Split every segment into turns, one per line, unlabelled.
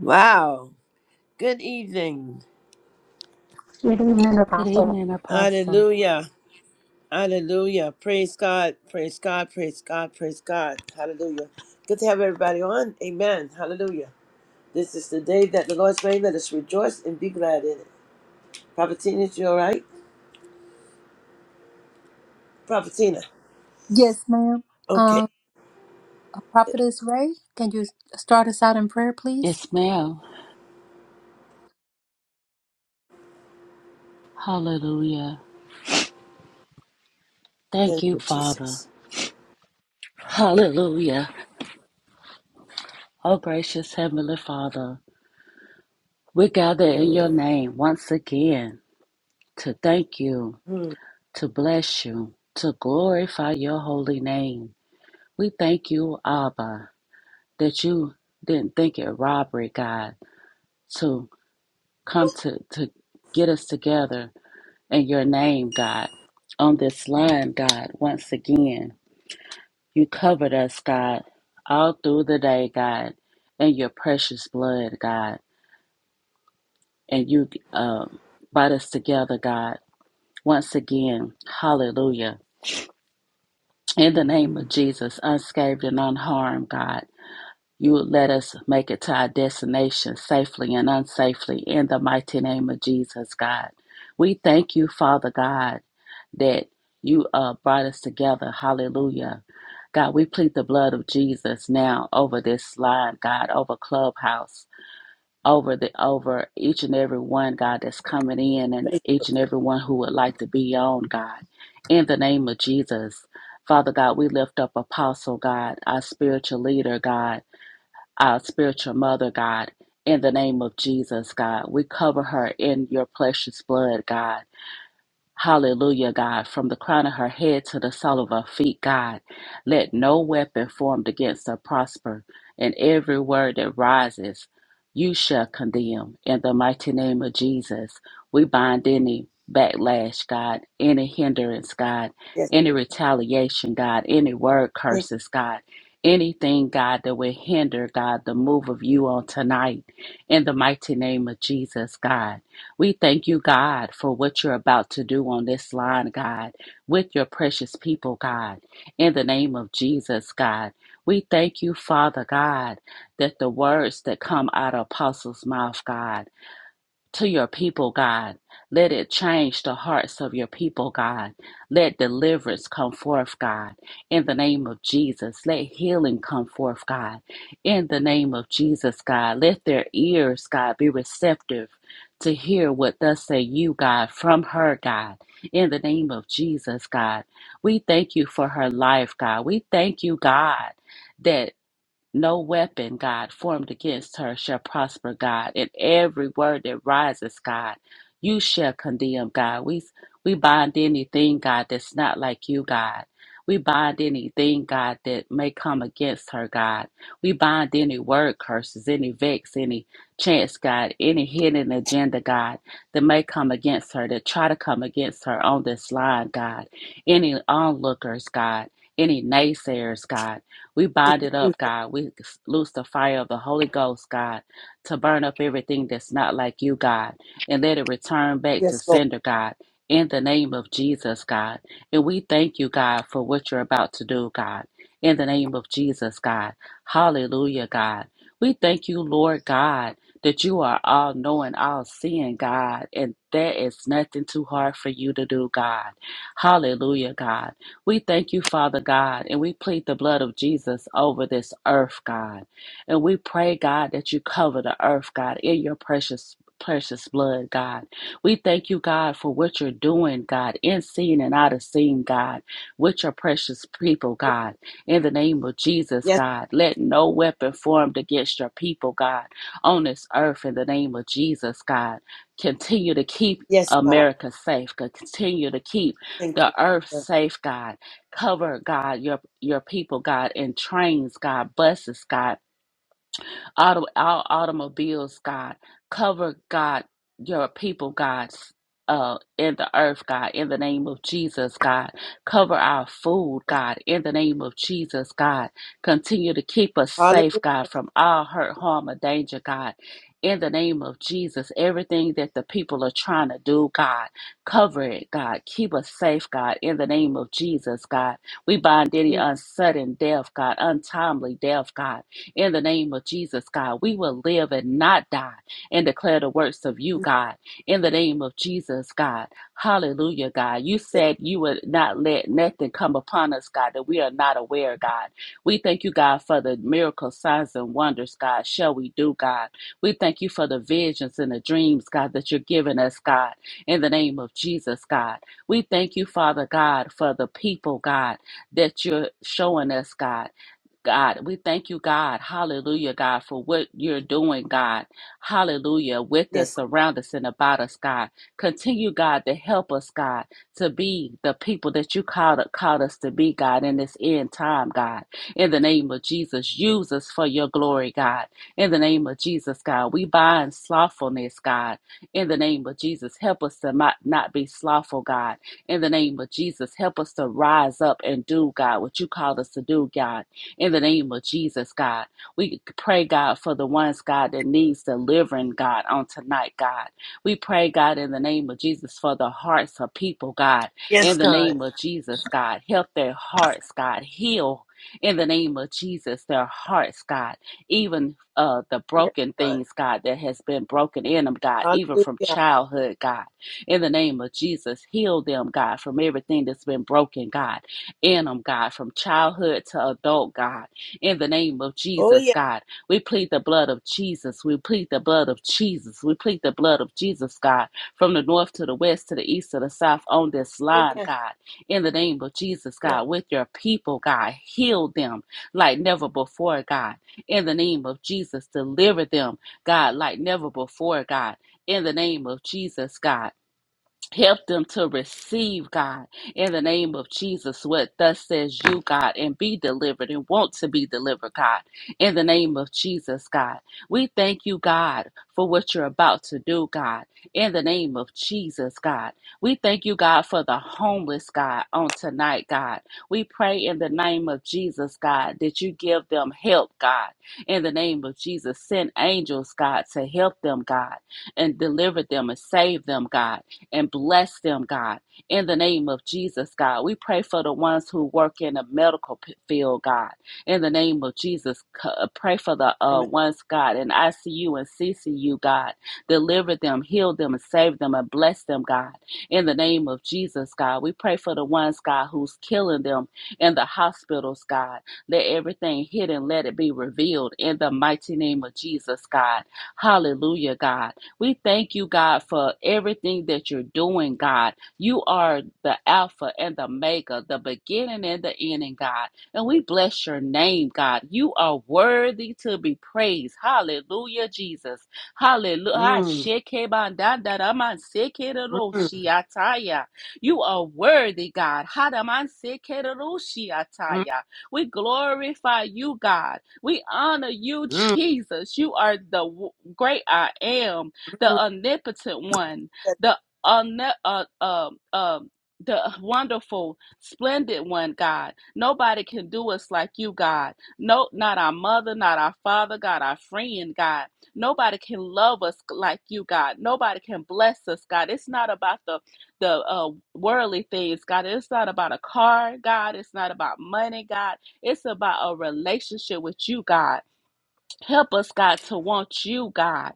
Wow. Good evening.
Good evening,
Good
Apostle.
evening, Apostle.
Hallelujah. Hallelujah. Praise God. Praise God. Praise God. Praise God. Hallelujah. Good to have everybody on. Amen. Hallelujah. This is the day that the Lord's made. Let us rejoice and be glad in it. Prophetina, is you all right? Prophetina.
Yes, ma'am.
Okay.
Um, Prophetess Ray, can you start us out in prayer, please?
Yes, ma'am. Hallelujah. Thank
Thank
you,
you,
Father.
Jesus.
Hallelujah. Oh, gracious Heavenly Father, we gather
Uh,
in your name once again to thank you,
hmm,
to bless you, to glorify your holy name. We thank you, Abba, that you didn't think it robbery, God, to come to, to get us together in your name, God, on this line, God, once again. You covered us, God, all through the day, God, in your precious blood, God. And you um, brought us together, God. Once again, hallelujah. In the
hmm,
name
hmm.
of Jesus, unscathed and unharmed, God. You would let us make it to our destination safely and unsafely in the mighty name of Jesus, God. We thank you, Father God, that you uh, brought us together. Hallelujah. God, we plead the blood of Jesus now over this line, God, over Clubhouse, over the over each and every one, God, that's coming in and
Thank you.
each and every one who would like to be on, God. In the name of Jesus. Father God, we lift up Apostle God, our spiritual leader, God our spiritual mother, God. In the name of Jesus, God, we cover her in your precious blood, God. Hallelujah, God. From the crown of her head to the sole of her feet, God, let no weapon formed against her prosper, and every word that rises, you shall condemn. In the mighty name of Jesus, we bind any backlash, God, any hindrance, God,
Yes.
any retaliation, God, any word
Thank
curses, God. Anything, God, that will hinder, God, the move of you on tonight. In the mighty name of Jesus, God. We thank you, God, for what you're about to do on this line, God, with your precious people, God. In the name of Jesus, God, we thank you, Father God, that the words that come out of Apostle's mouth, God, to your people, God. Let it change the hearts of your people, God. Let deliverance come forth, God, in the name of Jesus. Let healing come forth, God, in the name of Jesus, God. Let their ears, God, be receptive to hear what thus say you, God, from her, God, in the name of Jesus, God. We thank you for her life, God. We thank you, God. that. No weapon, God, formed against her shall prosper, God. And every word that rises, God, you shall condemn, God. We, we bind anything, God, that's not like you, God. We bind anything, God, that may come against her, God. We bind any word curses, any vex, any chance, God, any hidden agenda, God, that may come against her, that try to come against her on this line, God. Any onlookers, God, any naysayers, God. We bind it
you.
up, God. We loose the fire of the Holy Ghost, God, to burn up everything that's not like you, God, and let it return back to
Yes, Lord.
sender, God. In the name of Jesus, God. And we thank you, God, for what you're about to do, God. In the name of Jesus, God. Hallelujah, God. We thank you, Lord God, that you are all knowing, all seeing, God, and there is nothing too hard for you to do, God. Hallelujah, God. We thank you, Father God, and we plead the blood of Jesus over this earth, God. And we pray, God, that you cover the earth, God, in your precious precious blood god we thank you god for what you're doing god in seen and out of seen god with your precious people god in the name of jesus
Yes.
god let no weapon formed against your people god on this earth in the name of jesus god continue to keep
Yes, God.
america safe God. continue to keep
Thank
the
you.
earth safe, God. Cover, God, your your people, God, in trains, God, buses, God auto, our automobiles, God. Cover, God, your people, God, uh, in the earth, God, in the name of Jesus, God. Cover our food, God, in the name of Jesus, God. Continue to keep us
Hallelujah.
safe, God, from all hurt, harm, or danger, God. In the name of Jesus, everything that the people are trying to do, God, cover it, God. Keep us safe, God, in the name of Jesus, God. We bind any uncertain death, God, untimely death, God. In the name of Jesus, God, we will live and not die and declare the works of you, God. In the name of Jesus, God. Hallelujah, God. You said you would not let nothing come upon us, God, that we are not aware, God. We thank you, God, for the miracles, signs, and wonders, God. Shall we do, God? We thank you for the visions and the dreams, God, that you're giving us, God, in the name of Jesus, God. We thank you, Father God, for the people, God, that you're showing us, God. God, we thank you, God. Hallelujah, God, for what you're doing, God. Hallelujah, with us,
Yes.
around us, and about us, God. Continue, God, to help us, God, to be the people that you called, called us to be, God, in this end time, God. In the name of Jesus, use us for your glory, God. In the name of Jesus, God, we bind slothfulness, God. In the name of Jesus, help us to not, not be slothful, God. In the name of Jesus, help us to rise up and do, God, what you called us to do, God in the name of Jesus, God. We pray, God, for the ones, God, that needs delivering, God, on tonight, God. We pray, God, in the name of Jesus, for the hearts of people, God,
Yes,
in the
God.
name of Jesus, God. Help their hearts, God. Heal in the name of Jesus their hearts, God. Even uh, the
Yes,
broken
God.
things, God, that has been broken in them, God, even from
Hallelujah.
childhood, God. In the name of Jesus, heal them, God, from everything that's been broken, God in them, God, from childhood to adult, God. In the name of
Oh,
Jesus,
yes.
God, we plead the blood of Jesus. We plead the blood of Jesus. We plead the blood of Jesus, God, from the north to the west to the east to the south on this
Oh,
line,
yes.
God. In the name of Jesus,
Bless.
God, with your people, God, heal them like never before, God. In the name of Jesus, deliver them, God, like never before, God. In the name of Jesus, God. Help them to receive God in the name of Jesus. What thus says you, God, and be delivered and want to be delivered, God, in the name of Jesus, God. We thank you, God, for what you're about to do, God, in the name of Jesus, God. We thank you, God, for the homeless, God, on tonight, God. We pray in the name of Jesus, God, that you give them help, God, in the name of Jesus. Send angels, God, to help them, God, and deliver them and save them, God and bless them, God. In the name of Jesus, God, we pray for the ones who work in the medical p- field, God. In the name of Jesus, c- uh, pray for the uh,
Amen.
ones, God, in ICU and CCU, God. Deliver them, heal them, and save them, and bless them, God. In the name of Jesus, God, we pray for the ones, God, who's killing them in the hospitals, God. Let everything hidden, let it be revealed in the mighty name of Jesus, God. Hallelujah, God. We thank you, God, for everything that you're doing, God. You are the Alpha and the Omega, the beginning and the ending, God. And we bless your name, God. You are worthy to be praised. Hallelujah, Jesus. Hallelujah.
Mm, mm, mm,
You are worthy, God.
mm,
We glorify you, God. We honor you,
mm,
Jesus. You are the w- great I am the omnipotent one, the omni- uh, uh, um the wonderful, splendid one, God. Nobody can do us like you, God. No, not our mother, not our father, God, our friend, God. Nobody can love us like you, God. Nobody can bless us, God. It's not about the the uh, worldly things, God. It's not about a car, God. It's not about money, God. It's about a relationship with you, God. Help us, God, to want you, God.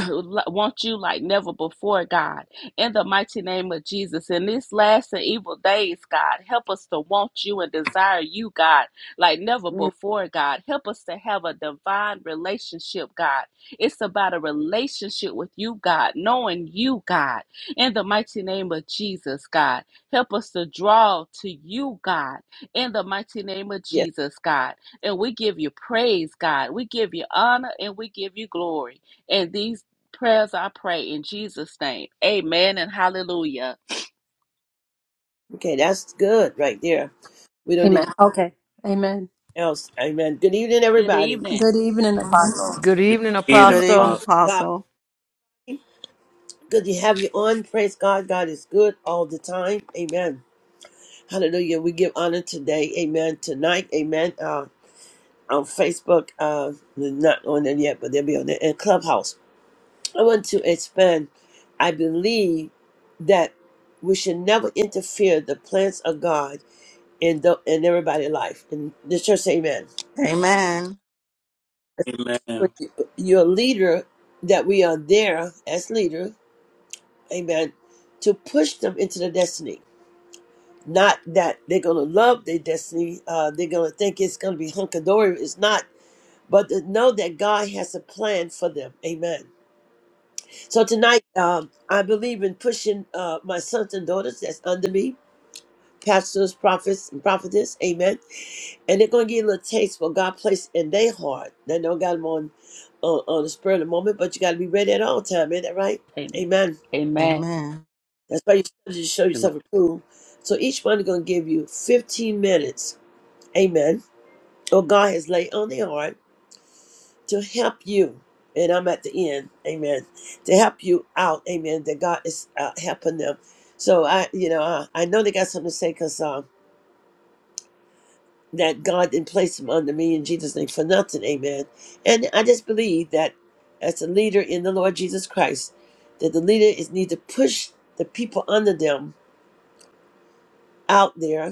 want you like never before, God, in the mighty name of Jesus. In these last and evil days, God, help us to want you and desire you, God, like never
mm.
before, God. Help us to have a divine relationship, God. It's about a relationship with you, God, knowing you, God, in the mighty name of Jesus, God. Help us to draw to you, God, in the mighty name of
Yes.
Jesus, God. And we give you praise, God. We give you honor and we give you glory. And these prayers I pray in Jesus' name. Amen and hallelujah.
Okay, that's good right there. We don't need
Amen.
anything
Okay. Amen.
else. Amen. Good evening,
Good
everybody.
evening.
Good evening, Apostle.
Good
Your
evening,
lead and
Good evening,
Apostle.
apostle.
God,
Apostle.
bless you. good to have you on. Praise God. God is good all the time. Amen. Hallelujah. We give honor today. Amen. Tonight. Amen. Uh. on Facebook. Uh, they're not on there yet, but they'll be on there. And Clubhouse. I want to expand. I believe that we should never interfere the plans of God in the, in everybody's life. In the church, say Amen.
Amen.
Amen.
When
Amen.
you- You're a leader. That we are there as leader. Amen. To push them into the destiny. Not that they're gonna love their destiny. Uh, they're gonna think it's gonna be hunky dory. It's not. But to know that God has a plan for them. Amen So tonight, um, I believe in pushing uh, my sons and daughters that's under me, pastors, prophets, and prophetess, amen. And they're going to get a little taste what God placed in their heart. They don't got them on, on, on the spur of the moment, but you got to be ready at all time, ain't that right?
Amen.
Amen.
Amen.
Amen.
That's why you study to show yourself approved. So each one is going to give you 15 minutes, amen, what God has laid on their heart to help you. And I'm at the end, amen. To help you out, amen. That God is uh, helping them. So I, you know, I, I know they got something to say because um, that God didn't place them under me in Jesus' name for nothing, amen. And I just believe that as a leader in the Lord Jesus Christ, that the leader is need to push the people under them out there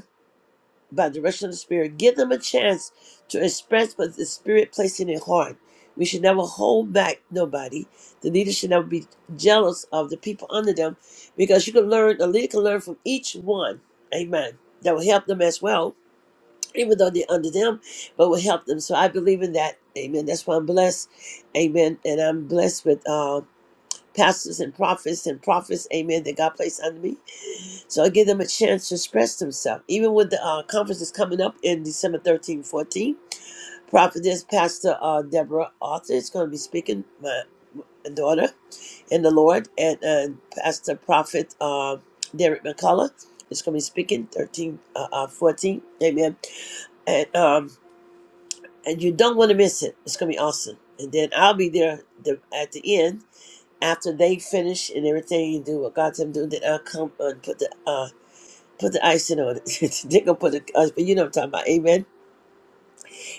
by the direction of the Spirit. Give them a chance to express what the Spirit placed in their heart. We should never hold back nobody. The leader should never be jealous of the people under them because you can learn, a leader can learn from each one. Amen. That will help them as well, even though they're under them, but will help them. So I believe in that. Amen. That's why I'm blessed. Amen. And I'm blessed with uh, pastors and prophets and prophets. Amen. That God placed under me. So I give them a chance to express themselves. Even with the uh, conference that's coming up in December 13, 14, Prophetess Pastor uh, Deborah Arthur is going to be speaking, my daughter in the Lord, and uh, Pastor Prophet uh, Derek McCullough is going to be speaking 13, uh, uh, 14, amen. And, um, and you don't want to miss it. It's going to be awesome. And then I'll be there the, at the end after they finish and everything and do what God's them do. Then I'll come and put the uh put the icing on it. They're gonna put the uh, you know what I'm talking about, amen.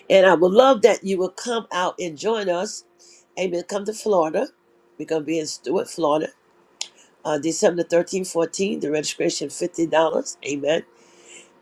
And I would love that you will come out and join us. Amen. Come to Florida. We're gonna be in Stuart, Florida. Uh, December 13, 14, the registration $50. Amen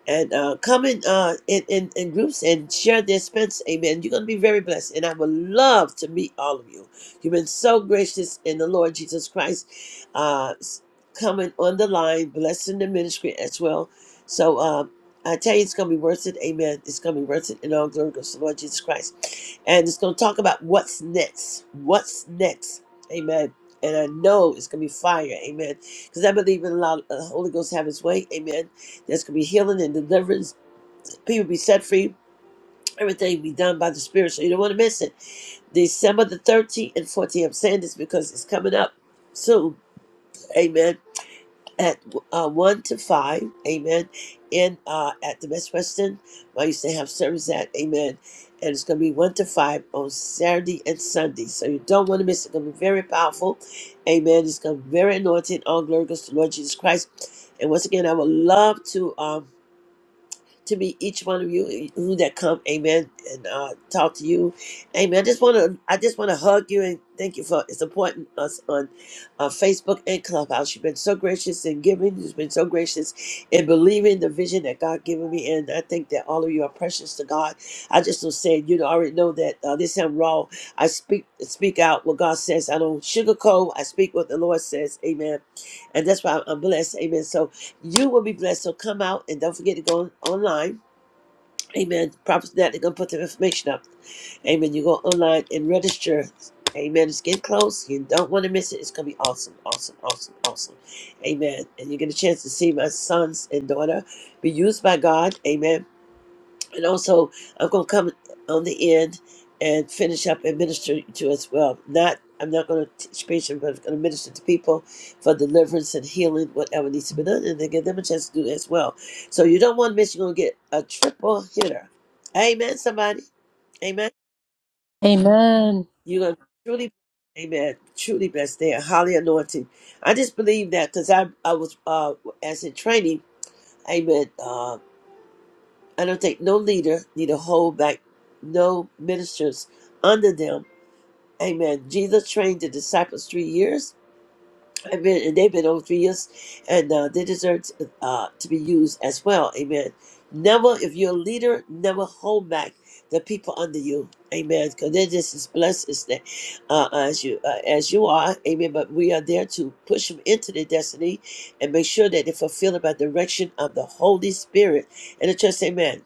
and uh, come in, uh, in, in, in groups and share the expense. Amen. You're going to be very blessed. And I would love to meet all of you. You've been so gracious in the Lord Jesus Christ, uh, s- coming on the line, blessing the ministry as well. So uh, I tell you, it's going to be worth it. Amen. It's going to be worth it in all glory goes to the Lord Jesus Christ. And it's going to talk about what's next. What's next. Amen. And I know it's going to be fire. Amen. Because I believe in a lot of the Holy Ghost have his way. Amen there's going to be healing and deliverance. People be set free. Everything be done by the Spirit. So you don't want to miss it. December the 13th and 14th. I'm saying this because it's coming up soon. Amen. At uh, 1 to 5. Amen. In uh, at the Best Western, where I used to have service at. Amen. And it's going to be 1 to 5 on Saturday and Sunday. So you don't want to miss it. It's going to be very powerful. Amen. It's going to be very anointed. All glory goes to the Lord Jesus Christ. And once again, I would love to. Um, to be each one of you who that come, amen, and uh, talk to you, amen. I just want to, I just want to hug you and thank you for supporting us on uh, Facebook and Clubhouse. You've been so gracious in giving. You've been so gracious in believing the vision that God given me, and I think that all of you are precious to God. I just was saying, you know, I already know that uh, this time raw, I speak speak out what God says. I don't sugarcoat. I speak what the Lord says, amen. And that's why I'm blessed, amen. So you will be blessed. So come out and don't forget to go online. Amen. Prophets that they're gonna put their information up. Amen. You go online and register. Amen. It's getting close. You don't want to miss it. It's gonna be awesome, awesome, awesome, awesome. Amen. And you get a chance to see my sons and daughter be used by God. Amen and also I'm going to come on the end and finish up and minister to us well. Not I'm not going to teach patients, but I'm going to minister to people for deliverance and healing, whatever needs to be done, and then give them a chance to do that as well. So you don't want to miss. You're going to get a triple hitter. Amen. Somebody. Amen.
Amen.
You're going to truly. Amen. Truly blessed there. Highly anointed. I just believe that because I I was uh as in training. Amen. uh, I don't think no leader need to hold back no ministers under them. Amen. Jesus trained the disciples three years. Amen. And they've been over three years, and uh, they deserve to, uh, to be used as well. Amen. Never, if you're a leader, never hold back the people under you. Amen. Because they're just as blessed as they, uh, uh, as you uh, as you are. Amen. But we are there to push them into their destiny and make sure that they fulfill by direction of the Holy Spirit. And the church, Amen.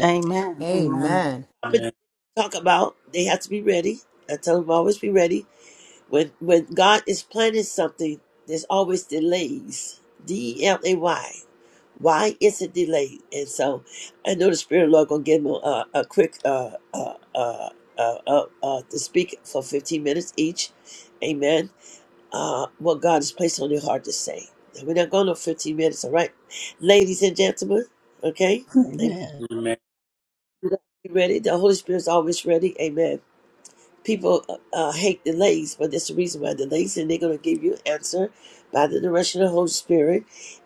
Amen. Amen.
topic that
Amen.
we talk about, they have to be ready. I tell them always be ready. When when God is planning something, there's always delays. D E L A Y. Why is it delayed? And so, I know the Spirit of the Lord gonna give them a, a quick uh uh uh. Uh, uh, uh, to speak for 15 minutes each. Amen. Uh, what God has placed on your heart to say. And we're not going to 15 minutes, all right? Ladies and gentlemen, okay? Amen.
Amen.
You ready? The Holy Spirit's always ready. Amen people uh, uh, hate delays, but that's the reason why delays, and they're going to give you an answer by the direction of the Holy Spirit.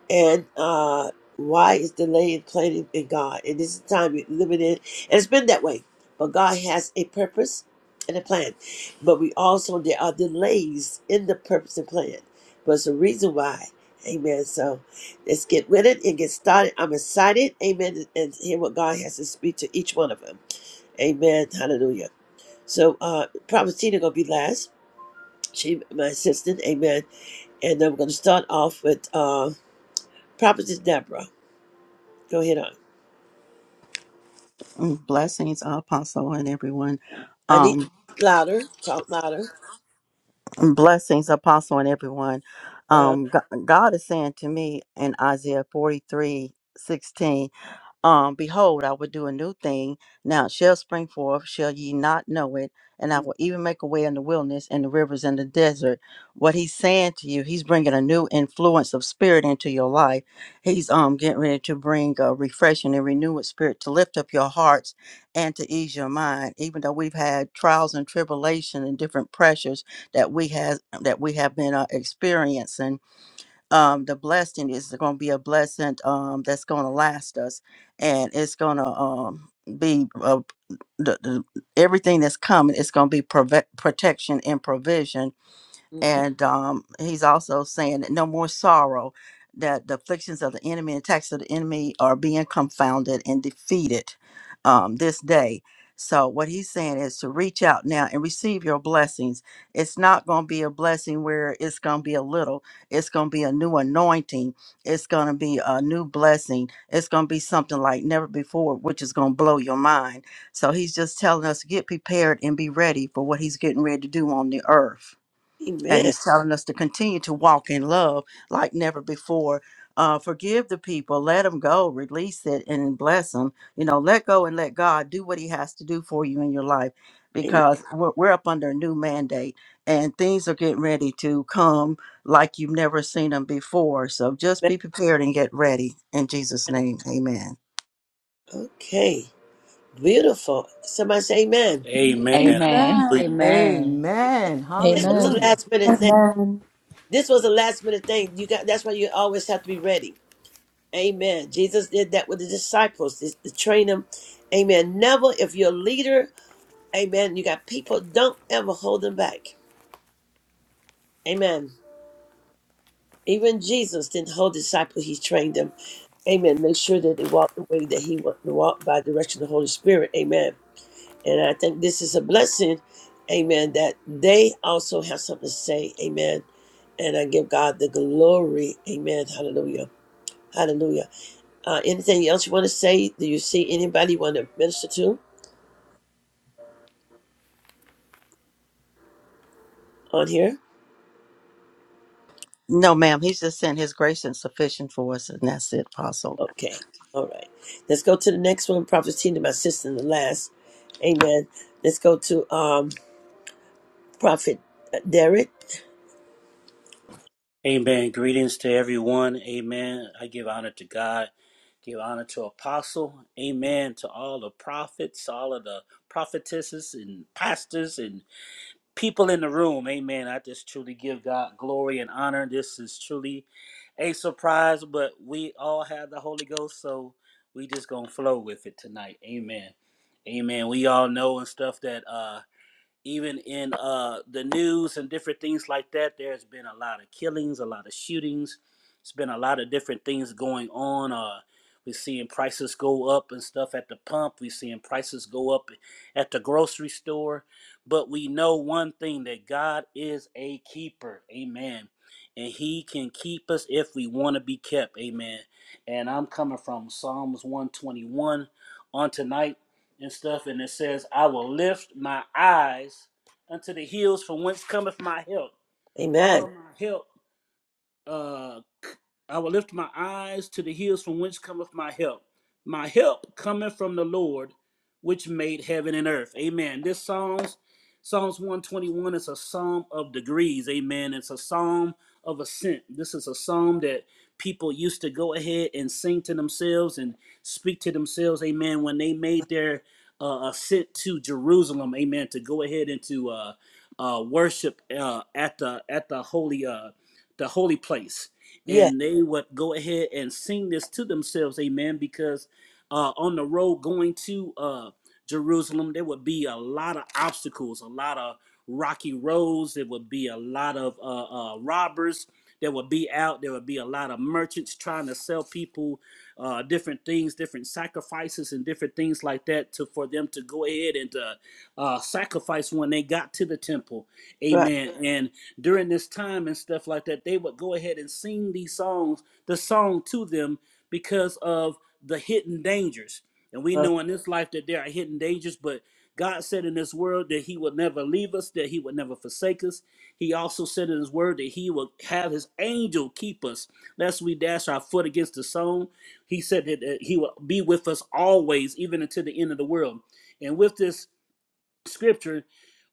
And uh, why is delay in planning in God? And this is the time we're living in, and it's been that way. But God has a purpose and a plan. But we also there are delays in the purpose and plan. But it's a reason why. Amen. So let's get with it and get started. I'm excited. Amen. And hear what God has to speak to each one of them. Amen. Hallelujah. So uh Prophet Tina gonna be last. She my assistant, amen. And I'm gonna start off with uh Prophetess Deborah. Go ahead on.
Mm, Blessings, Apostle, and everyone.
I need to
Um,
talk louder, talk louder.
mm, blessings, Apostle, and everyone.
Uh,
Um, Go- God is saying to me in Isaiah forty-three sixteen. Um, behold, I will do a new thing. Now it shall spring forth, shall ye not know it? And I will even make a way in the wilderness and the rivers in the desert. What he's saying to you, he's bringing a new influence of spirit into your life. He's um getting ready to bring a refreshing and renewed spirit to lift up your hearts and to ease your mind. Even though we've had trials and tribulation and different pressures that we has that we have been uh, experiencing, um, the blessing is going to be a blessing um, that's going to last us, and it's going to um, be uh, the, the, everything that's coming. It's going to be prove- protection and provision
mhm.
and um, he's also saying that no more sorrow, that the afflictions of the enemy and attacks of the enemy are being confounded and defeated um, this day. So, what he's saying is to reach out now and receive your blessings. It's not going to be a blessing where it's going to be a little, it's going to be a new anointing, it's going to be a new blessing, it's going to be something like never before, which is going to blow your mind. So, he's just telling us to get prepared and be ready for what he's getting ready to do on the earth and
Amen.
he's telling us to continue to walk in love like never before uh, forgive the people let them go release it and bless them you know let go and let god do what he has to do for you in your life
Amen.
because we're, we're up under a new mandate and things are getting ready to come like you've never seen them before so just
Amen.
be prepared and get ready in jesus name amen
Okay. Beautiful. Somebody say amen.
Amen.
Amen.
Hallelujah.
Amen.
Amen.
Amen.
This was a
Amen.
Hallelujah.
last minute thing.
Amen.
This was a last minute thing. You got that's why you always have to be ready. Amen. Jesus did that with the disciples to to train them. Amen. Never if you're a leader, amen, you got people, don't ever hold them back. Amen. Even Jesus didn't hold disciples, he trained them. Amen. Make sure that they walk the way that he walked walk by direction of the Holy Spirit. Amen. And I think this is a blessing. Amen. That they also have something to say. Amen. And I give God the glory. Amen. Hallelujah. Hallelujah. Uh, anything else you want to say? Do you see anybody you want to minister to on here?
no ma'am he's just sent his grace and sufficient for us and that's it apostle
Okay. All right. Let's go to the next one. Prophet Tina, my sister, and the last. Amen. Let's go to um Prophet uh, Derek.
Amen. Greetings to everyone. Amen. I give honor to God. Give honor to Apostle. Amen. To all the prophets, all of the prophetesses and pastors and. people in the room. Amen. I just truly give God glory and honor. This is truly a surprise, but we all have the Holy Ghost, so we just gonna flow with it tonight. Amen. Amen. We all know and stuff that uh even in uh, the news and different things like that, there's been a lot of killings, a lot of shootings. It's been a lot of different things going on. Uh, we're seeing prices go up and stuff at the pump. We're seeing prices go up at the grocery store. But we know one thing that God is a keeper. Amen. And he can keep us if we want to be kept. Amen. And I'm coming from Psalms 121 on tonight and stuff, and it says, I will lift my eyes unto the hills from whence cometh my help. All
Amen.
of my help uh, I will lift my eyes to the hills from whence cometh my help. My help cometh from the Lord, which made heaven and earth. Amen. This Psalms, Psalms 121 is a psalm of degrees. Amen. It's a psalm of ascent. This is a psalm that people used to go ahead and sing to themselves and speak to themselves. Amen. When they made their uh, ascent to Jerusalem. Amen. To go ahead and to uh, uh, worship uh, at the at the holy uh, the holy place
Yeah,
and they would go ahead and sing this to themselves, amen, because uh, on the road going to uh, Jerusalem, there would be a lot of obstacles, a lot of rocky roads, there would be a lot of uh, uh, robbers that would be out, there would be a lot of merchants trying to sell people uh, different things, different sacrifices, and different things like that to for them to go ahead and to uh, sacrifice when they got to the temple,
right.
amen. And during this time and stuff like that, they would go ahead and sing these songs, the song to them because of the hidden dangers. And we
Uh,
know in this life that there are hidden dangers, but God said in this world that He would never leave us, that He would never forsake us. He also said in His word that He would have His angel keep us, lest we dash our foot against the stone. He said that that He would be with us always, even until the end of the world. And with this scripture,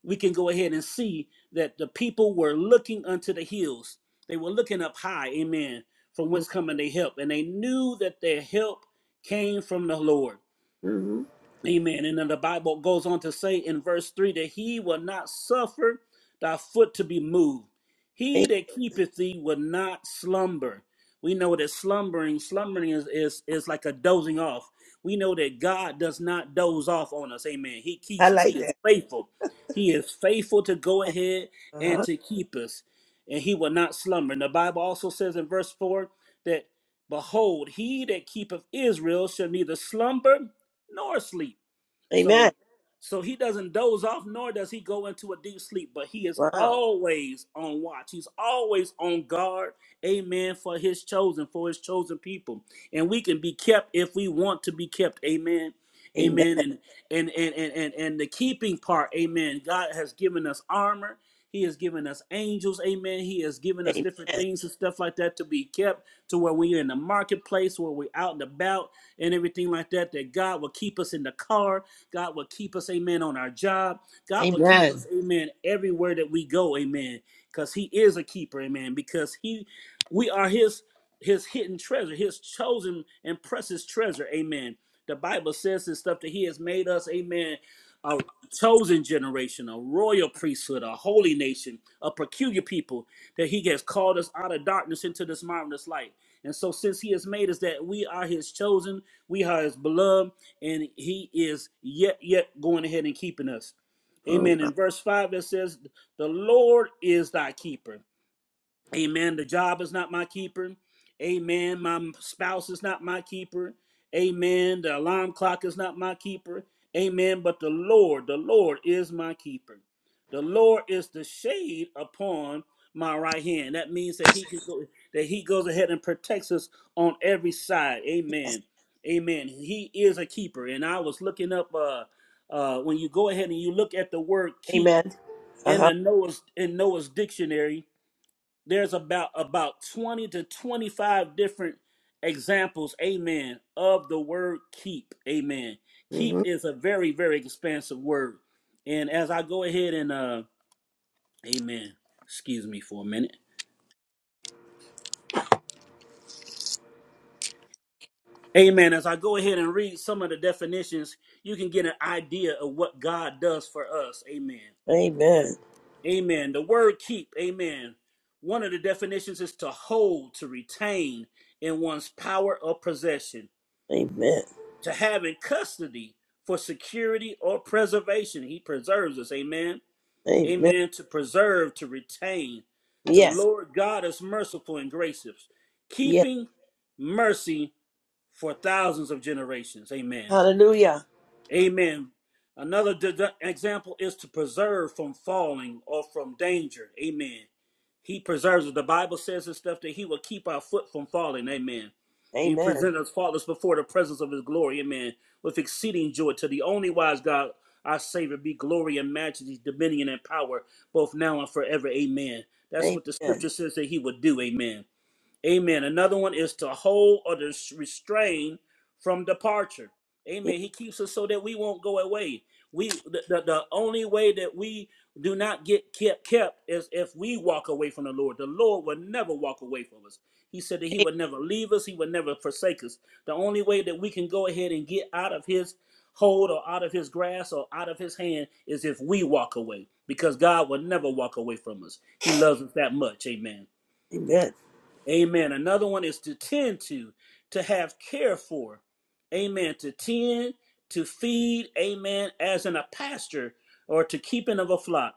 we can go ahead and see that the people were looking unto the hills. They were looking up high, amen, from whence coming their help. And they knew that their help came from the Lord.
hmm
Amen. And then the Bible goes on to say in verse 3 that he will not suffer thy foot to be moved.
hey,
He that keepeth thee will not slumber. We know that slumbering, slumbering is, is, is like a dozing off. We know that God does not doze off on us. Amen. He
I
keeps us.
like
He is
that.
faithful. He is faithful to go
Yeah,
ahead and
Uh-huh.
to keep us. And he will not slumber. And the Bible also says in verse 4 that behold, he that keepeth Israel shall neither slumber nor sleep.
Amen.
So so he doesn't doze off nor does he go into a deep sleep, but he is
Wow.
always on watch. He's always on guard. Amen. For his chosen, for his chosen people. And we can be kept if we want to be kept. Amen.
Amen.
Amen. And and and and and, and the keeping part, amen. God has given us armor. He has given us angels, amen. He has given us different
Amen.
things and stuff like that to be kept to where we're in the marketplace, where we're out and about and everything like that, that God will keep us in the car. God will keep us, amen, on our job. God will keep us,
Amen.
amen, everywhere that we go, amen. Because he is a keeper, amen. Because he we are his his hidden treasure, his chosen and precious treasure, amen. The Bible says this stuff that he has made us, amen, a chosen generation, a royal priesthood, a holy nation, a peculiar people, that he has called us out of darkness into this marvelous light. And so, since he has made us that we are his chosen, we are his beloved, and he is yet yet going ahead and keeping us.
Oh,
Amen.
wow.
In verse 5, it says, The Lord is thy keeper. Amen. The job is not my keeper. Amen. My spouse is not my keeper. Amen. The alarm clock is not my keeper. Amen. But the Lord, the Lord is my keeper. The Lord is the shade upon my right hand. That means that He can go, that He goes ahead and protects us on every side.
Yes.
Amen. Amen. He is a keeper. And I was looking up uh uh when you go ahead and you look at the word keep
Amen. Uh
in
huh.
the Noah's in Noah's dictionary there's about about 20 to 25 different examples amen of the word keep amen keep
hmm
is a very very expansive word and as i go ahead and uh amen excuse me for a minute amen as i go ahead and read some of the definitions you can get an idea of what god does for us amen
Amen.
amen the word keep amen one of the definitions is to hold to retain in one's power or possession
Amen.
to have in custody for security or preservation. He preserves us. Amen.
Amen.
Amen. To preserve, to retain. The
Yes.
Lord God is merciful and gracious,
Yes.
keeping mercy for thousands of generations. Amen.
Hallelujah.
Amen. Another d- example is to preserve from falling or from danger. Amen. He preserves us. The Bible says and stuff that He will keep our foot from falling. Amen. He
Amen.
presents us faultless before the presence of His glory. Amen. With exceeding joy to the only wise God, our Savior, be glory and majesty, dominion and power, both now and forever. Amen. That's what the
Amen.
Scripture says that He would do. Amen. Amen. Another one is to hold or to restrain from departure.
Yeah.
Amen. He keeps us so that we won't go away. We the, the, the only way that we do not get kept kept is if we walk away from the Lord. The Lord will never walk away from us. He said that he would never leave us, he would never forsake us. The only way that we can go ahead and get out of his hold or out of his grasp or out of his hand is if we walk away because God will never walk away from us. He loves us that much. Amen.
Amen.
Amen. Another one is to tend to, to have care for. Amen. To tend, to feed. Amen. As in a pasture or to keeping of a flock.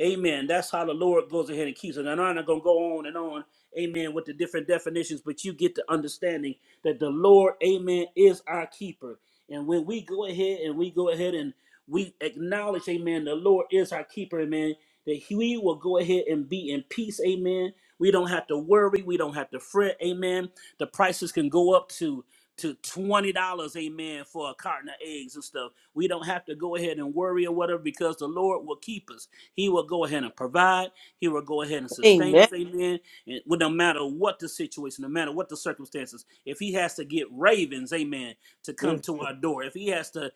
Amen. That's how the Lord goes ahead and keeps us. And I'm not going to go on and on. Amen. With the different definitions, but you get the understanding that the Lord, amen, is our keeper. And when we go ahead and we go ahead and we acknowledge, amen, the Lord is our keeper, amen, that he- we will go ahead and be in peace, amen we don't have to worry. We don't have to fret. Amen. The prices can go up to to twenty dollars, amen, for a carton of eggs and stuff. We don't have to go ahead and worry or whatever because the Lord will keep us. He will go ahead and provide. He will go ahead and sustain
Amen.
us, amen. And well, no matter what the situation, no matter what the circumstances, if He has to get ravens, amen, to come
Mm.
to our door, if He has to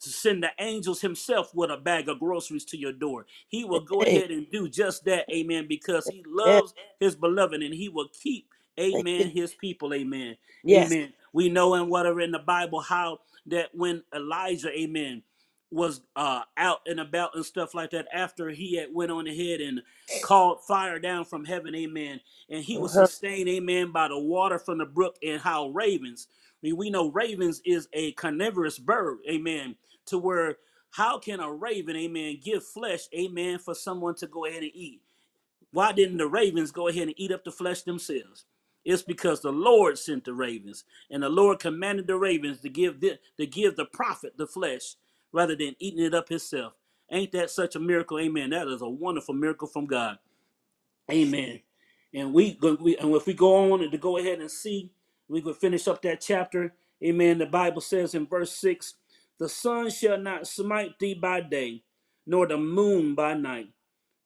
to send the angels himself with a bag of groceries to your door. He will go
Hey.
ahead and do just that, amen, because he
Amen.
loves his beloved, and he will keep,
Thank you.
amen, his people, amen.
Yes.
Amen. We know in whatever in the Bible how that when Elijah, amen, was uh out and about and stuff like that after he had went on ahead and called fire down from heaven, amen. And he
Uh
was
huh.
sustained, amen, by the water from the brook and how ravens. I mean, we know ravens is a carnivorous bird, amen, to where how can a raven, amen, give flesh, amen, for someone to go ahead and eat? Why didn't the ravens go ahead and eat up the flesh themselves? It's because the Lord sent the ravens, and the Lord commanded the ravens to give the, to give the prophet the flesh rather than eating it up himself. Ain't that such a miracle? Amen. That is a wonderful miracle from God. Amen. And we, we and if we go on to go ahead and see, we could finish up that chapter. Amen. The Bible says in verse six, the sun shall not smite thee by day, nor the moon by night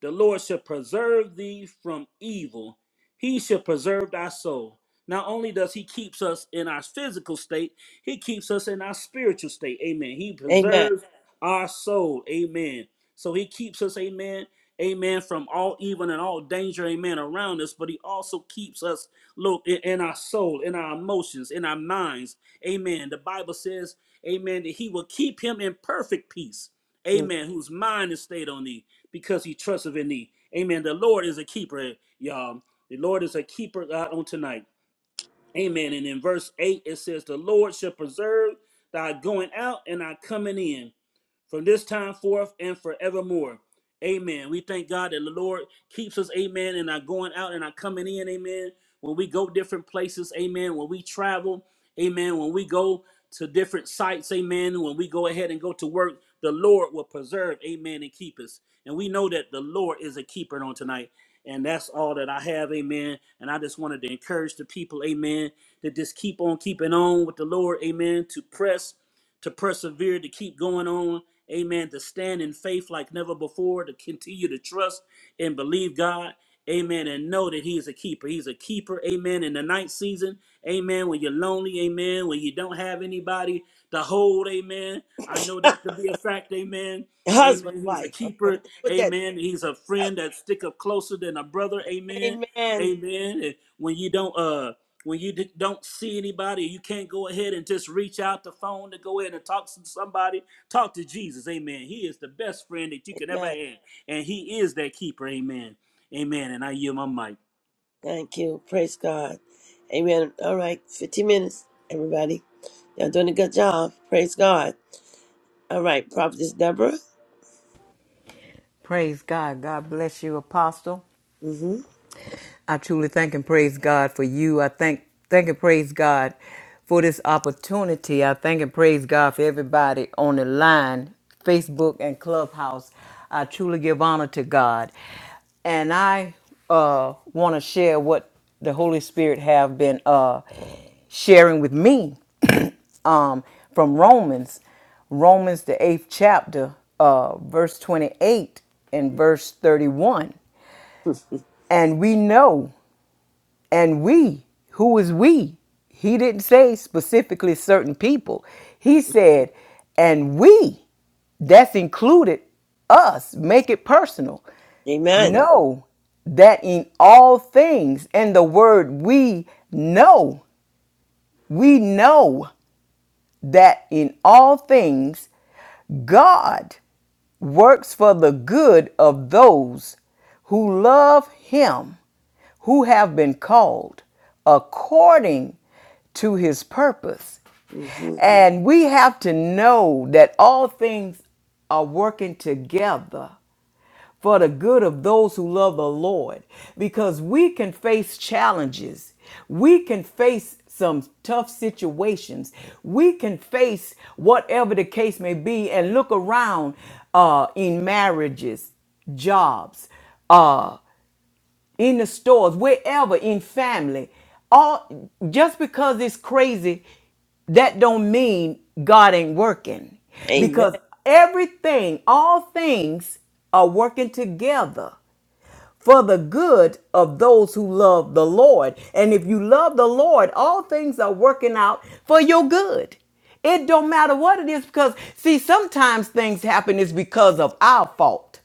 the Lord shall preserve thee from evil. He shall preserve thy soul. Not only does he keeps us in our physical state, he keeps us in our spiritual state. Amen. He
Amen.
preserves our soul. Amen. So he keeps us, amen, amen, from all evil and all danger, amen, around us. But he also keeps us, look, in, in our soul, in our emotions, in our minds. Amen. The Bible says, amen, that he will keep him in perfect peace.
Mm.
Amen. Whose mind is stayed on thee because he trusted in thee. Amen. The Lord is a keeper, y'all. The Lord is a keeper out on tonight. Amen. And in verse 8, it says, The Lord shall preserve thy going out and thy coming in from this time forth and forevermore. Amen. We thank God that the Lord keeps us, amen, and our going out and our coming in, amen. When we go different places, amen. When we travel, amen. When we go to different sites, amen. When we go ahead and go to work, the Lord will preserve, amen, and keep us. And we know that the Lord is a keeper on tonight. And that's all that I have, amen. And I just wanted to encourage the people, amen, to just keep on keeping on with the Lord, amen, to press to persevere, to keep going on. Amen. To stand in faith like never before, to continue to trust and believe God. Amen. And know that He is a keeper. He's a keeper. Amen. In the night season. Amen. When you're lonely. Amen. When you don't have anybody to hold. Amen. I know that to be a fact. Amen.
Husband,
Amen. He's a
wife. Okay.
keeper.
Put that
Amen. He's a friend that stick up closer than a brother. Amen.
Amen.
Amen. And when you don't uh when you d- don't see anybody, you can't go ahead and just reach out the phone to go ahead and talk to somebody Talk to Jesus. Amen. He is the best friend that you can ever
Amen.
have. And he is that keeper. Amen. Amen. And I yield my mic.
Thank you. Praise God. Amen. All right. 15 minutes, everybody. Y'all doing a good job. Praise God. All right. Prophetess Deborah.
Praise God. God bless you, Apostle.
Mm-hmm.
I truly thank and praise God for you. I thank thank and praise God for this opportunity. I thank and praise God for everybody on the line, Facebook and Clubhouse. I truly give honor to God. And I uh want to share what the Holy Spirit have been uh sharing with me
hmm
um from Romans, Romans the 8th chapter, uh verse 28 and verse 31. And we know and we, who is we? He didn't say specifically certain people. He said, and we, that's included us, make it personal.
Amen.
Know that in all things, and the word we know, we know that in all things God works for the good of those who love him, who have been called according to his purpose.
Mm-hmm.
And we have to know that all things are working together for the good of those who love the Lord because we can face challenges. We can face some tough situations. We can face whatever the case may be and look around uh, in marriages, jobs. uh, in the stores, wherever, in family. All just because it's crazy, that don't mean God ain't working.
Amen.
Because everything, all things are working together for the good of those who love the Lord. And if you love the Lord, all things are working out for your good. It don't matter what it is because see sometimes things happen is because of our fault.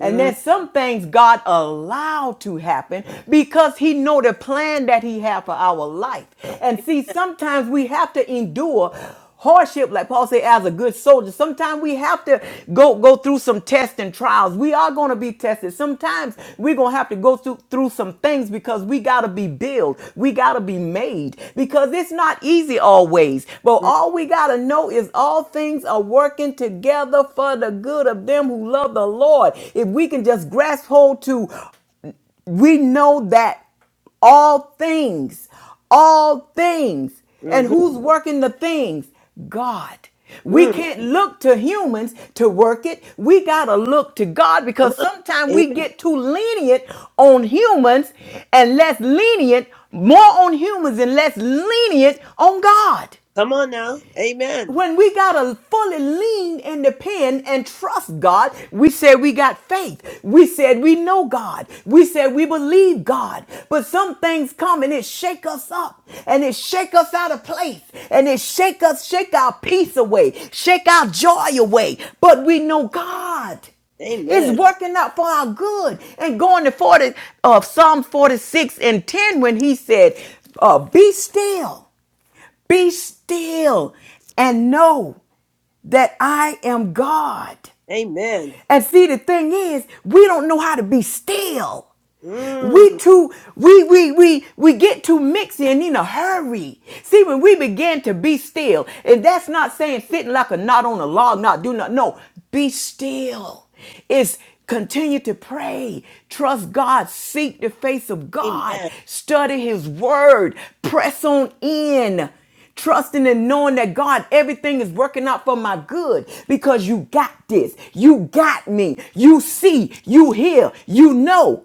And then
Mm-hmm.
some things God allowed to happen because he know the plan that he had for our life. And see, sometimes we have to endure hardship, like Paul said, as a good soldier. Sometimes we have to go, go through some tests and trials. We are going to be tested. Sometimes we're going to have to go through, through some things because we got to be built. We got to be made because it's not easy always. But all we got to know is all things are working together for the good of them who love the Lord. If we can just grasp hold to we know that all things, all things, and
Mm-hmm.
who's working the things? God. We
mm
can't look to humans to work it. We got to look to God
Come
because
on.
sometimes we
Amen.
get too lenient on humans and less lenient, more on humans and less lenient on God
Come on now. Amen.
when we got to fully lean in the pen and trust God, we said we got faith. We said we know God. We said we believe God. But some things come and it shake us up and it shake us out of place and it shake us, shake our peace away, shake our joy away. But we know God. is
Amen.
working out for our good. And going to 40 of Psalm 46 and 10 when he said, uh, be still be still and know that I am God.
Amen.
And see, the thing is, we don't know how to be still. We
Mm.
too, we we we we get too mixy and in a hurry. See, when we begin to be still, and that's not saying sitting like a knot on a log, not do not. No, be still. It's continue to pray, trust God, seek the face of God,
Amen.
study His Word, press on in trusting and knowing that God, everything is working out for my good because you got this. You got me. You see, you hear, you know.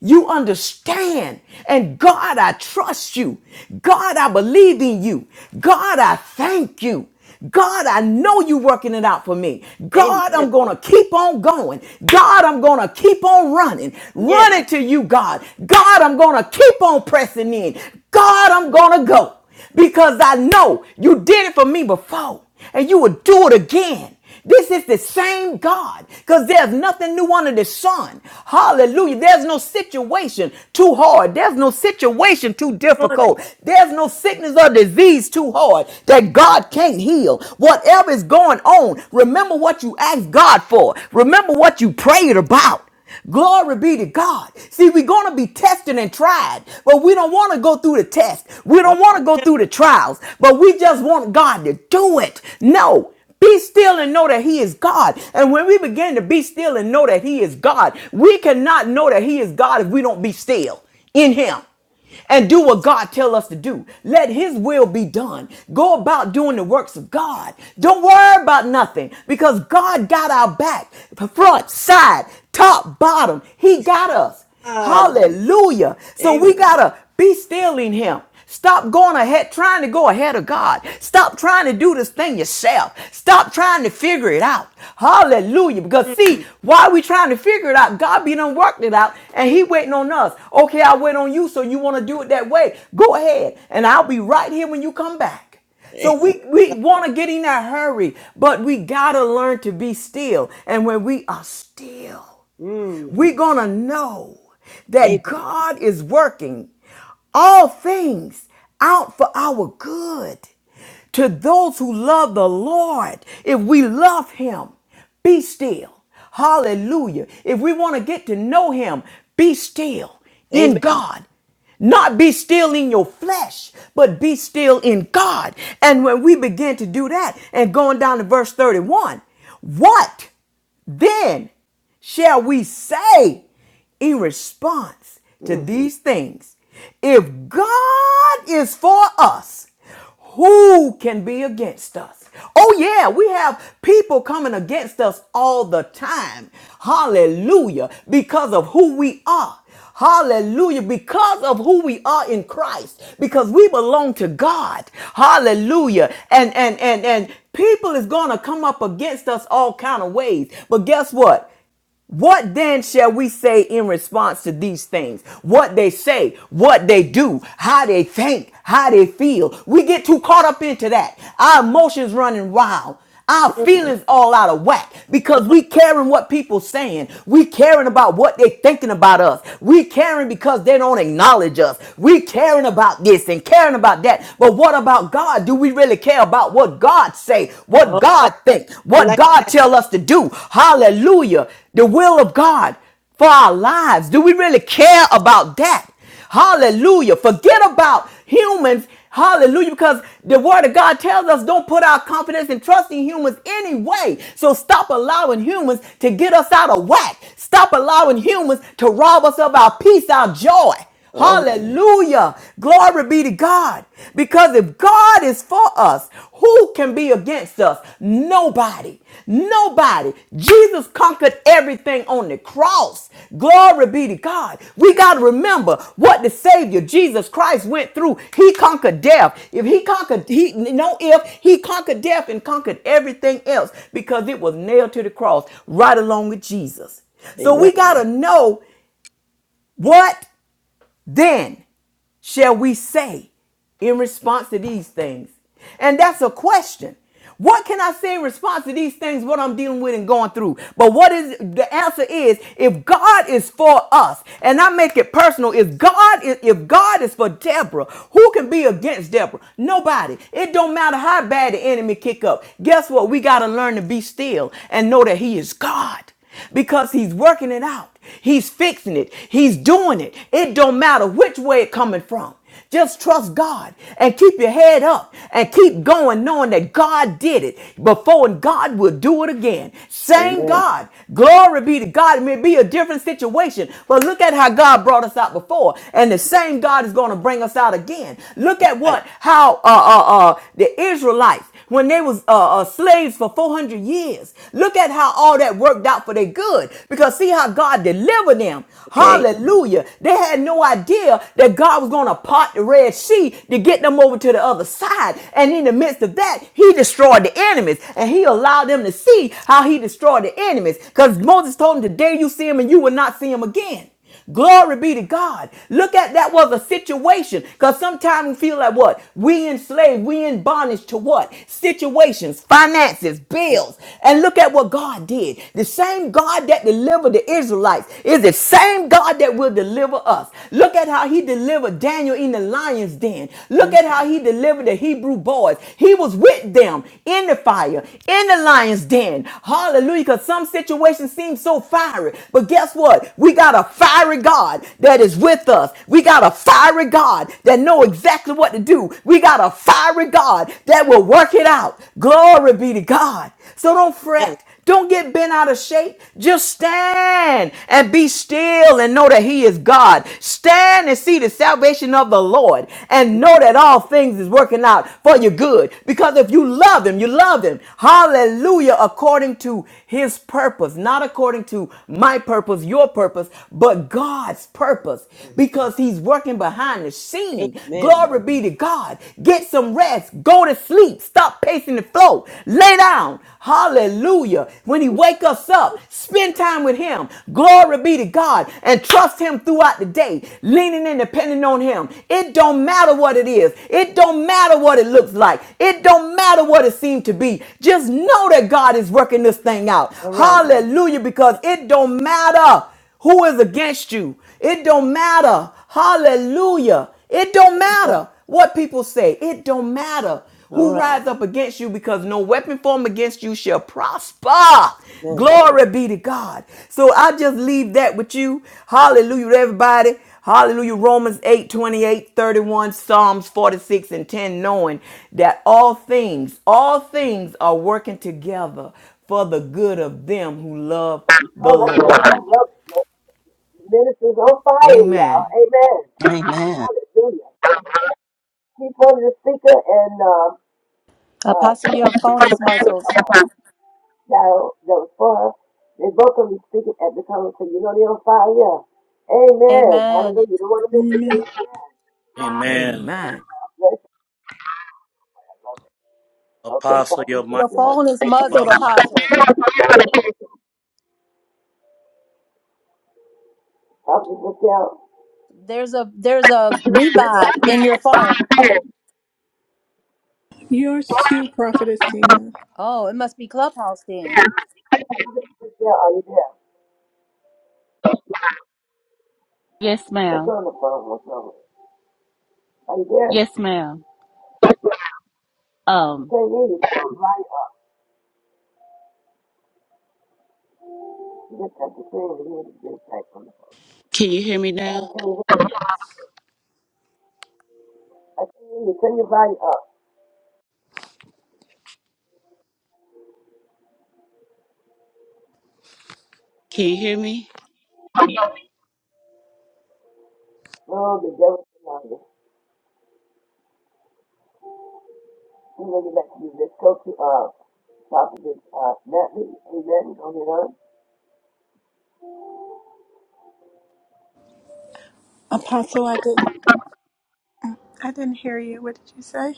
You understand. And God, I trust you. God, I believe in you. God, I thank you. God, I know you are working it out for me. God,
Amen.
I'm going to keep on going. God, I'm going to keep on running.
Yeah.
Running to you, God. God, I'm going to keep on pressing in. God, I'm going to go because I know you did it for me before and you will do it again. This is the same God because there's nothing new under the sun. Hallelujah. There's no situation too hard. There's no situation too
Come on now.
difficult. There's no sickness or disease too hard that God can't heal. Whatever is going on, remember what you asked God for. Remember what you prayed about. Glory be to God. See, we're going to be tested and tried, but we don't want to go through the test. We
All
don't
right
want to go
now.
through the trials, but we just want God to do it. No. Be still and know that He is God. And when we begin to be still and know that He is God, we cannot know that He is God if we don't be still in Him and do what God tell us to do. Let his will be done. Go about doing the works of God. Don't worry about nothing because God got our back, front, side, top, bottom. He got us.
Ah,
Hallelujah. So
Amen.
we got to be still in him. Stop going ahead, trying to go ahead of God. Stop trying to do this thing yourself. Stop trying to figure it out. Hallelujah. Because see,
Mm.
why are we trying to figure it out? God be done worked it out and he waiting on us. Okay, I wait on you, so you want to do it that way. Go ahead and I'll be right here when you come back. So we, we want to get in that hurry, but we got to learn to be still. And when we are still,
Mm.
we're going to know that
Amen.
God is working all things out for our good to those who love the Lord. If we love Him, be still. Hallelujah. If we want to get to know Him, be still in
Amen.
God. Not be still in your flesh, but be still in God. And when we begin to do that, and going down to verse 31, what? Then shall we say in response to
Mm.
these things, if God is for us, who can be against us? Oh, yeah, we have people coming against us all the time. Hallelujah, because of who we are. Hallelujah. Because of who we are in Christ, because we belong to God. Hallelujah. And and and and people is gonna come up against us all kind of ways. But guess what? What then shall we say in response to these things? What they say, what they do, how they think, how they feel. We get too caught up into that. Our emotions running wild. Our feelings all out of whack because we caring what people saying. We caring about what they thinking about us. We caring because they don't acknowledge us. We caring about this and caring about that. But what about God? Do we really care about what God say? What
Oh,
God
I
think? What
like.
God tell us to do? Hallelujah the will of God for our lives? Do we really care about that? Hallelujah. Forget about humans. Hallelujah. Because the word of God tells us don't put our confidence and trust in humans anyway. So stop allowing humans to get us out of whack. Stop allowing humans to rob us of our peace, our joy.
All right.
Hallelujah. Glory be to God. Because if God is for us, who can be against us? Nobody. Nobody. Jesus conquered everything on the cross. Glory be to God. We got to remember what the Savior Jesus Christ went through. He conquered death. If he conquered, he no if he conquered death and conquered everything else because it was nailed to the cross right along with Jesus. So
Amen.
we got to know what then shall we say in response to these things? And that's a question. What can I say in response to these things, what I'm dealing with and going through? But what is the answer is if God is for us, and I make it personal, if God is if God is for Deborah, who can be against Deborah? Nobody. It don't matter how bad the enemy kick up. Guess what? We gotta learn to be still and know that he is God because he's working it out. God. He's fixing it. He's doing it. It don't matter which way it coming from. Just trust God and keep your head up and keep going knowing that God did it before and God will do it again. Same
Amen.
God. Glory be to God. It may be a different situation, but look at how God brought us out before and the
Yeah.
same God is going to bring us out again. Look
All
at
right.
what, how, uh, uh, uh, the Israelites, when they was uh, uh, slaves for 400 years. Look at how all that worked out for their good because see how God delivered them.
Okay.
Hallelujah. They had no idea that God was going to part the Red Sea to get them over to the other side. And in the midst of that, he destroyed the enemies and he allowed them to see how he destroyed the enemies because Moses told them today you see him and you will not see him again. Glory be to God. Look at that was a situation. Because sometimes we feel like what? We enslaved, we in bondage to what? Situations, finances, bills. And look at what God did. The same God that delivered the Israelites is the same God that will deliver us. Look at how he delivered Daniel in the lion's den. Look
Mhm.
at how he delivered the Hebrew boys. He was with them in the fire, in the lion's den. Hallelujah. Because some situations seem so fiery. But guess what? We got a got a fiery God that is with us. We got a fiery God that know exactly what to do. We got a fiery God that will work it out. Glory be to God. So don't
Amen.
fret. Don't get bent out of shape. Just stand and be still and know that He is God. Stand and see the salvation of the Lord and know that all things is working out for your good. Because if you love Him, you love Him. Hallelujah. According to His purpose, not according to my purpose, your purpose purpose, but God's purpose because He's working behind the scene.
Amen.
Glory be to God. Get some rest. Go to sleep. Stop pacing the floor. Lay down. Hallelujah. When He wakes us up, spend time with Him. Glory be to God and trust Him throughout the day, leaning and depending on Him. It don't matter what it is. It don't matter what it looks like. It don't matter what it seems to be. Just know that God is working this thing out.
All right.
Hallelujah. Because it don't matter who is against you. It don't matter. Hallelujah. It don't
Thank God.
matter what people say. It don't matter
All
who
right.
rise up against you because no weapon formed against you shall prosper.
Amen.
Glory be to God. So I just leave that with you. Hallelujah everybody. Hallelujah. Romans 8 28 31, Psalms 46 and 10, knowing that all things, all things are working together for the good of them who love
Oh,
the
that's right.
Lord.
Yep. yep, The Ministry's on fire, y'all.
Amen.
Amen.
Amen.
Hallelujah. She quoted the speaker and uh, uh,
Apostle, your phone is muzzled.
child that was for her. They both of them speaking at the time, so you know they're on fire. Yeah. Amen.
Amen.
Hallelujah. You don't want to miss it.
Amen.
Amen.
Amen.
Bless you. Okay,
Apostle,
Prophet,
your mic
Your
just now.
phone is muzzled,
muff.
Apostle.
i will just Michelle.
There's a there's a revive in your phone.
Yours too, Prophetess Tina.
Oh, it must be Clubhouse then.
Michelle, are you there?
Yes,
What's
ma'am.
on the phone? What's on? Are you there?
Yes, ma'am.
I
Um,
can't hear you. Turn your volume up. You just have to say it. You need to get it back on the phone.
can you hear me now?
Can you hear? I can't hear you. Turn your volume up.
Can you hear me?
No, the devil's on you. You know to are back to you. Let's go to, uh, Prophet, uh, Natalie. Amen. Go ahead on.
Apostle, I didn't I didn't hear you. What did you say?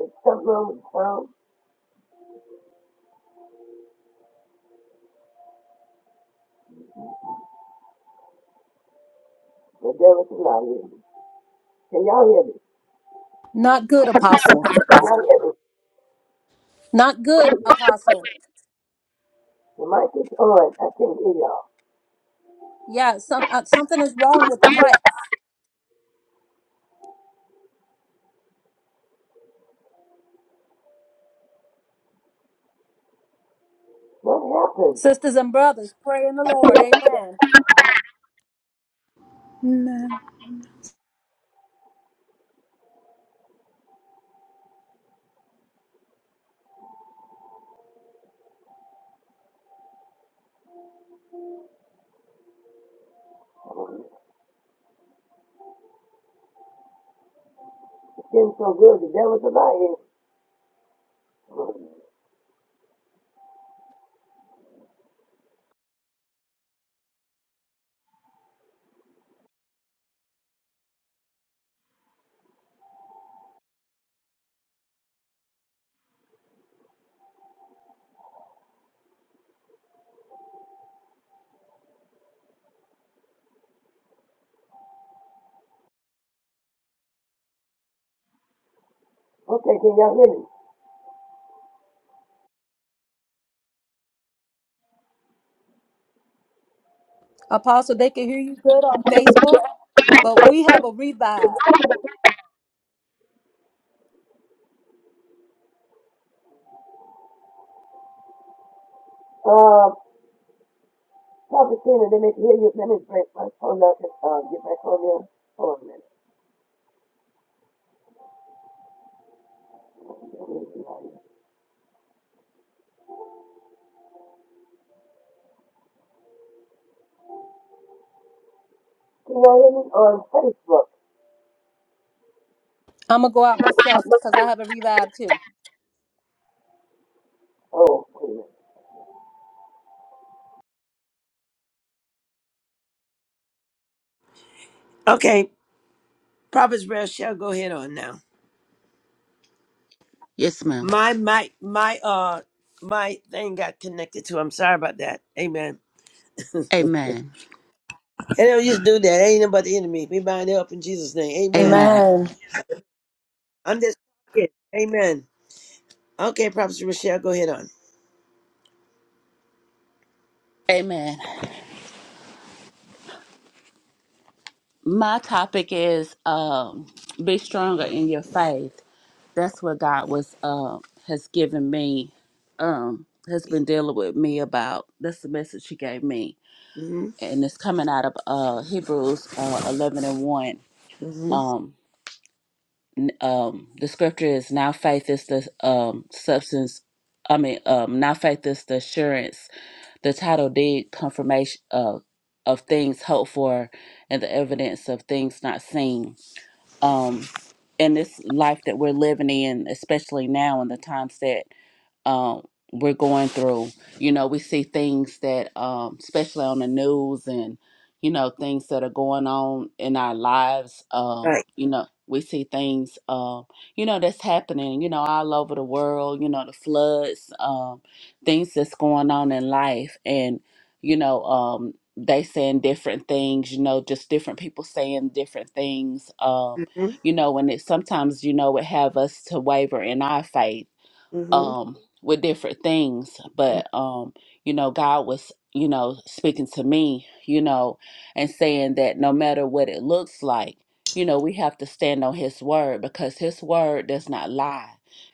It's something wrong with the phone. The devil's on you. Can y'all hear me?
Not good, Apostle.
Can y'all hear me?
Not good,
The
Apostle.
mic is on. I can't hear y'all.
Yeah, some uh, something is wrong with the mic. Sisters and brothers, pray in the Lord. Amen.
Amen.
It's getting so good. The devil's a liar. Okay, can y'all hear me?
Apostle, they can hear you good on Facebook, but we have a revive.
Uh, Prophet Tina, let me hear you. Let me break my phone up and uh, get back on there. Hold on a minute. Can y'all hear me on Facebook?
I'm going to go out myself because I have a revive too.
Oh, Okay, Prophet Shall go ahead on now.
Yes, ma'am.
My my my uh my thing got connected to. I'm sorry about that. Amen.
Amen.
And do will just do that. Ain't nothing but the enemy. We bind it up in Jesus' name. Amen.
Amen.
Amen.
I'm just kidding. Amen. Okay, Prophet Rochelle, go ahead on.
Amen. My topic is um be stronger in your faith. That's what God was um has given me um has been dealing with me about. That's the message he gave me
Mm-hmm.
and it's coming out of uh, Hebrews uh, 11 and 1.
Mm-hmm.
Um, n- um, the scripture is now faith is the um, substance. I mean, um, now faith is the assurance, the title deed confirmation of of things hoped for, and the evidence of things not seen. Um, in this life that we're living in, especially now in the times that um, we're going through. You know, we see things that, um, especially on the news and, you know, things that are going on in our lives. Um,
Right.
you know, we see things, um, you know, that's happening, you know, all over the world, you know, the floods, um, things that's going on in life. And, you know, um, they saying different things, you know, just different people saying different things. Um,
Mm-hmm.
you know, and it sometimes, you know, it have us to waver in our faith
Mm-hmm.
um with different things but um you know god was you know speaking to me you know and saying that no matter what it looks like you know we have to stand on his word because his word does not lie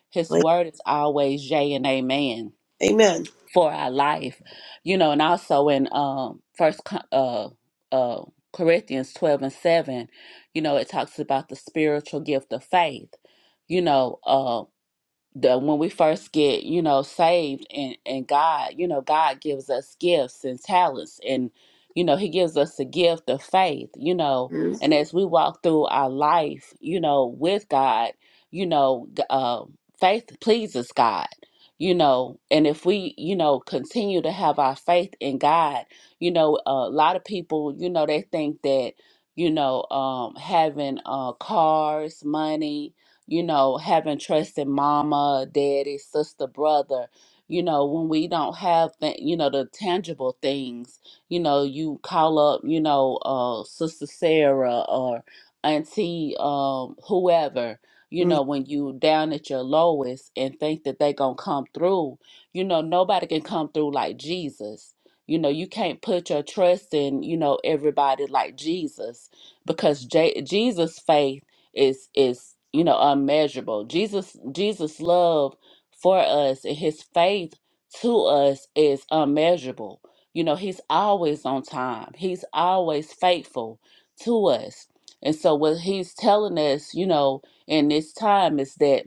his
Right.
word is always yea and amen
Amen.
for our life you know and also in um first Co- uh uh corinthians 12 and 7 you know it talks about the spiritual gift of faith you know um, the when we first get you know saved and and god you know god gives us gifts and talents and you know he gives us the gift of faith you know
Mm-hmm.
and as we walk through our life you know with god you know g- uh, faith pleases god you know and if we you know continue to have our faith in god you know a lot of people you know they think that you know um having uh cars money you know, having trust in mama, daddy, sister, brother. You know, when we don't have, th- you know, the tangible things, you know, you call up, you know, uh, Sister Sarah or Auntie um, whoever, you know, when you down at your lowest and think that they going to come through. You know, nobody can come through like Jesus. You know, you can't put your trust in, you know, everybody like Jesus because J- Jesus' faith is is you know unmeasurable. Jesus Jesus love for us and his faith to us is unmeasurable. You know, he's always on time. He's always faithful to us. And so what he's telling us, you know, in this time is that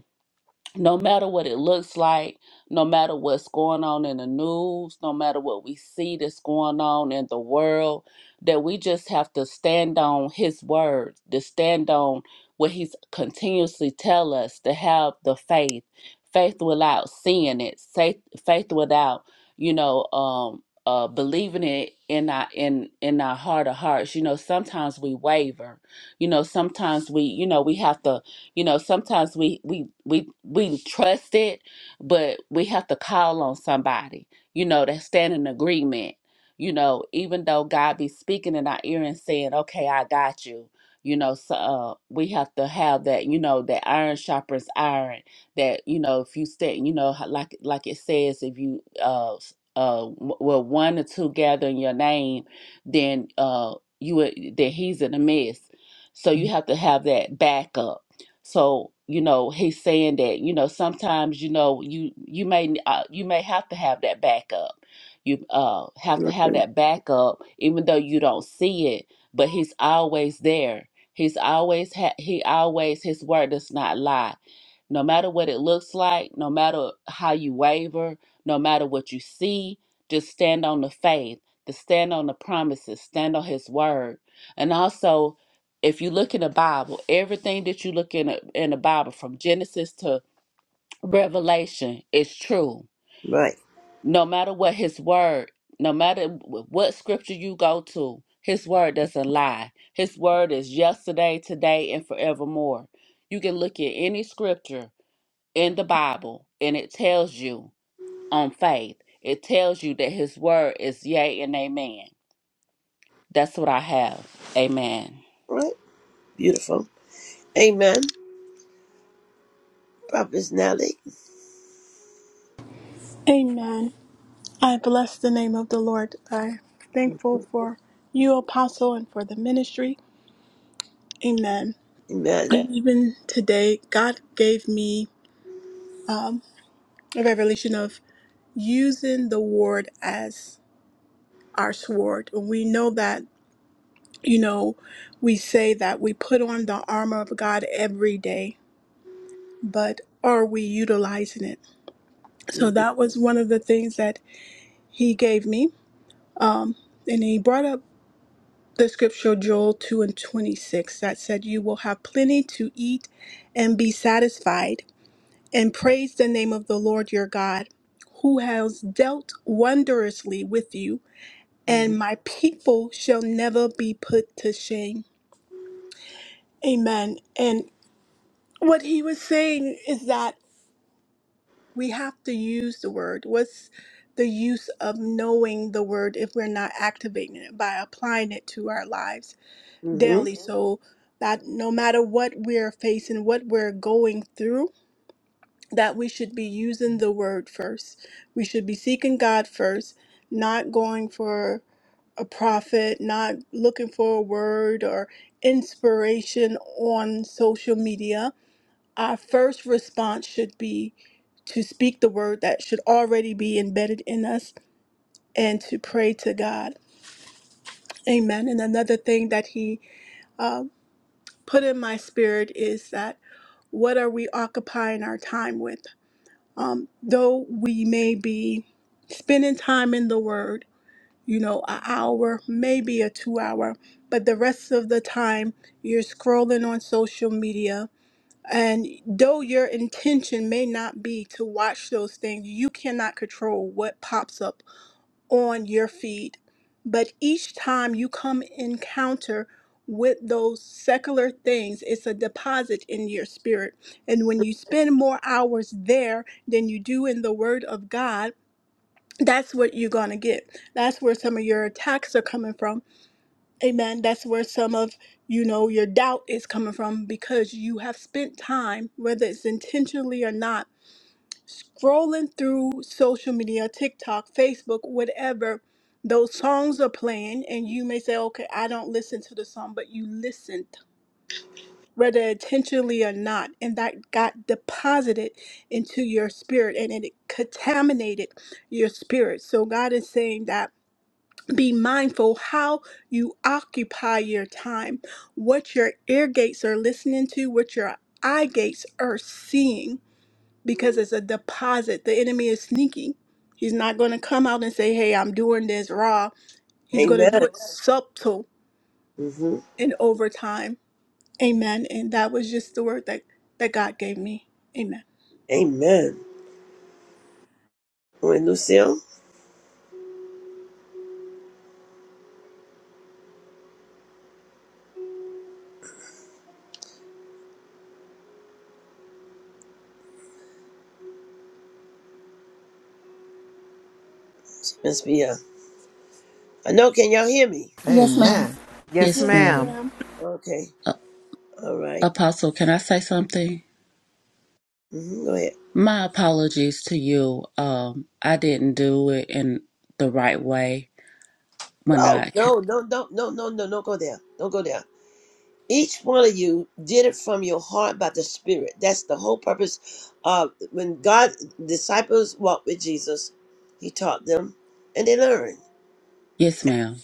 no matter what it looks like, no matter what's going on in the news, no matter what we see that's going on in the world, that we just have to stand on his word, to stand on what he's continuously tell us, to have the faith, faith without seeing it, faith, faith without, you know, um, uh, believing it in our in in our heart of hearts. You know, sometimes we waver. You know, sometimes we, you know, we have to you know sometimes we we we we trust it but we have to call on somebody you know that stand in agreement you know even though god be speaking in our ear and saying okay i got you you know so uh, we have to have that you know that iron sharpens iron that you know if you stay you know ho- like like it says if you uh s- uh w- well one or two gather in your name then uh you would that he's in the midst so you Mhm. have to have that backup so you know he's saying that you know sometimes you know you you may uh, you may have to have that backup. You uh, have to have
mm-hmm.
that backup even though you don't see it, but he's always there. He's always ha- he always his word does not lie. No matter what it looks like, no matter how you waver, no matter what you see, just stand on the faith, to stand on the promises, stand on his word. And also if you look in the Bible, everything that you look in a, in the Bible from Genesis to Revelation is true.
Right.
No matter what his word, no matter wh- what scripture you go to, his word doesn't lie. His word is yesterday, today, and forevermore. You can look at any scripture in the Bible and it tells you on faith. It tells you that his word is yea and amen. That's what I have. Amen.
Right. Beautiful. Amen. Prophet Nelly.
Amen. I bless the name of the Lord. I'm
Mm-hmm.
thankful for you, Apostle, and for the ministry. Amen.
Amen.
And even today, God gave me a revelation of using the word as our sword. We know that, you know, we say that we put on the armor of God every day but are we utilizing it? So
Mm-hmm.
that was one of the things that he gave me. Um, and he brought up the scripture Joel 2 and 26 that said, You will have plenty to eat and be satisfied, and praise the name of the Lord your God, who has dealt wondrously with you, and
Mm-hmm.
my people shall never be put to shame. Amen. And what he was saying is that. we have to use the word. What's the use of knowing the word if we're not activating it by applying it to our lives
Mm-hmm.
daily? So that no matter what we're facing, what we're going through, that we should be using the word first. We should be seeking God first, not going for a prophet, not looking for a word or inspiration on social media our first response should be to speak the word that should already be embedded in us and to pray to God. Amen. And another thing that he uh, put in my spirit is that what are we occupying our time with? Um, though we may be spending time in the word, you know, an hour, maybe a two hour, but the rest of the time you're scrolling on social media And though your intention may not be to watch those things, you cannot control what pops up on your feed. But each time you come encounter with those secular things, it's a deposit in your spirit. And when you spend more hours there than you do in the Word of God, that's what you're going to get. That's where some of your attacks are coming from Amen. That's where some of, you know, your doubt is coming from because you have spent time, whether it's intentionally or not, scrolling through social media, TikTok, Facebook, whatever. Those songs are playing, and you may say, okay, I don't listen to the song, but you listened, whether intentionally or not. And that got deposited into your spirit and it contaminated your spirit. So God is saying that be mindful how you occupy your time, what your ear gates are listening to, what your eye gates are seeing, because it's a deposit. The enemy is sneaky. He's not going to come out and say, Hey, I'm doing this raw. He's going to do
Amen.
it subtle
Mm-hmm.
and over time. Amen. And that was just the word that, that God gave me. Amen.
Amen. When Lucille, she must be a. I know. Can y'all hear me?
Yes, ma'am.
Amen. Yes,
Yes,
Yes,
ma'am.
ma'am.
ma'am.
Okay.
A-
All right.
Apostle, can I say something?
Mm-hmm. Go ahead.
My apologies to you. Um, I didn't do it in the right way when
Oh
I. ca-
no, no, no, no, no, no! Don't go there. Don't go there. Each one of you did it from your heart by the Spirit. That's the whole purpose of when God disciples walked with Jesus. He taught them, and they learned.
Yes, ma'am.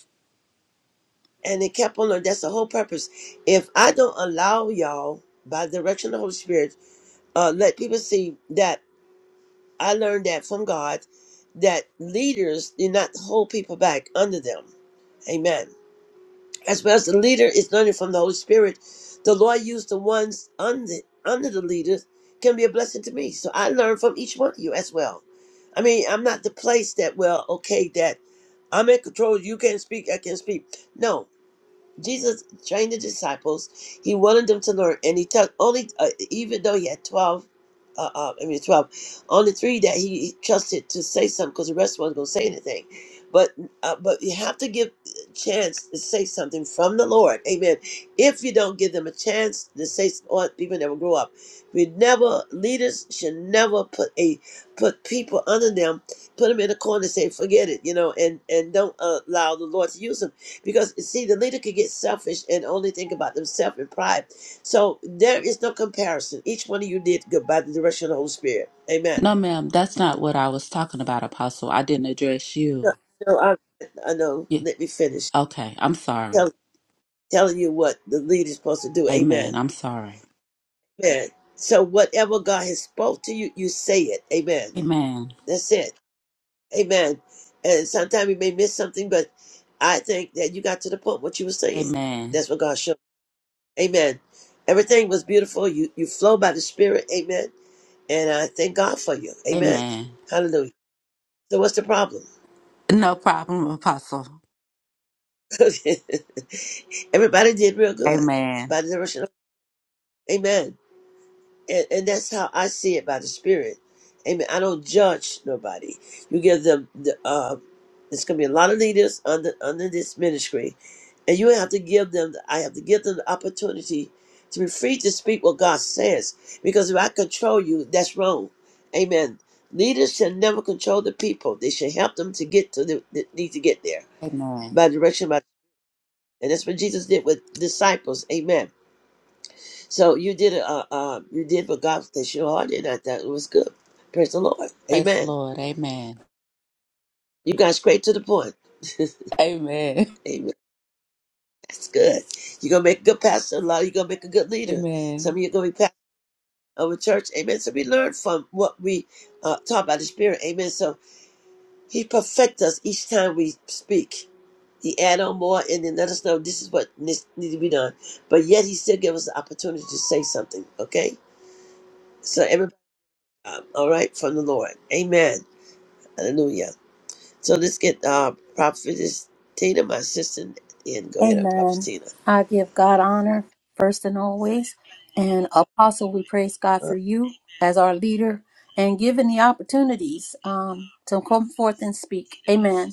And it kept on learning. That's the whole purpose. If I don't allow y'all, by the direction of the Holy Spirit, uh, let people see that I learned that from God, that leaders do not hold people back under them. Amen. As well as the leader is learning from the Holy Spirit, the Lord used the ones under, under the leaders can be a blessing to me. So I learn from each one of you as well. I mean, I'm not the place that, well, okay, that I'm in control. You can't speak. I can speak. No, Jesus trained the disciples. He wanted them to learn, and he took only uh, even though he had twelve. Uh, uh, I mean, twelve. Only three that he trusted to say something, because the rest wasn't going to say anything. But uh, but you have to give a chance to say something from the Lord, Amen. If you don't give them a chance to say, s- or people never grow up. We never leaders should never put a put people under them, put them in a corner, and say forget it, you know, and and don't uh, allow the Lord to use them because see, the leader could get selfish and only think about themselves and pride. So there is no comparison. Each one of you did good by the direction of the Holy Spirit. Amen.
No, ma'am. That's not what I was talking about, Apostle. I didn't address
No,
you.
no, I, I know.
Yeah.
Let me finish.
Okay. I'm sorry.
Tell, telling you what the leader is supposed to do. Amen.
Amen. I'm sorry.
Amen. So whatever God has spoke to you, you say it. Amen.
Amen.
That's it. Amen. And sometimes you may miss something, but I think that you got to the point what you were saying.
Amen.
That's what God showed. Amen. Everything was beautiful. You you flow by the Spirit. Amen. And I thank God for you. Amen.
Amen.
Hallelujah. So what's the problem?
No problem, Apostle.
Everybody did real good
Amen.
by the direction of Amen. and, and that's how I see it by the Spirit. Amen. I don't judge nobody. You give them the. Uh, there's gonna be a lot of leaders under under this ministry, and you have to give them. The, I have to give them the opportunity to be free to speak what God says. Because if I control you, that's wrong. Amen. Leaders should never control the people. They should help them to get to the, the need to get there
Amen.
by direction by, and that's what Jesus did with disciples. Amen. So you did uh, uh you did what God said. your heart in. I thought it was good. Praise the Lord.
Praise the
Amen.
Lord. Amen.
You got straight to the point.
Amen.
Amen. That's good. You're gonna make a good pastor. A lot. You're gonna make a good leader. Some of
Amen.
you are gonna be pastor of a church. Amen. So we learn from what we uh, taught by the Spirit. Amen. So He perfect us each time we speak. He add on more and then let us know this is what needs need to be done. But yet He still give us the opportunity to say something. Okay. So everybody, uh, all right, from the Lord. Amen. Hallelujah. So let's get uh, Prophetess Tina, my sister, and then go ahead on Prophetess
Amen.
Tina.
I give God honor first and always. And Apostle, we praise God
Uh,
for you as our leader and given the opportunities um, to come forth and speak. Amen.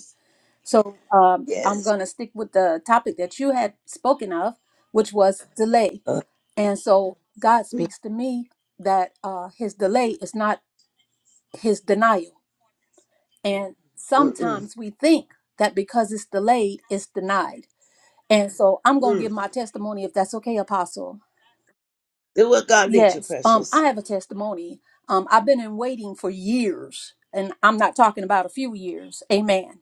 So um, I'm
yes.
going to stick with the topic that you had spoken of, which was delay.
Uh,
And so God
mm,
speaks to me that uh, his delay is not his denial. And
mm, mm,
sometimes we think that because it's delayed, it's denied. And so I'm going to
mm.
give my testimony if that's okay, Apostle.
Do what God leads you,
Yes. Um, I
precious.
have a testimony. Um, I've been in waiting for years, and I'm not talking about a few years. Amen.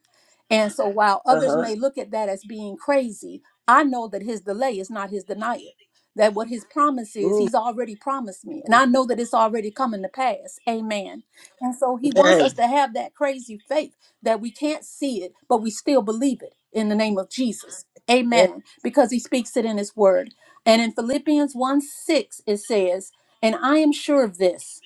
And so while
Uh
others
huh.
may look at that as being crazy, I know that his delay is not his denial. That what his promise is,
Ooh,
he's already promised me. And I know that it's already coming to pass. Amen. And so he wants
amen.
us to have that crazy faith that we can't see it, but we still believe it in the name of Jesus.
Yeah.
Amen. Because he speaks it in his word. And in Philippians 1 6, it says, And I am sure of this,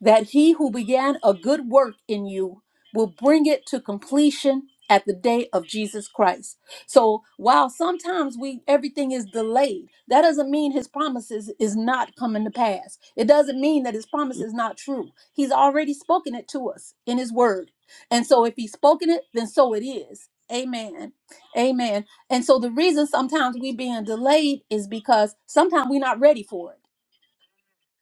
that he who began a good work in you will bring it to completion at the day of Jesus Christ. So while sometimes we everything is delayed, that doesn't mean his promises is not coming to pass. It doesn't mean that his promise is not true. He's already spoken it to us in his word. And so if he's spoken it, then so it is. Amen. Amen. And so the reason sometimes we being delayed is because sometimes we're not ready for it.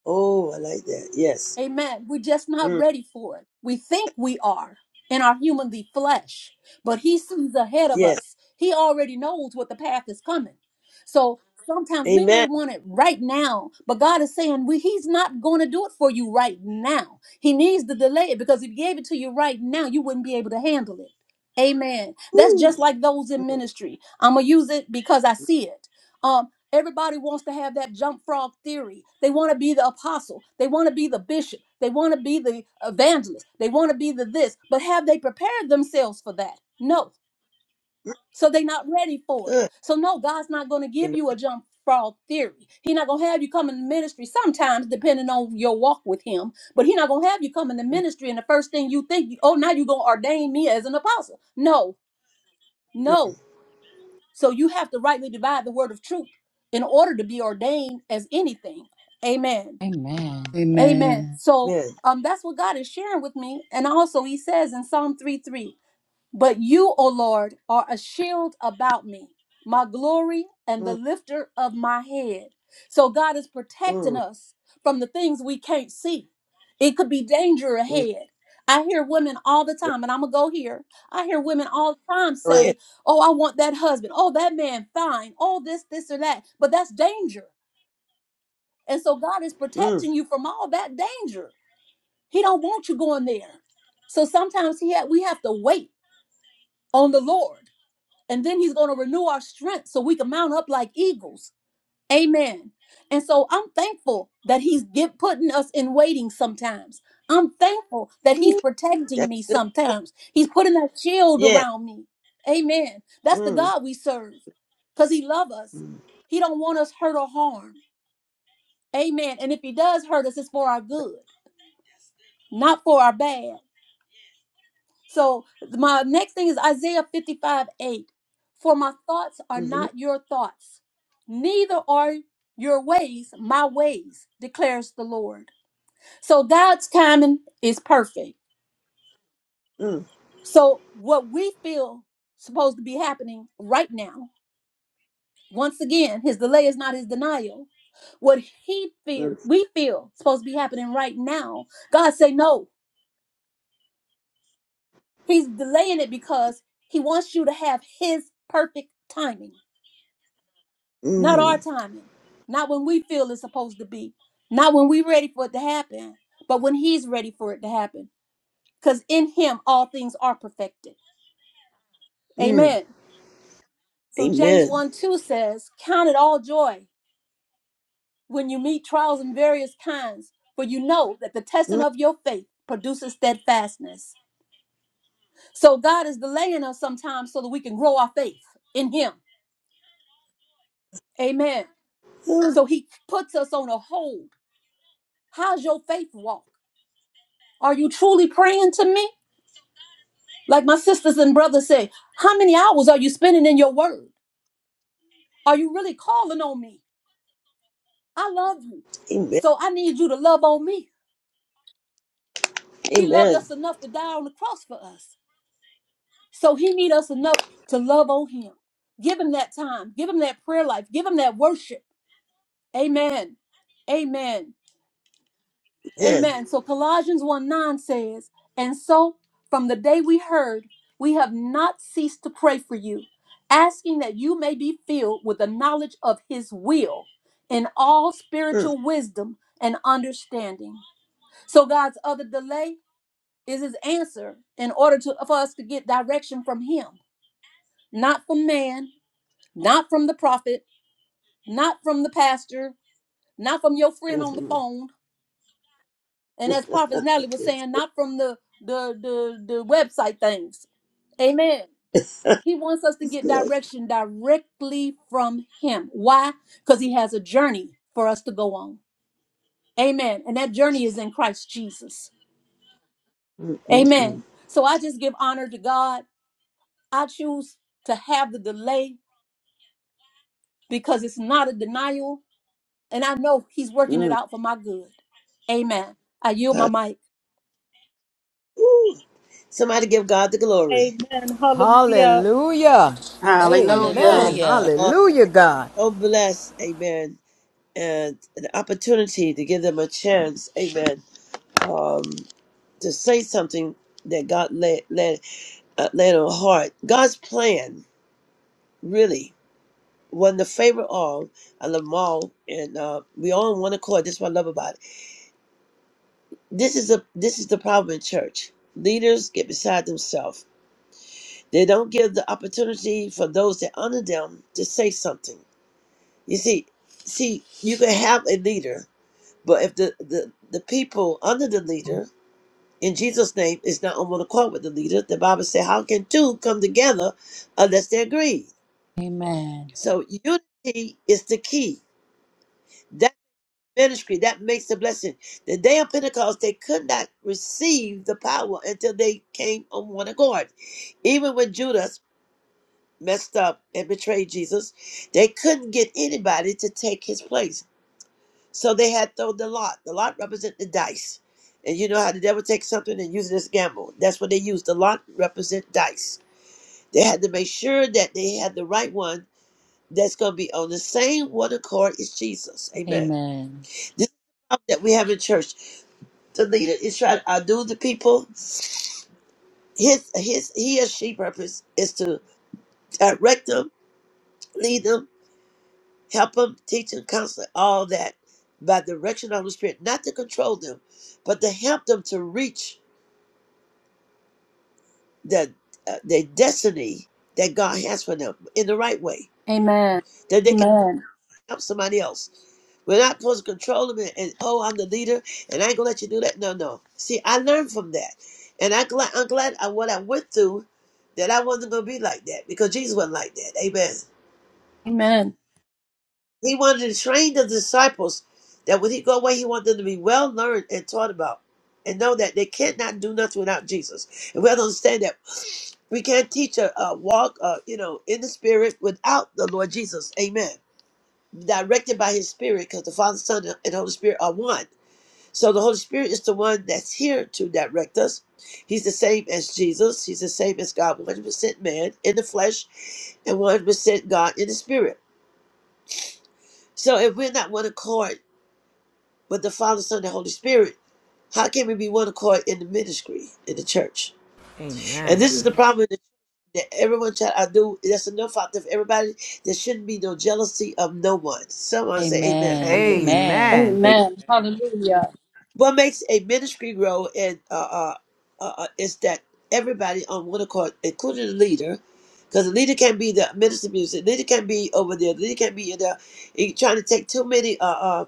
Oh, I like that. Yes.
Amen. We're just not
Mm,
ready for it. We think we are in our humanly flesh, but he sees ahead of
yes.
us. He already knows what the path is coming. So sometimes we may
Amen.
want it right now, but God is saying we, he's not going to do it for you right now. He needs to delay it because if he gave it to you right now, you wouldn't be able to handle it. Amen. That's
Ooh,
just like those in
mm,
ministry. I'm going to use it because I see it Um, Everybody wants to have that jump frog theory. They want to be the apostle. They want to be the bishop. They want to be the evangelist. They want to be the this. But have they prepared themselves for that? No. So they're not ready for it.
good.
So no, God's not going to give
Amen.
you a jump frog theory. He's not going to have you come in ministry sometimes, depending on your walk with Him. But He's not going to have you come in the
Mm,
ministry, and the first thing you think, oh, now you're going to ordain me as an apostle. No,
mm,
no. So you have to rightly divide the word of truth in order to be ordained as anything. Amen.
Amen.
Amen.
Amen.
So
amen.
um that's what God is sharing with me. And also he says in Psalm three three. But you, O Lord, are a shield about me, my glory and the
Mm,
lifter of my head. So God is protecting
mm,
us from the things we can't see. It could be danger
mm.
ahead. I hear women all the
Right.
time, and I'm gonna go here. I hear women all the time
Go ahead.
say, Oh, I want that husband. Oh, that man, fine. Oh, this, this, or that. But that's danger. And so God is
Mm.
protecting you from all that danger. He don't want you going there. So sometimes he ha- we have to wait on the Lord and then he's going to renew our strength so we can mount up like eagles. Amen. And so I'm thankful that he's get putting us in waiting sometimes. I'm thankful that he's
Ooh,
protecting
that's
me
good.
sometimes. He's putting that shield
Yeah.
around me. Amen. That's the
Mm.
God we serve. Cuz he loves us.
Mm.
He don't want us hurt or harm. Amen. And if he does hurt us it's for our good, not for our bad. So my next thing is Isaiah 55, 8. For my thoughts are
Mm-hmm.
not your thoughts, neither are your ways my ways, declares the Lord. So God's timing is perfect.
Mm.
So what we feel supposed to be happening right now, once again, his delay is not his denial. What he feel
Mm.
we feel supposed to be happening right now, God say no. He's delaying it because he wants you to have his perfect timing. Not our
Mm.
timing. Not when we feel it's supposed to be. Not when we're ready for it to happen, but when He's ready for it to happen. Because in Him, all things are perfected.
Mm.
Amen. So James
Amen.
1 2 says, Count it all joy when you meet trials in various kinds, for you know that the testing of your faith produces steadfastness. So God is delaying us sometimes so that we can grow our faith in Him. Amen.
Mm.
So He puts us on a hold. How's your faith walk? Are you truly praying to me? Like my sisters and brothers say, how many hours are you spending in your word? Are you really calling on me? I love you.
Amen.
So I need you to love on me. He loved
Amen.
us enough to die on the cross for us. So he need us enough to love on him. Give him that time. Give him that prayer life. Give him that worship. Amen. Amen.
Amen.
Amen. So Colossians 1 9 says, And so from the day we heard, we have not ceased to pray for you, asking that you may be filled with the knowledge of his will in all
Mm, mm,
spiritual wisdom and understanding. So God's other delay is his answer in order to, for us to get direction from him, not from man, not from the prophet, not from the pastor, not from your friend on the
mm.
phone, and as prophet natalie was
It's-
saying not from the the the, the website things amen
it's- That's
he wants us to get
good.
direction directly from him why because he has a journey for us to go on amen and that journey is in christ jesus
Mm, mm, mm,
amen so i just give honor to god i choose to have the delay because it's not a denial and i know he's working it
mm.
out for my good amen i yield my
God.
mic
Woo. Somebody give God the glory.
amen hallelujah
Hallelujah.
Hallelujah.
Amen.
Hallelujah.
Uh,
Hallelujah, God.
so blessed. Amen. And an opportunity to give them a chance. Amen. Um, to say something that God led, led, uh, laid on heart. God's plan, really, won the favor of all. I love them all. And uh, we all on one accord. That's what I love about it This is a this is the problem in church. Leaders get beside themselves. They don't give the opportunity for those that honor them to say something. You see, see, you can have a leader, but if the the, the people under the leader in Jesus' name is not on one accord with the leader, the Bible says, "How can two come together unless they agree?"
Amen.
So unity is the key. ministry. That makes the blessing. The day of Pentecost, they could not receive the power until they came on one accord. Even when Judas messed up and betrayed Jesus, they couldn't get anybody to take his place. So they had thrown the lot. The lot represent the dice. And you know how the devil takes something and uses it as gamble. That's what they used. The lot represent dice. They had to make sure that they had the right one that's going to be on the same one accord as Jesus. Amen.
Amen.
This is the problem that we have in church The leader is trying to outdo the people. His his he or she purpose is to direct them, lead them, help them, teach them, counsel, all that by direction of the Spirit, not to control them, but to help them to reach the uh, their destiny that God has for them in the right way.
amen amen
help somebody else. We're not supposed to control them and, and, oh, I'm the leader and I ain't gonna let you do that. No, no. See, I learned from that, and I glad I'm glad I, what I went through that I wasn't gonna be like that because Jesus wasn't like that. Amen.
Amen.
He wanted to train the disciples that when he go away, he wanted them to be well learned and taught about. And know that they cannot do nothing without Jesus. And we have to understand that we can't teach a, a walk, uh, you know, in the spirit without the Lord Jesus. Amen. directed by his spirit because the father son and holy spirit are one so the holy spirit is the one that's here to direct us he's the same as jesus he's the same as god 100% man in the flesh and 100% god in the spirit so if we're not one accord with the father son and holy spirit how can we be one accord in the ministry in the church
Amen.
and this is the problem that that everyone try i do that's enough out there for everybody there shouldn't be no jealousy of no one someone say amen
Amen.
hallelujah
Amen.
Amen.
Amen,
Amen. Hallelujah.
what makes a ministry grow and uh, uh, uh, uh, is that everybody on what are called, including the leader, because the leader can be the minister of music, the leader can be over there, the leader can be in there. you trying to take too many, uh, uh,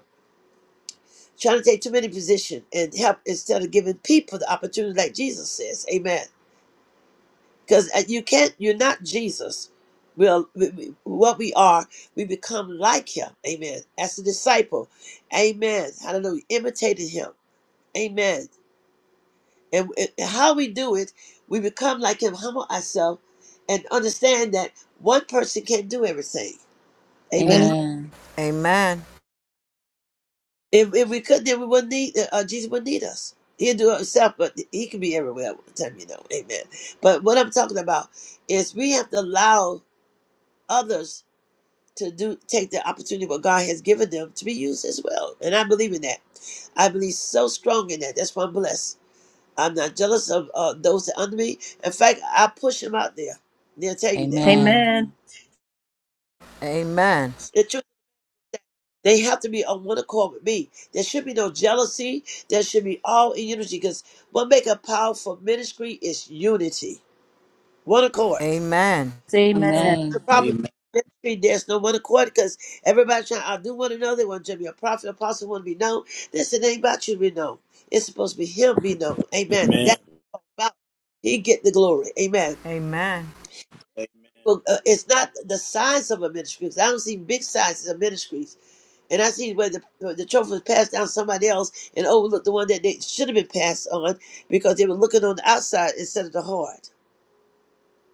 trying to take too many position and help instead of giving people the opportunity, like Jesus says, Amen. Because you can't, you're not Jesus. Well, we, we- what we are, we become like Him, Amen. As a disciple, Amen. Hallelujah. Imitating Him, Amen And it, how we do it, we become like him, humble ourselves, and understand that one person can't do everything. Amen.
Amen.
Amen.
Amen.
If, if we could, then we wouldn't need, uh, uh, Jesus wouldn't need us. He'll do it himself, but he can be everywhere at one time, you know. Amen. But what I'm talking about is we have to allow others to do take the opportunity what God has given them to be used as well. And I believe in that. I believe so strong in that. That's why I'm blessed. I'm not jealous of uh, those that are under me. In fact, I push them out there. They'll tell you that.
Amen.
Amen.
The truth, they have to be on one accord with me. There should be no jealousy. There should be all in unity because what make a powerful ministry is unity, one accord.
Amen.
Amen.
The
Amen.
problem
Amen.
in ministry, there's no one accord because everybody trying to outdo one another. They want to be a prophet, apostle, want to be known. This it ain't about you to be known. It's supposed to be him be known. Amen.
Amen.
That's about he get the glory. Amen.
Amen.
Well, uh, it's not the size of a ministry because I don't see big sizes of ministries, and I see where the where the trophy was passed down to somebody else and overlooked the one that they should have been passed on because they were looking on the outside instead of the heart.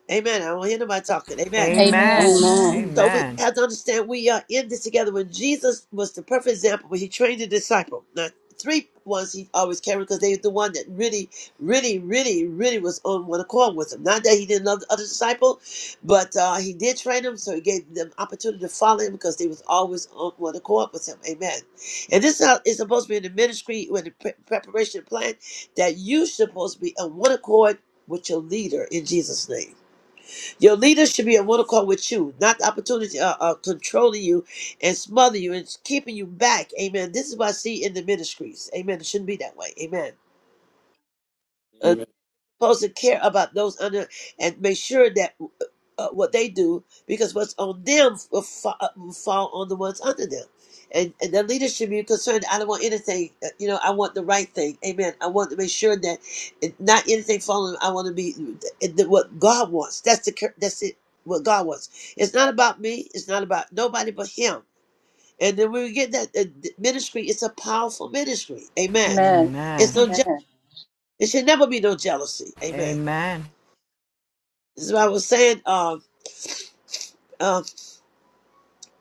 Amen. I don't hear nobody talking. Amen.
Amen.
Amen.
Amen.
Amen.
So we
Amen.
have to understand we are in this together. When Jesus was the perfect example, when he trained the disciple, now three ones he always carried because they were the one that really, really, really, really was on one accord with him. Not that he didn't love the other disciple, but uh, he did train them, so he gave them opportunity to follow him because they was always on one accord with him. Amen. And this is how it's supposed to be in the ministry, when the pre- preparation plan, that you supposed to be on one accord with your leader in Jesus' name. Your leaders should be a protocol with you, not the opportunity uh, uh, controlling you and smothering you and keeping you back. Amen. This is what I see in the ministries. Amen. It shouldn't be that way. Amen supposed to care about those under and make sure that uh, uh, what they do because what's on them will, fa- uh, will fall on the ones under them. And, and the leaders should be concerned. I don't want anything, uh, you know, I want the right thing. Amen. I want to make sure that it- not anything falling. I want to be uh, the- what God wants. That's the, cur- that's it. What God wants. It's not about me. It's not about nobody but him. And then when we get that uh, th- ministry, it's a powerful ministry. Amen.
Amen.
It's
Amen.
no, je- it should never be no jealousy.
Amen.
Amen.
Amen.
So I was saying uh, uh,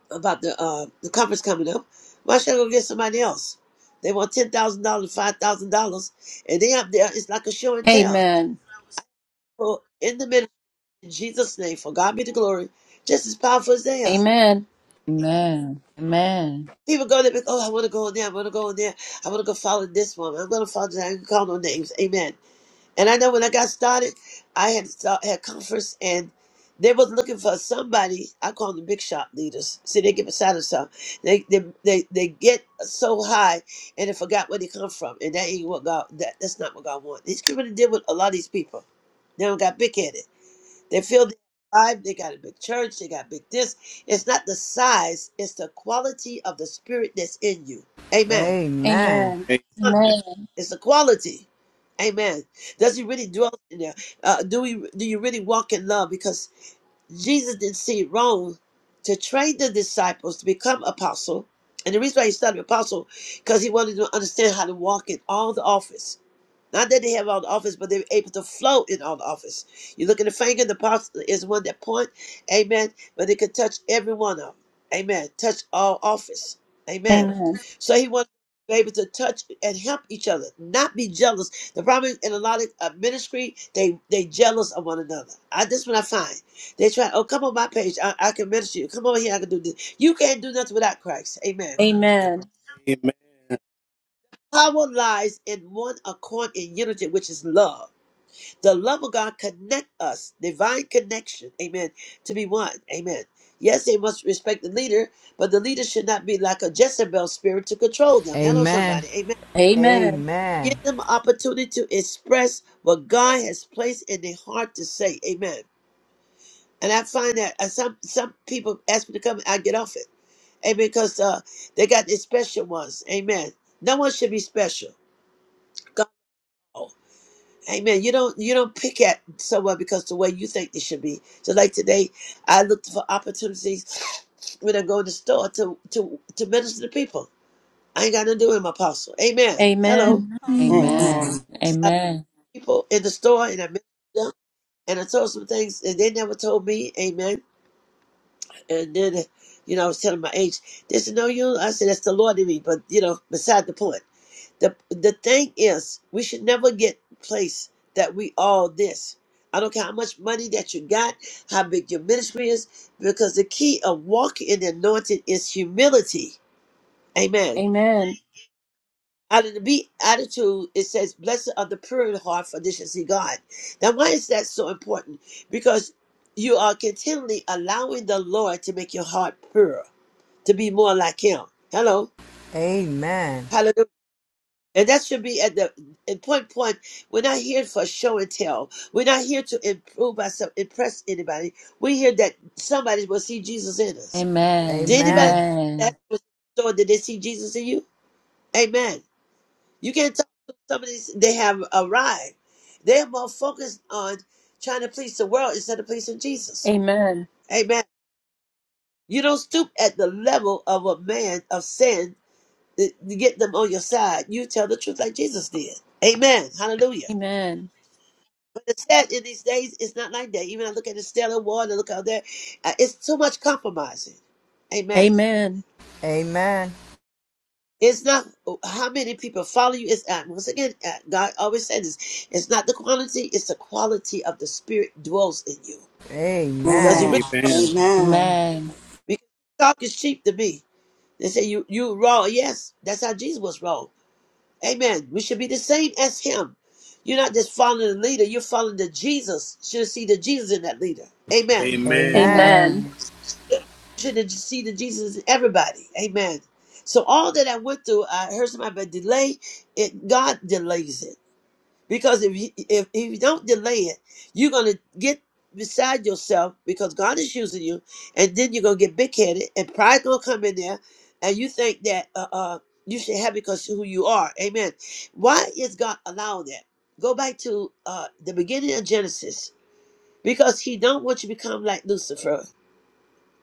about the uh, the conference coming up. Why should I go get somebody else? They want ten thousand dollars, five thousand dollars, and they up there. It's like a show and tell.
Amen.
Well, in the middle, in Jesus' name, for God be the glory. Just as powerful as they are.
Amen.
Amen. Amen.
People go there because oh, I want to go in there. I want to go in there. I want to go follow this woman. I'm going to follow that. I can call no names. Amen. And I know when I got started, I had start, had conference and they was looking for somebody. I call them the big shop leaders. See, they get beside themselves. They they they, they get so high and they forgot where they come from. And that ain't what God. That, that's not what God wants. These people that deal with a lot of these people, they don't got big headed. They feel they alive. They got a big church. They got big this. It's not the size. It's the quality of the spirit that's in you. Amen.
Amen.
Amen. Amen.
It's the quality. Amen. Does he really dwell in there? Uh, do we do you really walk in love? Because Jesus didn't see it wrong to train the disciples to become apostle. And the reason why he started apostle, because he wanted to understand how to walk in all the office. Not that they have all the office, but they're able to flow in all the office. You look at the finger, the apostle is one that point, amen, but they could touch every one of them. Amen. Touch all office. Amen.
Amen.
So he wants to be able to touch and help each other, not be jealous. The problem is in a lot of uh, ministry, they they jealous of one another. I this is what I find. They try, oh come on my page, I, I can minister you. Come over here, I can do this. You can't do nothing without Christ. Amen.
Amen.
Amen.
Power lies in one accord in unity, which is love. The love of God connect us, divine connection, amen, to be one, amen. Yes, they must respect the leader, but the leader should not be like a Jezebel spirit to control
Amen.
them. Hello,
Amen.
somebody, amen.
Amen.
Give them opportunity to express what God has placed in their heart to say, amen. And I find that uh, some some people ask me to come, I get off it, amen, because uh, they got their special ones, amen. No one should be special. God. Amen. You don't you don't pick at someone because the way you think it should be. So like today, I looked for opportunities when I go in the store to to to minister to people. I ain't got nothing to do with my apostle. Amen.
Amen.
Hello,
Amen.
Amen.
Amen.
I have
Amen.
people in the store, and I ministered to them, and I told some things, and they never told me. Amen. And then, you know, I was telling my age. They said, "No, you." I said, "That's the Lord in me," but you know, beside the point. the the thing is we should never get place that we all this i don't care how much money that you got how big your ministry is because the key of walking in the anointing is humility amen
Amen.
out of the beat attitude it says blessed are the pure in heart for they shall see god now why is that so important because you are continually allowing the lord to make your heart pure to be more like him hello And that should be at the important point point. We're not here for show and tell. We're not here to improve ourselves, impress anybody. We're here that somebody will see Jesus in us. Did anybody that
Amen.
was so did they see Jesus in you? Amen. You can't talk to some they have arrived. They're more focused on trying to please the world instead of pleasing Jesus.
Amen.
Amen. You don't stoop at the level of a man of sin to to get them on your side. You tell the truth like Jesus did. Amen. Hallelujah.
Amen.
But it's sad in these days, it's not like that. Even I look at the Stellar War and I look out there, uh, it's too much compromising.
Amen. Amen. Amen.
Amen.
Amen.
Amen.
It's not how many people follow you. It's uh, once again, uh, God always said this: it's not the quantity, it's the quality of the Spirit dwells in you. Does He
Amen.
Amen.
really?
Amen.
Amen. Amen.
Because talk is cheap to me. They say you you raw. Yes, that's how Jesus was raw. Amen. We should be the same as Him. You're not just following the leader; you're following the Jesus. You should see the Jesus in that leader. Amen.
Amen.
Amen.
Amen.
Amen.
Amen.
Should and see the Jesus in everybody. Amen. So all that I went through, I heard somebody about delay. It God delays it because if you, if if you don't delay it, you're gonna get beside yourself because God is using you, and then you're gonna get big headed and pride gonna come in there, and you think that uh, uh you should have it because who you are. Amen. Why is God allowing that? Go back to uh the beginning of Genesis because He don't want you to become like Lucifer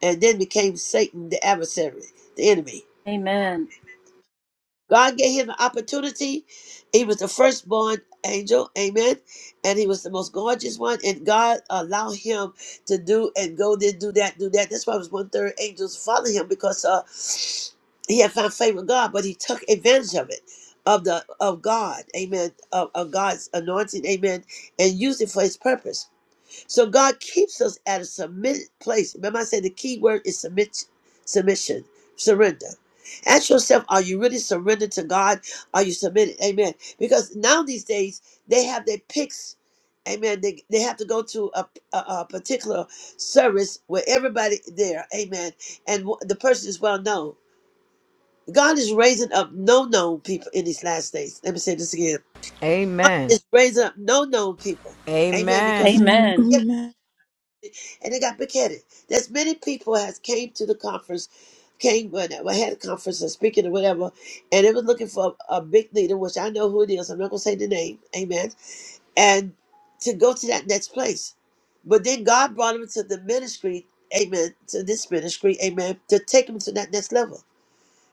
and then became Satan, the adversary, the enemy. God gave him an opportunity. He was the firstborn angel, amen, and he was the most gorgeous one. And God allowed him to do and go there, do that, do that. That's why it was one third angels following him because uh, he had found favor with God, but he took advantage of it. Of the of God, Amen. Of, of God's anointing, Amen, and used it for His purpose. So God keeps us at a submitted place. Remember, I said the key word is submit, submission, surrender. Ask yourself, are you really surrendered to God? Are you submitted? Amen. Because now these days they have their picks. Amen. They, they have to go to a, a, a particular service where everybody there. Amen. And w- the person is well known. God is raising up no known people in these last days. Let me say this again. God
Amen.
is raising up no known people. Amen.
Amen.
Because
Amen. Amen.
and they got big-headed. There's many people has came to the conference, came when I had a conference and speaking or whatever, and they was looking for a, a big leader, which I know who it is. I'm not gonna say the name, amen. And to go to that next place, but then God brought him to the ministry, amen, to this ministry, amen, to take him to that next level.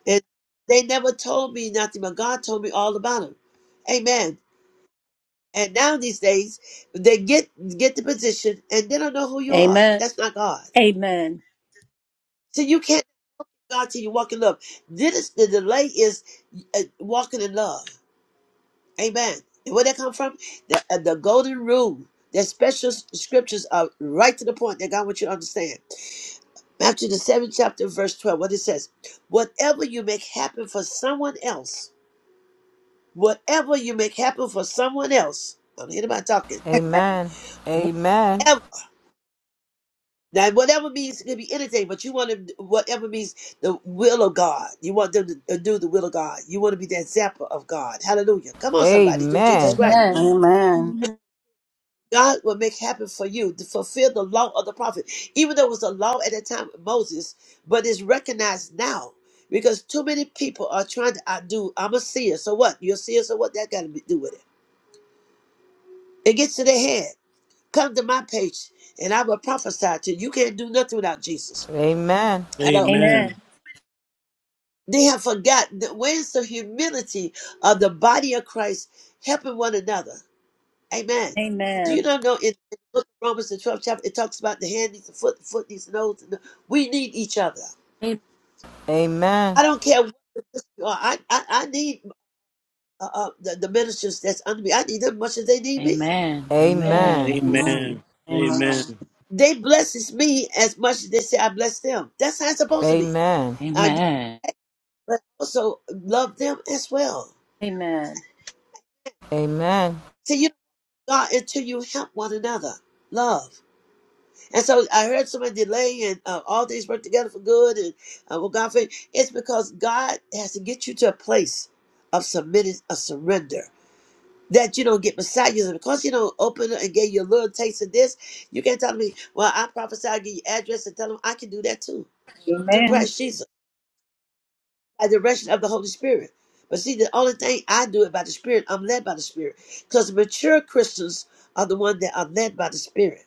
And they never told me nothing, but God told me all about him, amen. And now these days, they get get the position, and they don't know who you are.
Amen.
That's not God.
Amen. Amen. Amen.
So you can't know God till you walk in love. This the delay is uh, walking in love. Amen. And where that come from? The uh, the golden rule. That special s- scriptures are right to the point that God wants you to understand. Matthew the seventh chapter, verse twelve. What it says: Whatever you make happen for someone else, whatever you make happen for someone else. I don't hear about talking.
Amen. Amen.
Whatever. Now, whatever means it could be anything, but you want to whatever means the will of God. You want them to do the will of God. You want to be the example of God. Hallelujah! Come on, somebody, through Jesus
Amen.
Christ,
Amen.
Amen.
God will make happen for you to fulfill the law of the prophet. Even though it was a law at the time of Moses, but it's recognized now because too many people are trying to outdo. I'm a seer, so what? You're a seer, so what? That got to do with it. It gets to their head. Come to my page, and I will prophesy to you. You can't do nothing without Jesus.
Amen. Amen.
Hello.
Amen.
Amen.
They have forgotten that where's the humility of the body of Christ helping one another? Amen. Do you
Amen.
not know in, in the book of Romans, the 12th chapter, it talks about the hand needs the foot, the foot needs the nose. And the, we need each other.
Amen.
I don't care what you are. I, I, I need uh, uh, the, the ministers that's under me. I need them as much as they need me.
Amen.
Amen. Amen.
Amen.
Amen.
Amen.
Amen.
Amen. Amen.
Amen.
They blesses me as much as they say I bless them. That's how it's supposed to be.
Amen.
I get,
Amen.
but also love them as well.
Amen.
See, you know God until you help one another. Love. And so I heard someone delay and uh, all things work together for good and uh, well, God, for it's because God has to get you to a place of submitting, of surrender. That you don't get beside you. And because you don't open up and get your little taste of this, you can't tell me, well, I prophesy, i give you address and tell them I can do that too through
Amen.
Christ Jesus by the direction of the Holy Spirit. But see, the only thing I do it by the Spirit, I'm led by the Spirit. Because mature Christians are the ones that are led by the Spirit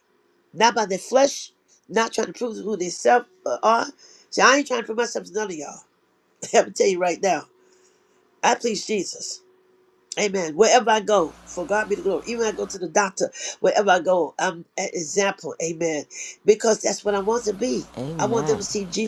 not by their flesh, not trying to prove who they self uh, are. See, I ain't trying to prove myself to none of y'all. I'm gonna tell you right now. I please Jesus. Amen. Wherever I go, for God be the glory. Even I go to the doctor, wherever I go, I'm an example. Amen. Because that's what I want to be.
Amen.
I want them
Amen.
to see Jesus.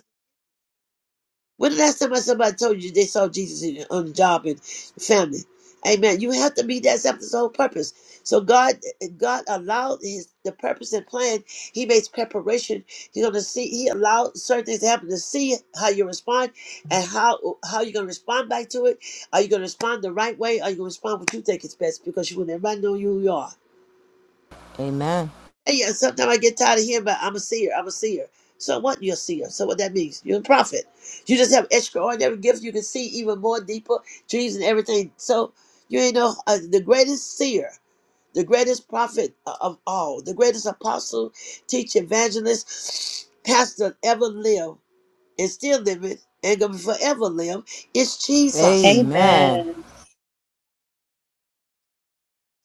When the last time I somebody told you they saw Jesus in, on the job and family? Amen. You have to be that's that's his whole purpose. So God, God allowed his the purpose and plan. He makes preparation. He's gonna see. He allowed certain things to happen to see how you respond and how how you're gonna respond back to it. Are you gonna respond the right way? Are you gonna respond what you think is best? Because you will never know who you are.
Amen.
And yeah, sometimes I get tired of hearing about I'm a seer, I'm a seer. So what you're a seer. So what that means, you're a prophet. You just have extraordinary gifts. You can see even more deeper dreams and everything. So you ain't know uh, the greatest seer, the greatest prophet o- of all, the greatest apostle, teacher, evangelist, pastor ever lived and still living and gonna forever live is Jesus.
Amen.
Amen.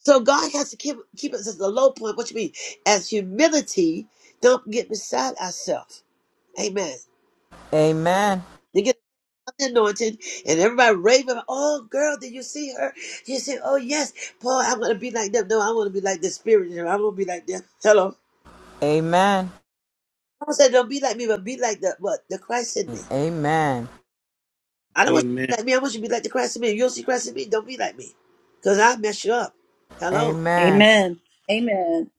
So God has to keep keep us at the low point. What you mean? As humility, don't get beside ourselves. Amen.
Amen. Amen.
They get the and everybody raving. about, Oh, girl, did you see her? You say, Oh, yes, Paul, I want to be like them. No, I want to be like the Spirit. in them. I want to be like them. Hello.
Amen.
Paul said, Don't be like me, but be like the what? The Christ in me.
Amen.
I don't want you to be
Amen.
like me. I want you to be like the Christ in me. If you don't see Christ in me, don't be like me, because I mess you up.
Amen. Amen.
Hello.
Amen.
Amen. Amen.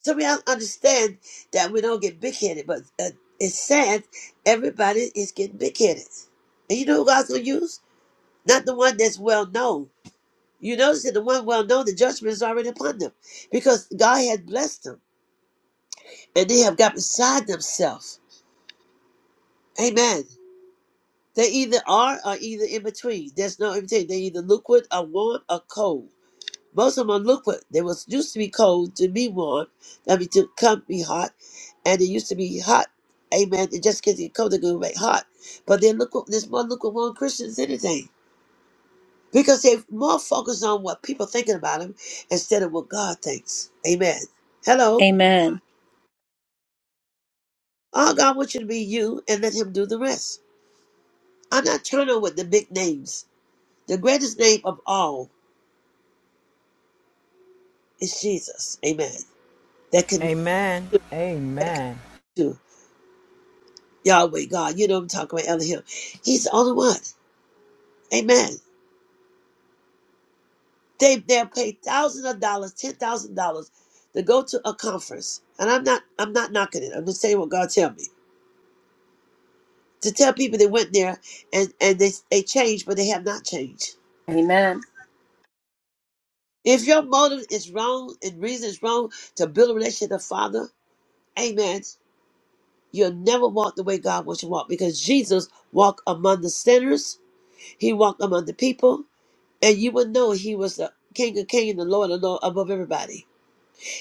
So we don't understand that we don't get big headed, but uh, it's sad. Everybody is getting big headed, and you know who God's gonna use? Not the one that's well known You notice that the one well known, the judgment is already upon them because God had blessed them and they have got beside themselves. Amen. They either are or either in between. There's no in between. They either liquid or warm or cold. Most of them are liquid. They was used to be cold to be warm. I mean to come be hot. And they used to be hot. Amen. And just because they're cold, they're gonna make hot. But they're liquid there's more liquid warm Christians than anything. because they're more focused on what people thinking about them instead of what God thinks. Amen. Hello.
Amen.
All God wants you to be you and let Him do the rest. I'm not turning with the big names. The greatest name of all is Jesus. Amen. That can that can do Yahweh God. You know what I'm talking about Elohim. He's the only one. Amen. They they'll pay thousands of dollars, ten thousand dollars to go to a conference. And I'm not I'm not knocking it. I'm just saying what God tell me. to tell people they went there and, and they, they changed, but they have not changed.
Amen.
If your motive is wrong and reason is wrong to build a relationship with the Father, amen, you'll never walk the way God wants you to walk because Jesus walked among the sinners, He walked among the people, and you would know He was the King of Kings and the Lord of Lord above everybody.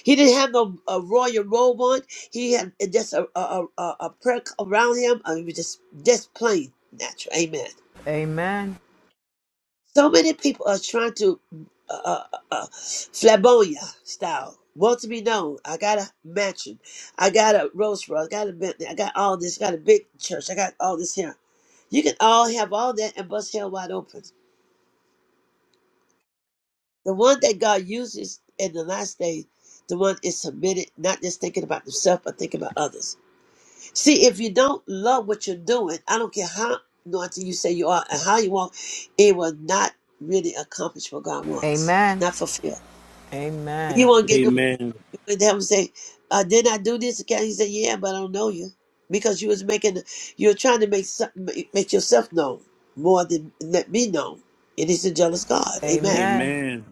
He didn't have no a royal robe on, He had just a, a, a, a prayer around Him, I mean, just, just plain natural, amen. So many people are trying to uh, uh, uh, uh, flamboyant style. Want to be known. I got a mansion. I got a Rolls Royce. I got a Bentley. I got all this. I got a big church. I got all this here. You can all have all that and bust hell wide open. The one that God uses in the last day, the one is submitted, not just thinking about themselves, but thinking about others. See, if you don't love what you're doing, I don't care how anointed you say you are and how you walk, it will not really accomplish what God wants, not fulfill. You won't get the and them say, uh, "Did I do this?" Again? He said, "Yeah, but I don't know you because you was making, you were trying to make some- make yourself known more than let me know." And he's a jealous God. Amen.
Amen.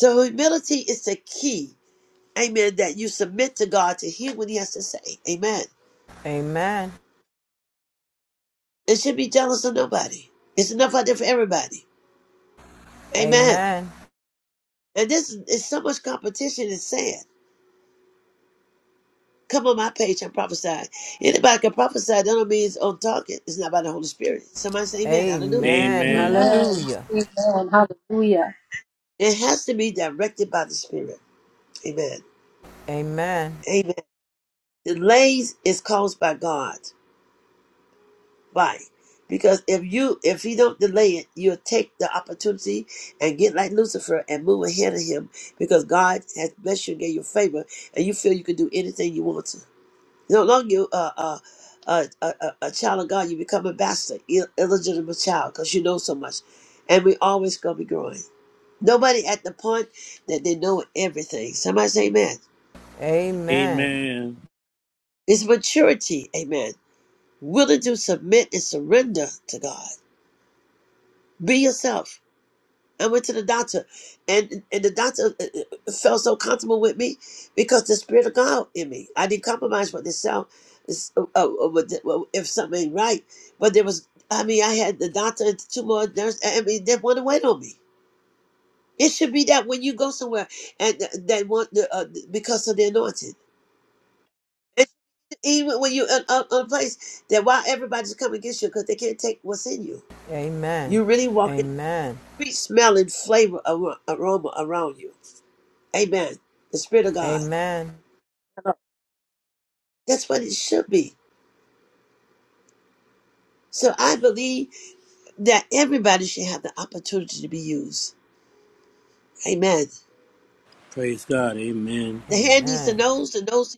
So humility is the key. Amen. That you submit to God to hear what He has to say. Amen.
Amen.
It should be jealous of nobody. It's enough out there for everybody.
Amen.
Amen.
Amen.
And this is it's so much competition. It's sad. Come on my page and prophesy. Anybody can prophesy. That don't mean it's on target. It's not by the Holy Spirit. Somebody say amen. Hallelujah.
Amen.
Amen.
Amen.
Amen.
Hallelujah.
Amen. Hallelujah.
It has to be directed by the Spirit. Amen.
Amen.
Amen. Delays is caused by God. Why? Because if you if you don't delay it, you'll take the opportunity and get like Lucifer and move ahead of him because God has blessed you and gave you favor and you feel you can do anything you want to. No longer you uh, uh, uh, a, a, a child of God, you become ambassador, Ill- illegitimate child, because you know so much. And we always going to be growing. Nobody at the point that they know everything. Somebody say amen.
Amen.
Amen.
It's maturity, amen. Willing to submit and surrender to God. Be yourself. I went to the doctor, and and the doctor uh, uh, felt so comfortable with me because the spirit of God in me. I didn't compromise with myself. It's, uh, uh, uh, with the- well, if something ain't right, but there was. I mean, I had the doctor, and two more nurse. I I mean, they want to wait on me. It should be that when you go somewhere and th- they want the uh, because of the anointing. And even when you in on a place that why everybody's coming against you because they can't take what's in you.
Amen.
You really walking,
Amen.
sweet smelling flavor ar- aroma around you. Amen. The Spirit of God.
Amen.
That's what it should be. So I believe that everybody should have the opportunity to be used. Amen.
Praise God. Amen.
The hand needs the
Amen.
nose, the nose.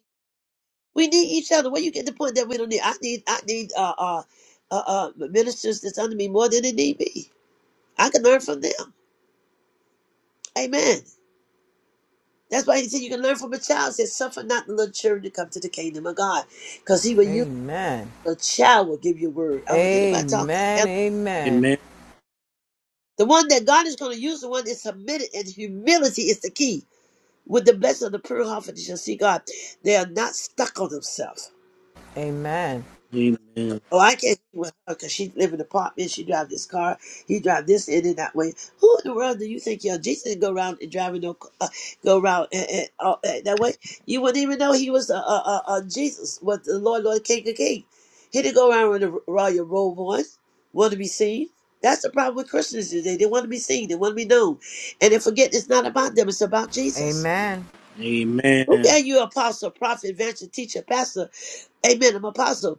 We need each other. Where you get the point that we don't need? I need, I need uh, uh, uh, uh, ministers that's under me more than they need me. I can learn from them. Amen. That's why he said you can learn from a child. He said, suffer not the little children to come to the kingdom of God. Because he will use
Amen.
a child will give you a word.
Amen.
I don't hear anybody talking.
Amen.
Amen.
The one that God is going to use, the one that's submitted, and humility is the key. With the blessing of the pure heart, they shall see God. They are not stuck on themselves.
Amen.
Amen.
Oh, I can't be with her because she live in an apartment. She drive this car. He drive this in and that way. Who in the world do you think you are? Jesus didn't go around and driving no, c- uh, go around and, and, uh, uh, that way. You wouldn't even know he was uh, uh, uh, uh, Jesus, was the Lord, Lord, King of King. He didn't go around with a royal robe on, want to be seen. That's the problem with Christians today. They want to be seen. They want to be known, and they forget it's not about them. It's about Jesus.
Amen.
Who
Amen.
are you, apostle, prophet, evangelist, teacher, pastor? Amen. I'm apostle.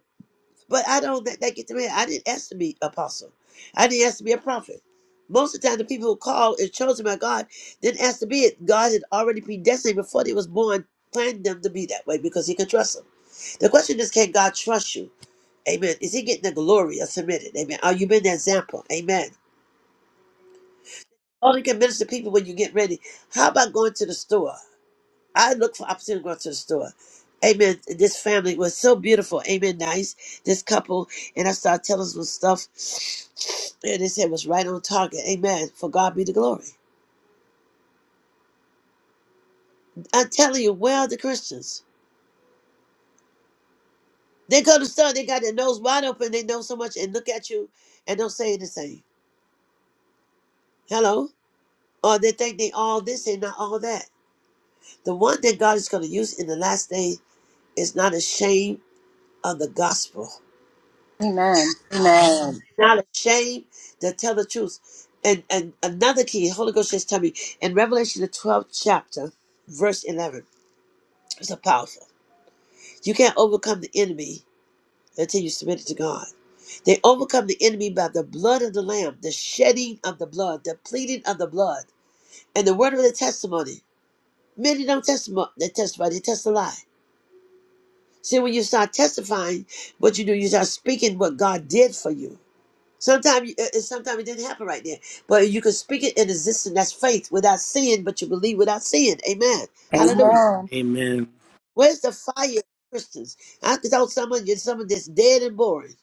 But I don't let that get to me. I didn't ask to be apostle. I didn't ask to be a prophet. Most of the time, the people who called and chosen by God didn't ask to be it. God had already predestined before they was born, planned them to be that way because He could trust them. The question is, can God trust you? Amen. Is He getting the glory of submitted? Amen. Are you being the example? Amen. Only can minister to people when you get ready. How about going to the store? I look for opportunity to go to the store. Amen. This family was so beautiful. Amen. Nice. This couple. And I started telling them stuff. And they said it was right on target. Amen. For God be the glory. I'm telling you, where are the Christians? They go to the store, they got their nose wide open, they know so much, and look at you and don't say anything. Hello? Or they think they all this and not all that. The one that God is going to use in the last day is not ashamed of the gospel.
Amen. Amen.
not ashamed to tell the truth. And and another key, Holy Ghost just tell me in Revelation the twelfth chapter, verse eleven. It's so powerful. You can't overcome the enemy until you submit it to God. They overcome the enemy by the blood of the Lamb, the shedding of the blood, the pleading of the blood, and the word of the testimony. Many don't testify, they testify, they test a lie. See, when you start testifying, what you do, you start speaking what God did for you. Sometimes sometimes it didn't happen right then. But you can speak it in existence. That's faith without seeing, but you believe without seeing. Amen. Hallelujah.
Amen.
Amen.
Where's the fire of Christians? I can tell someone you are someone that's dead and boring.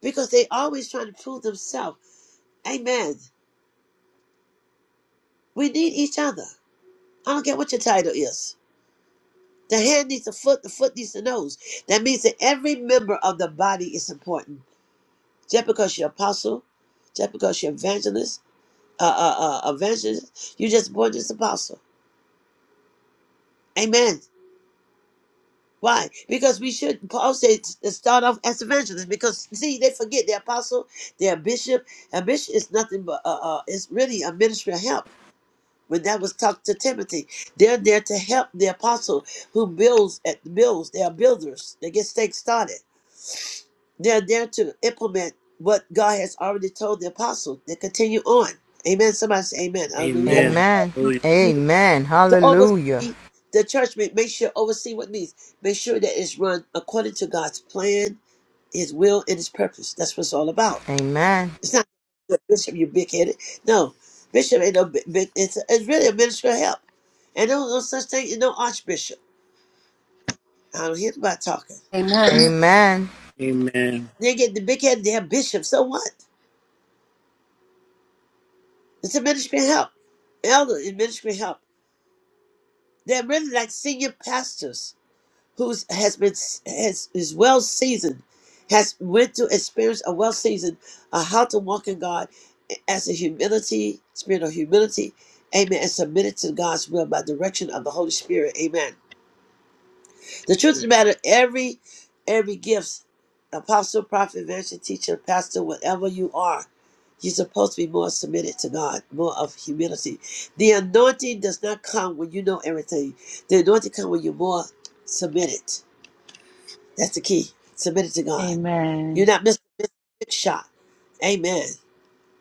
Because they always trying to prove themselves. Amen. We need each other. I don't care what your title is. The hand needs the foot, the foot needs the nose. That means that every member of the body is important. Just because you're apostle, just because you're evangelist, uh, uh, uh, evangelist, you just born just apostle. Amen. Why? Because we should, Paul said, to start off as evangelists. Because see, they forget the apostle, their bishop. A bishop is nothing but uh, uh, it's really a ministry of help. When that was talked to Timothy, they're there to help the apostle who builds at the builds. They are builders. They get things started. They're there to implement what God has already told the apostle. They continue on. Amen. Somebody say Amen. Hallelujah.
Amen.
Amen.
Hallelujah.
Amen.
to
Hallelujah.
oversee the church, make, make sure oversee what it means. Make sure that it's run according to God's plan, His will, and His purpose. That's what it's all about.
Amen.
It's not the bishop, you big headed. No, bishop ain't no bi- big. It's, it's really a minister of help, and there's no such thing. as no archbishop. I don't hear about talking.
Amen.
Amen.
Amen.
They get the big headed. They have bishop. So what? It's a ministry of help. Elder is ministry of help. They're really like senior pastors who's has been has is well seasoned, has went to experience a well seasoned uh, how to walk in God as a humility spirit of humility, amen, and submitted to God's will by direction of the Holy Spirit, amen. The truth of the matter, every every gifts, apostle, prophet, evangelist, teacher, pastor, whatever you are. You're supposed to be more submitted to God, more of humility. The anointing does not come when you know everything. The anointing comes when you're more submitted. That's the key. Submit it to God. You're
Amen.
not Mr. Big Shot. Amen.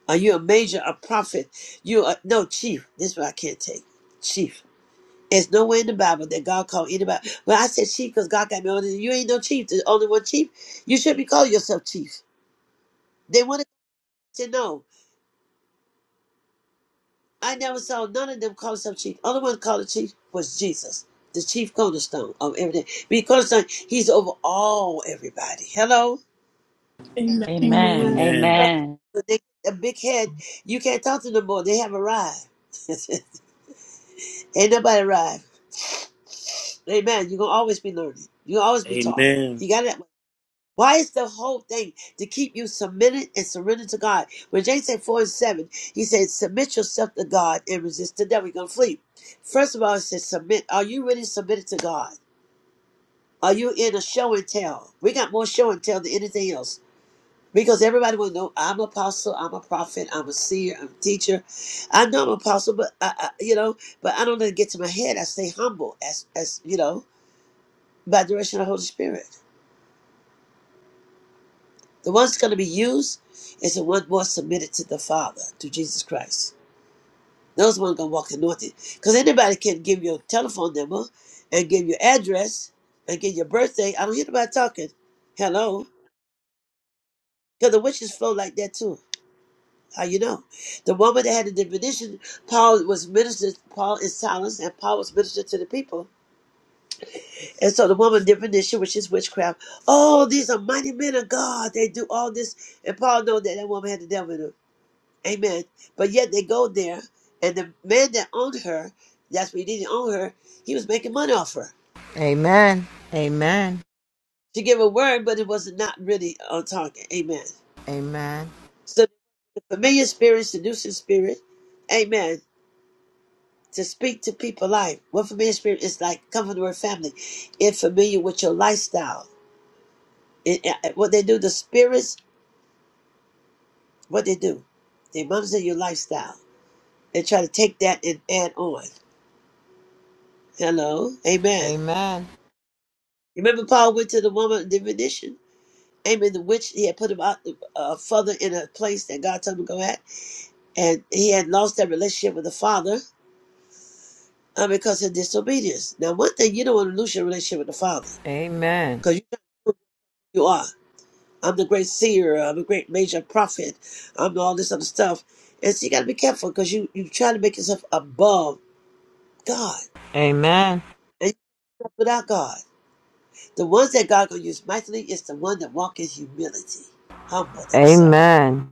Are you a major, a prophet? You are no chief. This is what I can't take. Chief. There's no way in the Bible that God called anybody. Well, I said chief because God got me on it. You ain't no chief. There's only one chief. You should be calling yourself chief. They wanted to know. I never saw none of them call themselves chief. Only one called the chief was Jesus, the chief cornerstone of everything. Because cornerstone, he's over all everybody. Hello?
Amen.
Amen. Amen.
Amen.
Amen.
Well,
Amen.
they get a big head. You can't talk to them more. They have arrived. Ain't nobody arrived. Amen. You're gonna always be learning. You gonna always be taught.
Amen.
You got it. Why is the whole thing to keep you submitted and surrendered to God? When James said four and seven, he said, Submit yourself to God and resist the devil. You're gonna flee. First of all, it says submit. Are you really submitted to God? Are you in a show and tell? We got more show and tell than anything else. Because everybody will know I'm apostle, I'm a prophet, I'm a seer, I'm a teacher. I know I'm apostle, but I, I you know, but I don't let it get to my head. I stay humble as as you know, by direction of the Holy Spirit. The one's that's gonna be used is the one more submitted to the Father, to Jesus Christ. Those one gonna walk anointed. Because anybody can give you a telephone number and give your address and give your birthday. I don't hear nobody talking. Hello. Because the witches flow like that too. How you know? The woman that had the divination, Paul was ministered, Paul is silenced, and Paul was ministered to the people. And so the woman divination, which is witchcraft, oh, these are mighty men of God. They do all this. And Paul know that that woman had the devil in her. Amen. But yet they go there, and the man that owned her, that's what he didn't own her, he was making money off her.
Amen. Amen.
She gave a word, but it was not really on target. Amen.
Amen.
So the familiar spirit, seducing spirit, amen to speak to people life. one familiar spirit is like, come from the word family. It familiar with your lifestyle. It, it- what they do, the spirits, what they do, they monitor your lifestyle and try to take that and add on. Hello, amen.
Amen.
Remember, Paul went to the woman in divination. Amen. The witch, he had put him out uh, further in a place that God told him to go at, and he had lost that relationship with the Father uh, because of disobedience. Now, one thing you don't want to lose your relationship with the Father
Amen. Amen.
because you know you are. I'm the great seer. I'm a great major prophet. I'm all this other stuff. And so you got to be careful because you, you try to make yourself above God.
Amen.
And you end up without God. The ones that God going to use mightily is the one that walk in humility, humble themselves,
Amen.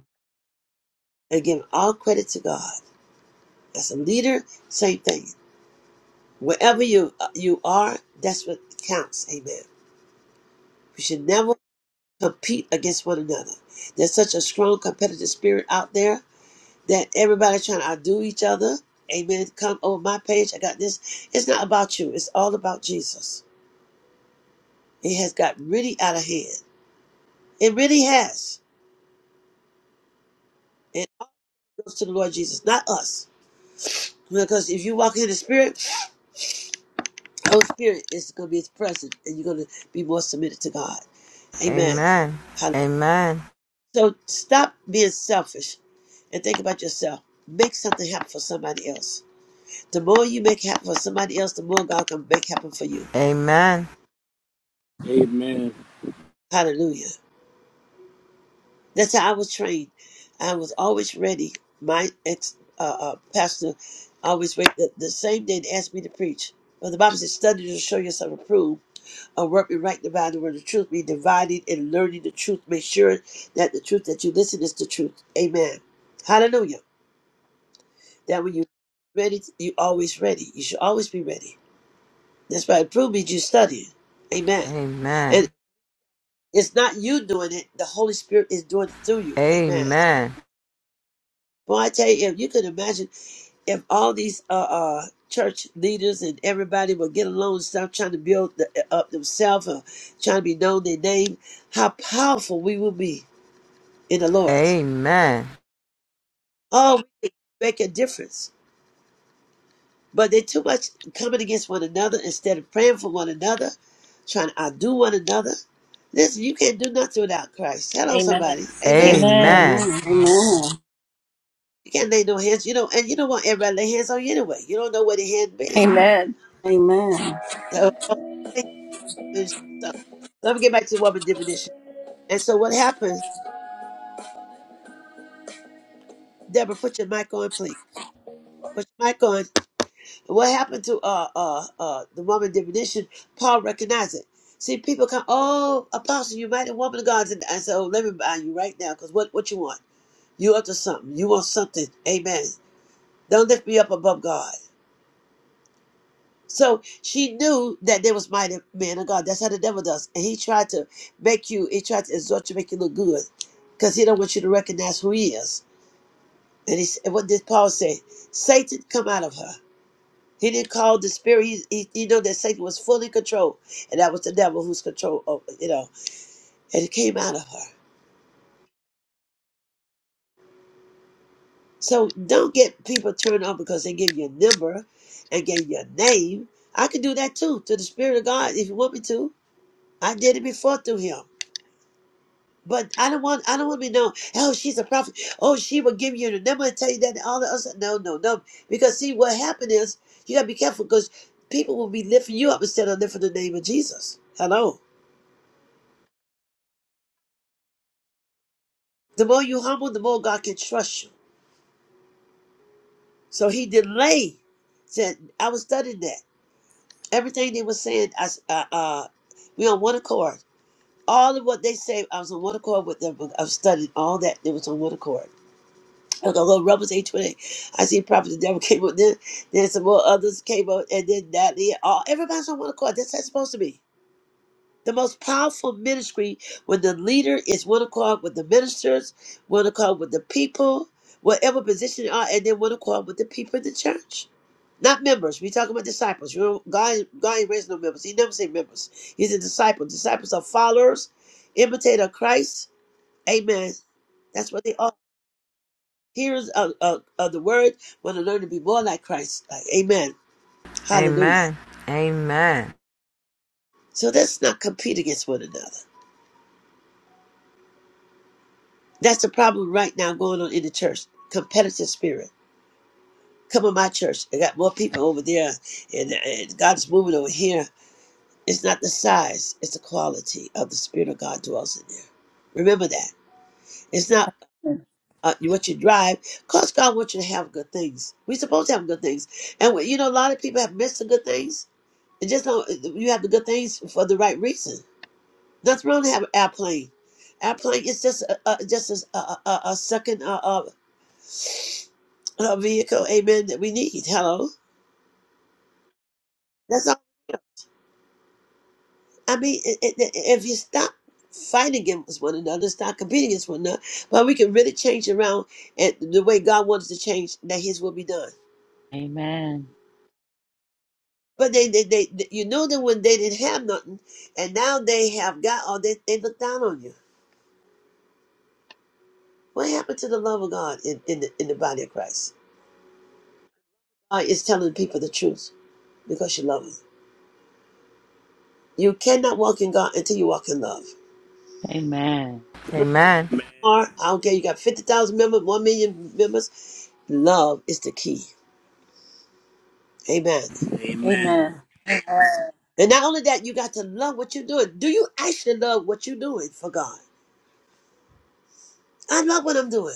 and give all credit to God. As a leader, same thing. Wherever you uh, you are, that's what counts. Amen. We should never compete against one another. There's such a strong competitive spirit out there that everybody's trying to outdo each other. Amen. Come over my page. I got this. It's not about you. It's all about Jesus. It has got really out of hand. It really has. And it goes to the Lord Jesus, not us. Because if you walk in the Spirit, the Holy Spirit is going to be His presence, and you're going to be more submitted to God. Amen.
Amen.
Hallelujah. So stop being selfish and think about yourself. Make something happen for somebody else. The more you make happen for somebody else, the more God can make happen for you.
Amen.
Amen.
Hallelujah. That's how I was trained. I was always ready. My ex uh, uh, pastor always wait the, the same day they asked me to preach. But the Bible says, study to show yourself approved, a workman right divided where the word of truth be divided and learning the truth. Make sure that the truth that you listen is the truth. Amen. Hallelujah. That when you ready, you always ready. You should always be ready. That's why approved means you study. Amen. And it's not you doing it, the Holy Spirit is doing it through you. Amen.
Amen.
Well, I tell you, if you could imagine if all these uh, uh, church leaders and everybody would get along and stop trying to build the, uh, up themselves or trying to be known their name, how powerful we will be in the Lord.
Amen. Amen.
Oh, we can make a difference. But they're too much coming against one another instead of praying for one another, trying to outdo one another. Listen, you can't do nothing without Christ.
Amen.
Hello, somebody. Amen.
Amen.
Amen.
Amen. Amen. Amen.
You can't lay no hands. You know, and you don't want everybody to lay hands on you anyway. You don't know where the hand been.
Amen.
Amen.
So, And so, let me get back to the woman definition. And so what happened, Deborah, put your mic on, please. Put your mic on. What happened to uh uh uh the woman definition? Paul recognized it. See, people come, oh, apostle, you might a woman of God. And I said, oh, let me buy you right now, because what, what you want? You up to something. You want something. Amen. Don't lift me up above God. So she knew that there was mighty man of God. That's how the devil does. And he tried to make you, he tried to exhort you, make you look good. Because he don't want you to recognize who he is. And he, and what did Paul say? Satan come out of her. He didn't call the spirit. He, he, he know that Satan was fully controlled, and that was the devil who's control. Of, you know, and it came out of her. So don't get people turned on because they give you a number and give you a name. I could do that too to the spirit of God if you want me to. I did it before through him. But I don't want I don't want to be known. Oh, she's a prophet. Oh, she will give you the number and tell you that and all the other stuff. No, no, no. Because see what happened is you gotta be careful because people will be lifting you up instead of lifting the name of Jesus. Hello. The more you humble, the more God can trust you. So he delayed. Said I was studying that. Everything they were saying, I s- uh, uh we on one accord. All of what they say, I was on one accord with them. I was studying all that. It was on one accord. Like a little Romans eight twenty. I see Prophet the devil came up. Then, then some more others came up, and then Natalie. All everybody's on one accord. That's how it's supposed to be. The most powerful ministry when the leader is one accord with the ministers, one accord with the people, whatever position they are, and then one accord with the people in the church. Not members. We talking about disciples. You know, God, God ain't raised no members. He never said members. He's a disciple. Disciples are followers, imitator of Christ. Amen. That's what they are hearers of, of, of the word want to learn to be more like Christ. Like, amen. Hallelujah.
Amen. Amen.
So let's not compete against one another. That's the problem right now going on in the church. Competitive spirit. Come on, my church. I got more people over there, and, and God's moving over here. It's not the size, it's the quality of the Spirit of God dwells in there. Remember that. It's not uh, what you drive, because God wants you to have good things. We're supposed to have good things. And, we- you know, a lot of people have missed the good things It just don't. You have the good things for the right reason. Nothing wrong to have an airplane. Airplane is just a, a just a, a, a, a second uh, uh, uh vehicle. Amen. That we need. Hello. That's all. I mean, i i if you stop fighting against one another, stop competing against one another, but we can really change around and the way God wants to change. That His will be done.
Amen.
But they, they, they, you know them when they didn't have nothing, and now they have God, or they, they look down on you. What happened to the love of God in, in, the, in the body of Christ? uh, is telling people the truth because you love them. You cannot walk in God until you walk in love.
Amen.
Amen.
Or
Amen.
I don't care, you got 50,000 members, 1 million members. Love is the key. Amen.
Amen.
Amen.
And not only that, you got to love what you're doing. Do you actually love what you're doing for God? I love what I'm doing.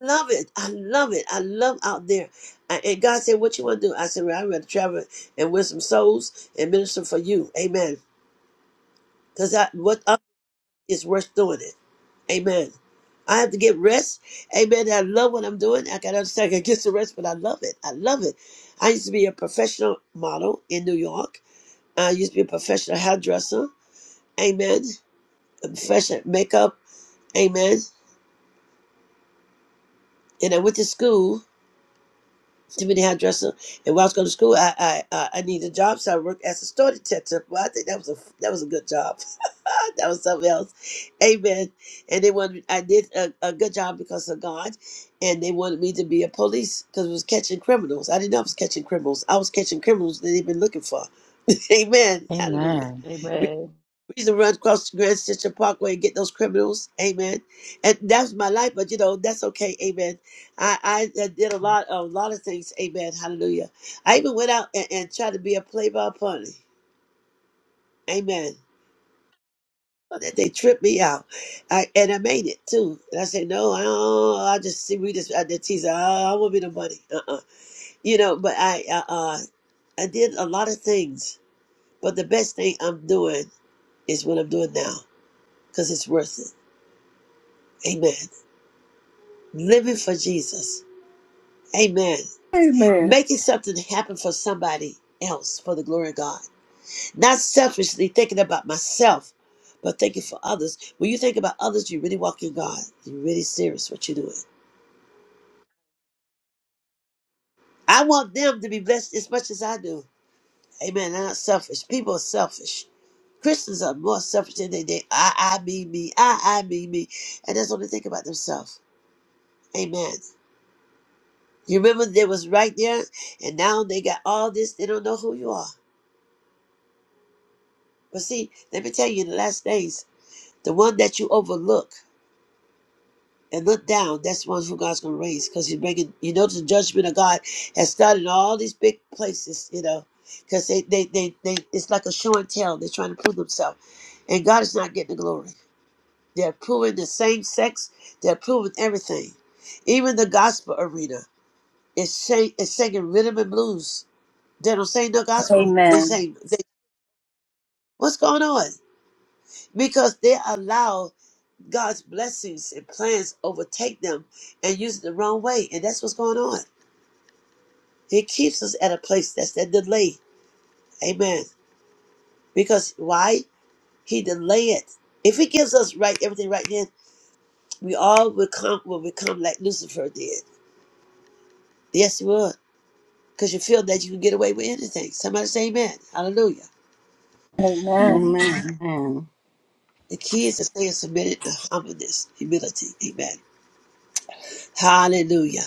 Love it. I love it. I love out there. I, and God said, What you want to do? I said, well, I'd rather travel and win some souls and minister for you. Amen. Because what It's worth doing it. Amen. I have to get rest. Amen. I love what I'm doing. I can understand I can get the rest, but I love it. I love it. I used to be a professional model in New York. I used to be a professional hairdresser. Amen. A professional makeup. Amen. And I went to school Too many how dressed up. And while I was going to school, I I I I needed a job, so I worked as a store detective. Well, I think that was a that was a good job. that was something else. Amen. And they wanted I did a, a good job because of God, and they wanted me to be a police because it was catching criminals. I didn't know I was catching criminals. I was catching criminals that they've been looking for. Amen. Hallelujah.
Amen.
We used to run across the Grand Central Parkway and get those criminals. Amen. And that's my life, but you know, that's okay. Amen. I, I did a lot a lot of things. Amen. Hallelujah. I even went out and, and tried to be a playboy pony. Amen. But They they tripped me out, I, and I made it too. And I said, "No, I don't, I just see we just I did tease. I, I won't be no money, uh-uh. you know." But I, uh, uh, I did a lot of things. But the best thing I'm doing is what I'm doing now, cause it's worth it. Amen. living for Jesus. Amen.
Amen.
Making something happen for somebody else for the glory of God. Not selfishly thinking about myself, but thinking for others. When you think about others, you really walk in God. You're really serious what you're doing. I want them to be blessed as much as I do. Amen. They're not selfish. People are selfish. Christians are more selfish than they did. I, I, me, me. I, I, me, me. And that's what they think about themselves. Amen. You remember they was right there, and now they got all this. They don't know who you are. But see, let me tell you, in the last days, the one that you overlook and look down, that's the one who God's going to raise because he's bringing, you know, the judgment of God has started in all these big places, you know, because they, they, they, they, it's like a show and tell. They're trying to prove themselves. And God is not getting the glory. They're proving the same sex, they're proving everything. Even the gospel arena is, sing, is singing rhythm and blues. They don't sing no gospel. They
Amen.
sing, they, what's going on? Because they allow God's blessings and plans overtake them and use it the wrong way. And that's what's going on. He keeps us at a place that's that delay. Amen. Because why? He delay it. If he gives us right everything right then, we all will come will become like Lucifer did. Yes, you would. Because you feel that you can get away with anything. Somebody say amen. Hallelujah.
Amen.
Amen.
Amen. Amen.
The key is to stay submitted to humbleness, humility. Amen. Hallelujah.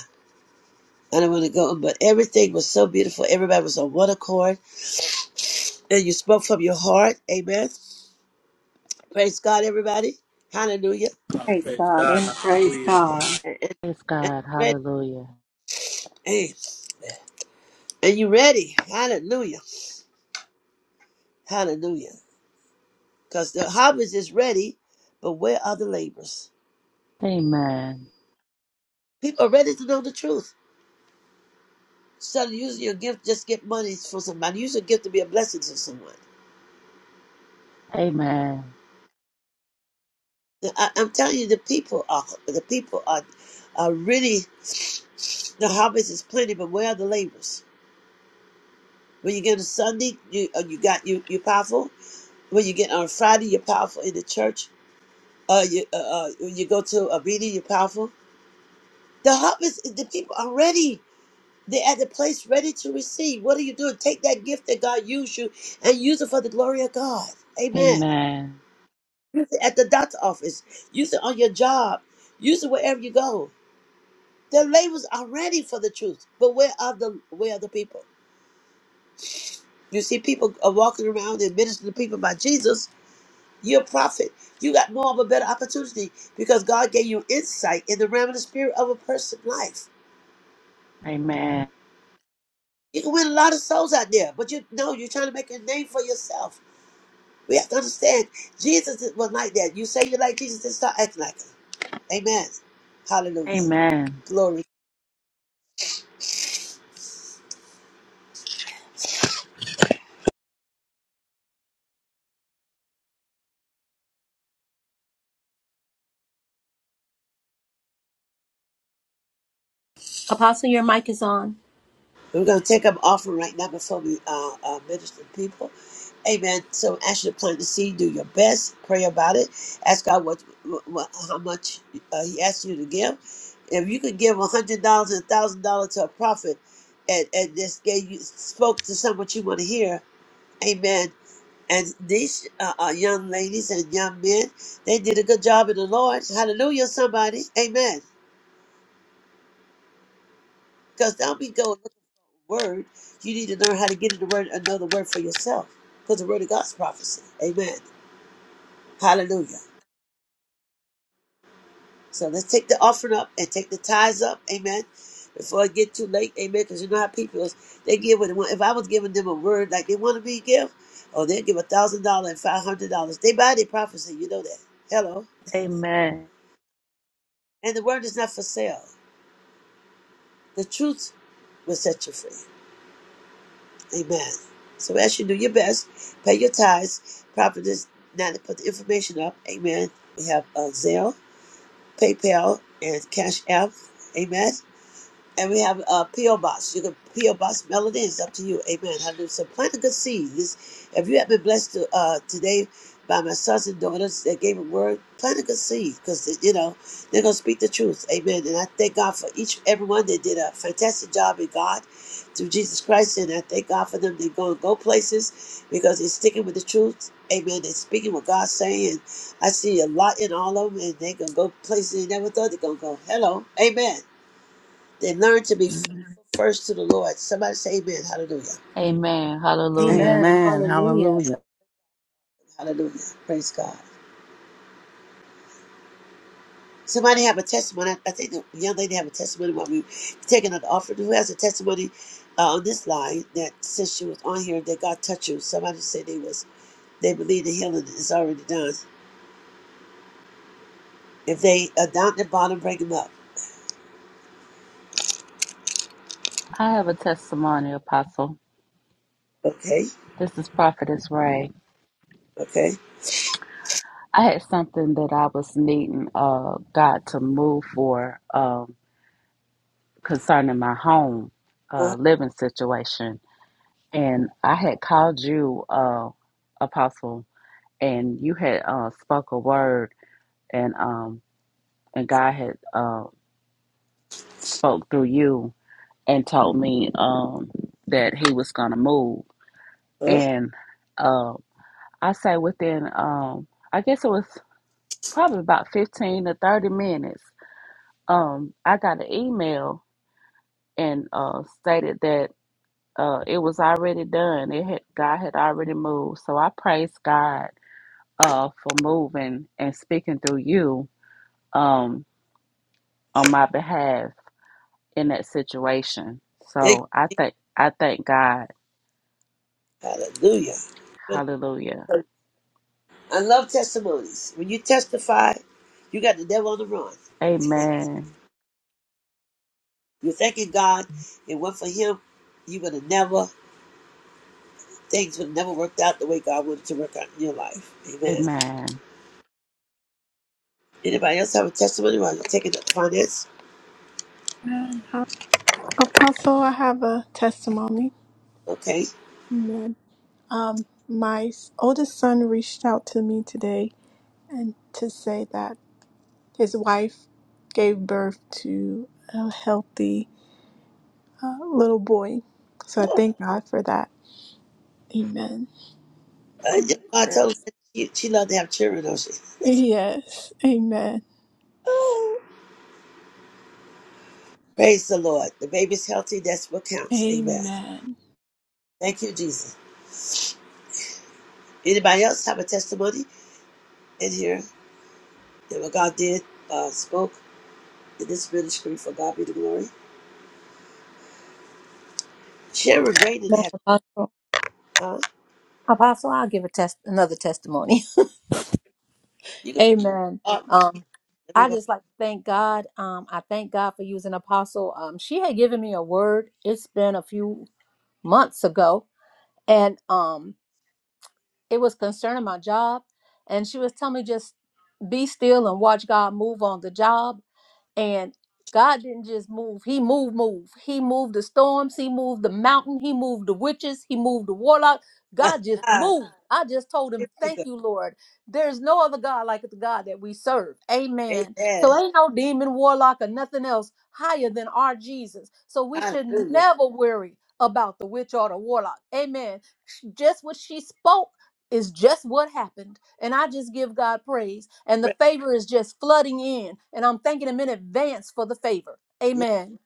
I don't want to go, on, but everything was so beautiful. Everybody was on one accord And you spoke from your heart. Amen. Praise God, everybody. Hallelujah.
I
Praise
praise
God.
God.
Amen.
Praise
Hallelujah.
God.
And,
Praise
and, and
God.
you ready.
Hallelujah.
Hey, and you ready. Hallelujah. Hallelujah. Because the harvest is ready, but where are the labors?
Amen.
People are ready to know the truth. Instead of using your gift, just get money for somebody. Use your gift to be a blessing to someone.
Amen.
I, I'm telling you, the people are the people are are really the harvest is plenty, but where are the labors? When you get a Sunday, you uh, you got you you powerful. When you get on Friday, you're powerful in the church. Uh, you uh, uh when you go to a meeting, you're powerful. The hub is the people are ready. They're at the place ready to receive. What are you doing? Take that gift that God used you and use it for the glory of God. Amen.
Amen.
Use it At the doctor's office, use it on your job, use it wherever you go. The labels are ready for the truth, but where are the where are the people? You see, people are walking around and ministering to people by Jesus, You're a prophet. You got more of a better opportunity because God gave you insight in the realm of the spirit of a person's life.
Amen.
You can win a lot of souls out there, but you know you're trying to make a name for yourself. We have to understand Jesus was like that. You say you like Jesus, then start acting like him. Amen. Hallelujah.
Amen.
Glory.
Apostle, your mic is on.
We're going to take up offering right now before we uh, uh, minister to people. Amen. So as you plant the seed, do your best. Pray about it. Ask God what, what how much uh, He asks you to give. If you could give a hundred dollars and thousand dollars to a prophet, and and this gave you spoke to someone you want to hear, Amen. And these uh, uh, young ladies and young men, they did a good job in the Lord. Hallelujah, somebody. Amen. Because don't be going looking for a word. You need to learn how to get into word, another word for yourself. Because the word of God's prophecy. Amen. Hallelujah. So let's take the offering up and take the tithes up. Amen. Before it get too late. Amen. Because you know how people is. They give what they want. If I was giving them a word like they wanted me to give, oh, they'll give a thousand dollars and five hundred dollars. They buy their prophecy. You know that. Hello.
Amen.
And the word is not for sale. The truth will set you free. Amen. So as you do your best, pay your tithes. Prophetess now to put the information up. Amen. We have uh, Zelle, PayPal, and Cash App. Amen. And we have a P.O. Box. You can P.O. Box Melody. It's up to you. Amen. Hallelujah. So plant a good seed. This, if you have been blessed to, uh, today by my sons and daughters that gave a word, plant a good seed because, you know, they're going to speak the truth. Amen. And I thank God for each everyone that did a fantastic job in God through Jesus Christ. And I thank God for them. They're going to go places because they're sticking with the truth. Amen. They're speaking what God's saying. I see a lot in all of them, and they're going to go places they never thought they're going to go. Hello. Amen. They learn to be faithful first to the Lord. Somebody say amen. Hallelujah.
Amen. Hallelujah.
Amen.
Amen.
Hallelujah.
Hallelujah.
Hallelujah. Praise God. Somebody have a testimony. I I think the young lady have a testimony while we taking an offering. Who has a testimony uh, on this line that since she was on here that God touched you? Somebody said they was they believe the healing is already done. If they are down at the bottom, break them up.
I have a testimony, Apostle.
Okay.
This is Prophetess Ray.
Okay.
I had something that I was needing uh, God to move for um, concerning my home
uh
uh, living situation. And I had called you, uh, Apostle, and you had uh, spoke a word, and um, and God had uh, spoke through you and told me um, that He was going to move.
uh
And uh, I say within um I guess it was probably about 15 to 30 minutes. Um I got an email and uh stated that uh it was already done. It had God had already moved. So I praise God uh for moving and speaking through you um on my behalf in that situation.
Thank you.
So I thank I thank God.
Hallelujah.
Hallelujah.
I love testimonies. When you testify, you got the devil on the run.
Amen.
You're thanking God, and what for Him, you would have never, things would have never worked out the way God wanted to work out in your life. Amen.
Amen.
Anybody else have a testimony while you're taking up finance?
Amen. Apostle, I have a testimony.
Okay.
Amen. Um, my s- oldest son reached out to me today and to say that his wife gave birth to a healthy uh, little boy. So I
Oh,
thank God for that. Amen.
I told her that she, she loved to have children, don't she?
Yes. Amen.
Oh, praise the Lord. The baby's healthy. That's what counts. Amen.
Amen.
Thank you, Jesus. Anybody else have a testimony in here that what God did, uh, spoke in this ministry for God be the glory? Sharon Brayden
Amen.
had,
Apostle.
huh?
Apostle, I'll give a test another testimony.
You can
Amen.
bring up.
Um,
Let
I
me
just like to thank God. Um, I thank God for using Apostle. Um, she had given me a word. It's been a few months ago, and um, it was concerning my job. And she was telling me just be still and watch God move on the job. And God didn't just move, He moved, move. He moved the storms, He moved the mountain, He moved the witches, He moved the warlock. God just
go.
moved. I just told
Thank
him,
you,
Thank you, Lord. There's no other God like the God that we serve.
Jesus.
Amen.
Amen.
So ain't no demon, warlock, or nothing else higher than our Jesus. So we should
Hallelujah.
never worry about the witch or the warlock. Amen. Sh- Just what she spoke is just what happened. And I just give God praise. And the
Praise-
favor is just flooding in. And I'm thanking Him in advance for the favor.
Yeah.
Amen.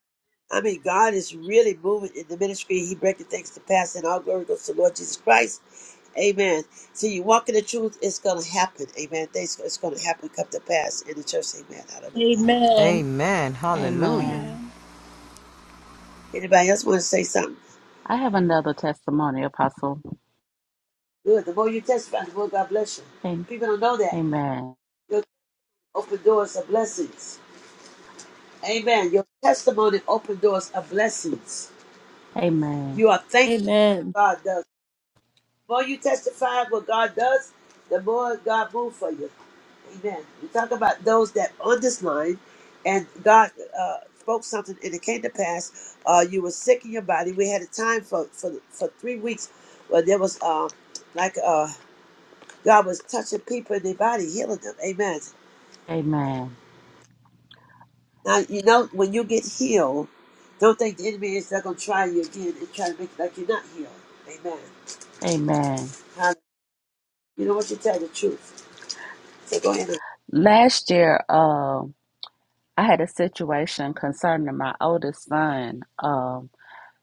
I mean, God is really moving in the ministry. He breaking things to pass, and all glory goes to the Lord Jesus Christ. Amen. So you walk in the truth, it's going to happen. Amen. Things It's going to happen, come to pass in the church. Amen. Hallelujah.
Amen.
Amen. Hallelujah.
Amen.
Amen.
Anybody else want to say something?
I have another testimony, Apostle.
Good. The more you testify, the more God bless you. People don't know that.
Amen.
Your open doors are blessings. Amen. Your testimony open doors are blessings.
Amen.
You are thankful
Amen.
God does. The more you testify of what God does, the more God moves for you. Amen. We talk about those that on this line, and God uh, spoke something, and it came to pass. Uh, you were sick in your body. We had a time for for, for three weeks where there was uh, like uh, God was touching people in their body, healing them. Amen.
Amen.
Now you know when you get healed, don't think the enemy is not gonna try you again and try to make it like you're not healed. Amen.
Amen.
Hallelujah. You know what? You tell the truth. So go ahead.
Last year, um, I had a situation concerning my oldest son um,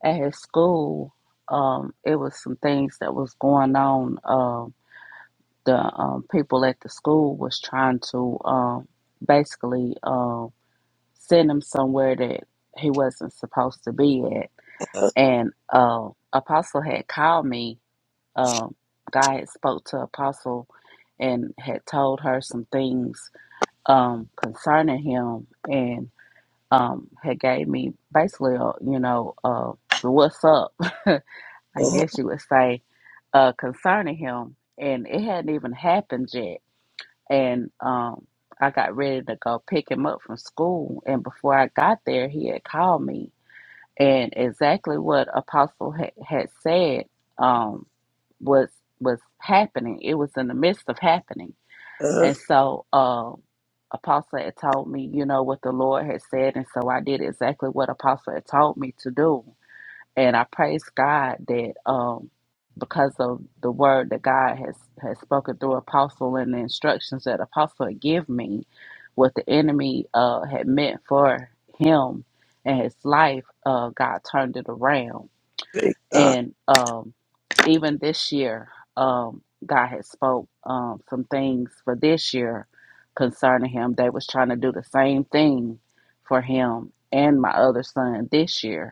at his school. Um, it was some things that was going on. Um, the um, people at the school was trying to um, basically um, send him somewhere that he wasn't supposed to be at. And uh, Apostle had called me um, God had spoke to Apostle and had told her some things um, concerning him, and um, had gave me basically, a, you know, uh, the what's up, I guess you would say, uh, concerning him, and it hadn't even happened yet, and um, I got ready to go pick him up from school, and before I got there, he had called me and exactly what apostle ha- had said um was was happening it was in the midst of happening
And-
and so um apostle had told me you know what the lord had said and so i did exactly what apostle had told me to do and I praise God that um, because of the word that God has, has spoken through Apostle and the instructions that Apostle had give me, what the enemy uh, had meant for him and his life, uh, God turned it around.
Praise God.
And um, even this year, um, God had spoke um, some things for this year concerning him. They was trying to do the same thing for him and my other son this year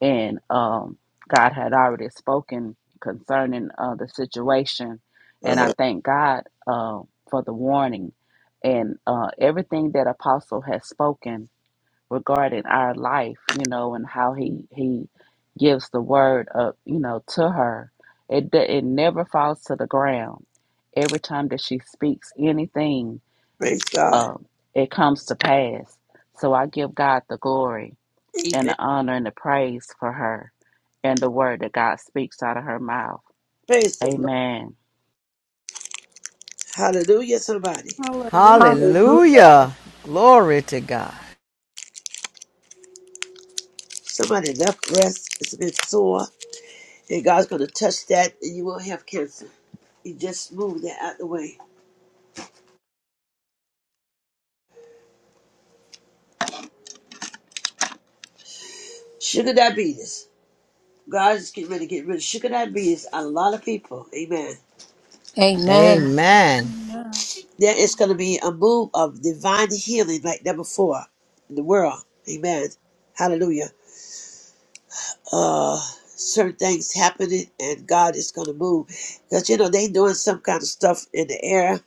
and um, God had already spoken concerning uh, the situation, and I
Uh,
thank God uh, for the warning and uh, everything that Apostle has spoken regarding our life, you know, and how he he gives the word up, you know, to her. It d- it never falls to the ground. Every time that she speaks anything,
praise God.
um, it comes to pass. So I give God the glory and
Amen.
the honor and the praise for her and the word that God speaks out of her mouth.
Praise the Lord.
Amen.
Hallelujah, somebody.
Hallelujah.
Hallelujah.
Hallelujah. Glory to God.
Somebody left breast is a bit sore, and God's going to touch that, and you won't have cancer. You just move that out the way. Sugar diabetes. God is getting ready to get rid of sugar diabetes on a lot of people. Amen.
Amen.
Amen.
Amen.
There is going to be a move of divine healing like never before in the world. Amen. Hallelujah. uh certain things happening and God is gonna move. Because you know, they doing some kind of stuff in the air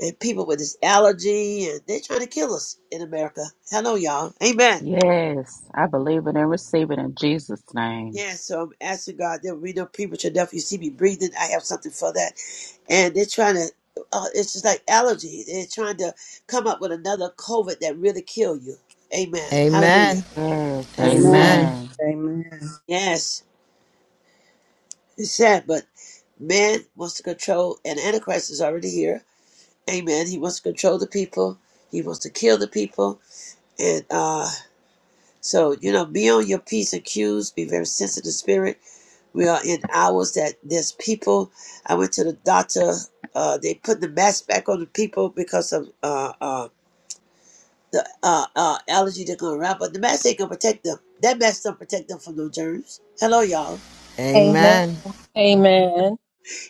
and people with this allergy and they are trying to kill us in America. Hello y'all. Amen.
Yes, I believe it and receive it in Jesus' name.
Yeah, so I'm asking God that we know people should definitely see me breathing. I have something for that. And they're trying to uh, it's just like allergy. They're trying to come up with another COVID that really kill you. Amen. Hallelujah.
Amen.
Yes,
Amen.
Amen.
amen.
Amen.
Yes. It's sad, but man wants to control and Antichrist is already here Amen. He wants to control the people. He wants to kill the people. And uh, so, you know, be on your P's and Q's. Be very sensitive to spirit. We are in hours that there's people. I went to the doctor. Uh, they put the mask back on the people because of uh, uh, the uh, uh, allergy they're going around. But the mask ain't going to protect them. That mask don't protect them from no germs. Hello, y'all.
Amen.
Amen.
Amen.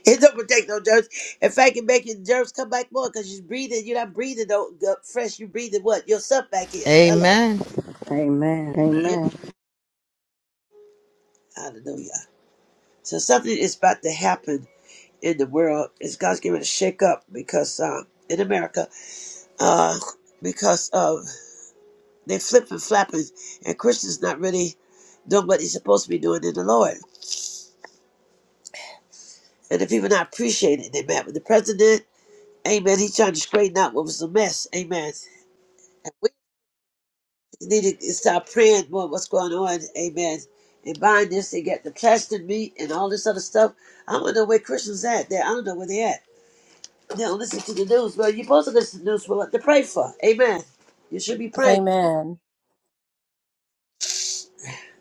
It don't protect no germs. In fact, it make your germs come back more because you're breathing. You're not breathing no good fresh. You're breathing what? Yourself back in. Hello.
Amen.
Amen. Amen.
Hallelujah. So something is about to happen in the world. Is God's giving a shake up because um, in America, uh, because of they flip and flapping, and Christians not really doing what he's supposed to be doing in the Lord. And if people not appreciate it, they mad with the president. Amen. He's trying to straighten out what was a mess. Amen. And we need to start praying more what's going on. Amen. And buying this, they get the plastic meat and all this other stuff. I don't know where Christians at. There, I don't know where they at. They'll listen to the news. Well, you're supposed to listen to the news for what to pray for. Amen. You should be praying.
Amen.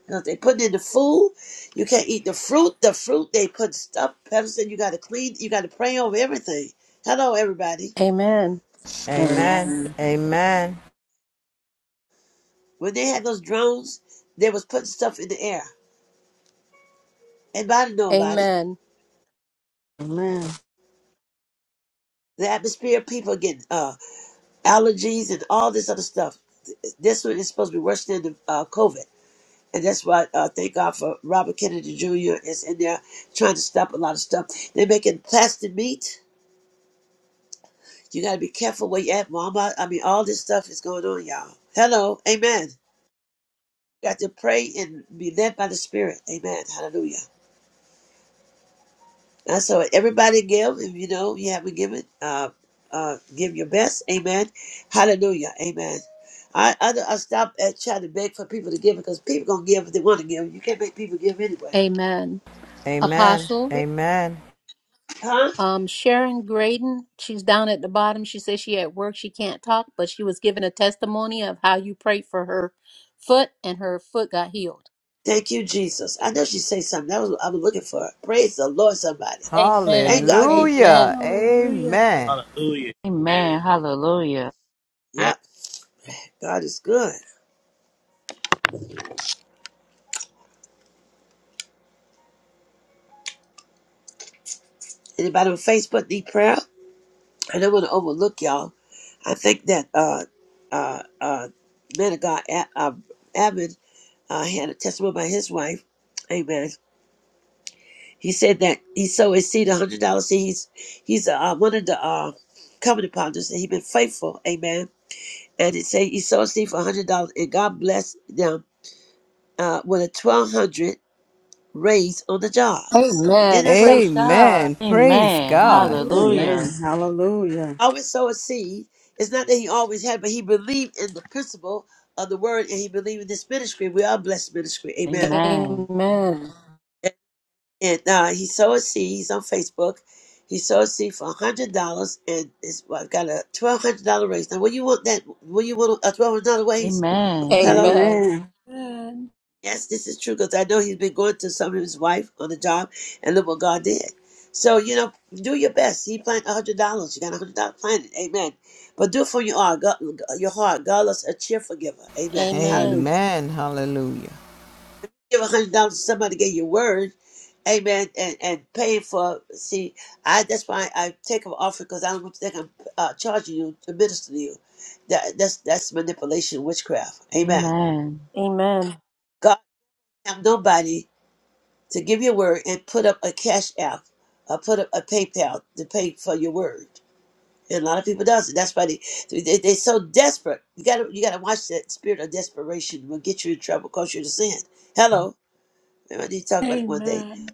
And if they put in the food, you can't eat the fruit. The fruit they put stuff. Pastor said you got to clean. You got to pray over everything. Hello, everybody.
Amen.
Amen.
Amen.
Amen.
When they had those drones, they was putting stuff in the air. Anybody know about it?
Amen.
Amen.
The atmosphere, people getting uh, allergies and all this other stuff. This one is supposed to be worse than the uh, COVID. And that's why uh, thank God for Robert Kennedy Jr. is in there trying to stop a lot of stuff. They're making plastic meat. You got to be careful where you're at, Mama. I mean, all this stuff is going on, y'all. Hello, Amen. You got to pray and be led by the Spirit. Amen. Hallelujah. And so everybody give. If you know you haven't given, uh, uh, give your best. Amen. Hallelujah. Amen. I, I, I stop at trying to beg for people to give because people gonna give if they want to give. You can't make people give anyway.
Amen.
Amen.
Apostle,
Amen.
Huh?
um, Sharon Graydon, she's down at the bottom. She says she at work, she can't talk, but she was given a testimony of how you prayed for her foot and her foot got healed.
Thank you, Jesus. I know she say something. That was what I was looking for. Praise the Lord, somebody. Ain't
Amen.
God good?
Amen.
Hallelujah.
Hallelujah.
Amen.
Hallelujah.
Amen.
Amen.
Hallelujah.
Yeah. Yep, God is good. Anybody on Facebook need prayer? I don't want to overlook y'all. I think that uh uh uh man of God A- uh, Abbott uh, had a testimony by his wife. Amen. He said that he sowed his seed, hundred dollars seeds. He's uh, uh, one of the uh covenant partners, and he been faithful. Amen. And he said he sowed a seed for hundred dollars, and God blessed them uh, with a twelve hundred. raised on the job. Isn't
Amen.
that something?
Praise God.
Amen. Praise
Amen.
God.
Hallelujah.
Amen.
Hallelujah.
Hallelujah.
Always sow a seed. It's not that he always had, but he believed in the principle of the word and he believed in this ministry. We are blessed ministry. Amen.
Amen.
Amen.
And, and uh, he sowed a seed. He's on Facebook. He sowed a seed for hundred dollars, and it's well, got a twelve hundred dollar raise. Now, what you want that? What you want a twelve hundred dollar raise?
Amen.
Hello.
Amen.
Amen.
Amen.
Yes, this is true because I know he's been going to some of his wife on the job, and look what God did. So you know, do your best. He planned a hundred dollars. You got a hundred dollars planted. Amen. But do it from your heart. God, your heart. God loves a cheerful giver. Amen. Hallelujah.
Amen. Hallelujah.
Give a hundred dollars to somebody. Get your word. Amen. And and pay for. See, I that's why I take an offering because I don't want to think I'm uh, charging you to minister to you. That that's that's manipulation, witchcraft. Amen.
Amen.
Amen.
God have nobody. to give your word and put up a cash app or put up a PayPal to pay for your word. And a lot of people does it. That's why they, they they're so desperate. You gotta you gotta watch that spirit of desperation will get you in trouble, cause you to sin. Hello, I need to talk about it one day.
Amen.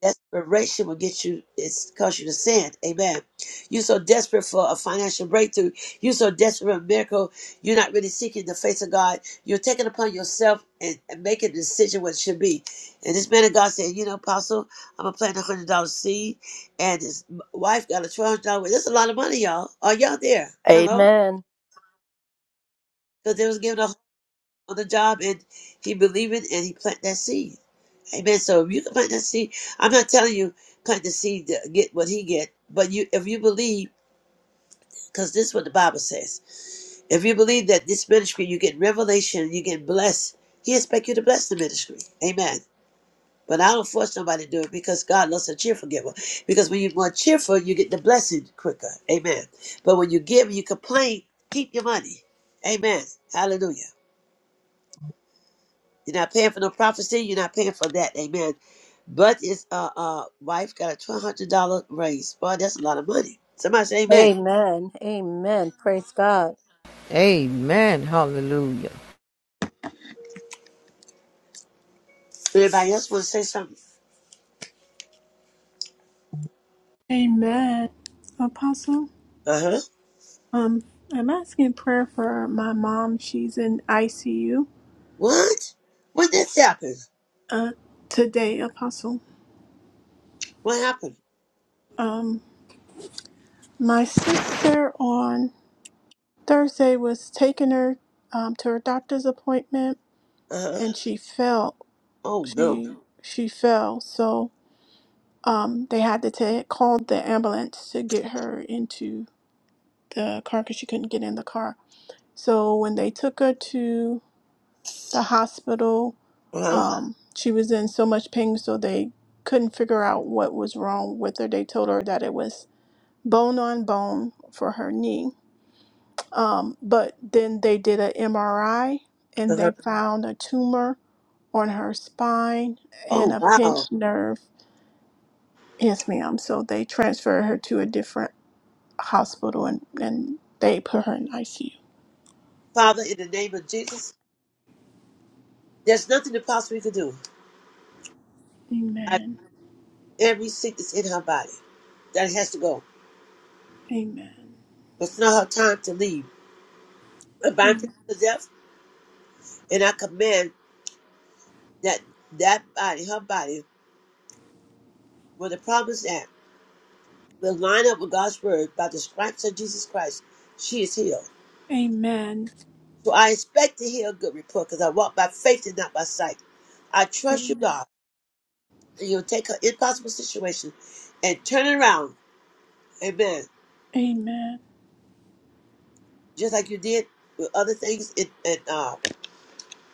Desperation will get you, it's cause you to sin. Amen. You're so desperate for a financial breakthrough. You're so desperate for a miracle. You're not really seeking the face of God. You're taking upon yourself and, and making a decision what it should be. And this man of God said, You know, Apostle, I'm going to plant a $100 seed. And his m- wife got a $1,200. That's a lot of money, y'all. Are y'all there? Hello?
Amen.
Because they was given a on the job and he believed it and he planted that seed. Amen. So if you can plant that seed, I'm not telling you plant the seed to get what he get, but you if you believe, because this is what the Bible says. If you believe that this ministry, you get revelation, you get blessed. He expect you to bless the ministry. Amen. But I don't force nobody to do it because God loves a cheerful giver. Because when you're more cheerful, you get the blessing quicker. Amen. But when you give, and you complain, keep your money. Amen. Hallelujah. You're not paying for no prophecy. You're not paying for that. Amen. But his uh, uh, wife got a $1,200 raise. Boy, that's a lot of money. Somebody say amen.
Amen. Amen. Praise God.
Amen. Hallelujah.
Anybody else want to say something?
Amen. Apostle,
Uh huh.
um, I'm asking prayer for my mom. She's in ICU
What? When this happened?
uh, today, Apostle.
What happened?
Um, my sister on Thursday was taking her um, to her doctor's appointment,
Uh huh.
and she fell.
Oh, no.
She she fell, so um, they had to take, call the ambulance to get her into the car because she couldn't get in the car. So when they took her to the hospital.
Uh huh.
Um, she was in so much pain, so they couldn't figure out what was wrong with her. They told her that it was bone on bone for her knee. Um, but then they did an MRI
Uh
and
huh.
they found a tumor on her spine and
Oh,
a
wow.
pinched nerve. Yes, ma'am. So they transferred her to a different hospital and, and they put her in ICU.
Father, in the name of Jesus, there's nothing impossible you can do. I,
Amen.
every sickness in her body that has to go.
Amen.
It's not her time to leave. I bind people
Amen.
to death, and I command that that body, her body, where the problem is at will line up with God's word by the stripes of Jesus Christ. She is healed.
Amen.
So I expect to hear a good report because I walk by faith and not by sight. I trust you,
Amen.
God, and you'll take her impossible situation and turn it around. Amen. Just like you did with other things in, in uh,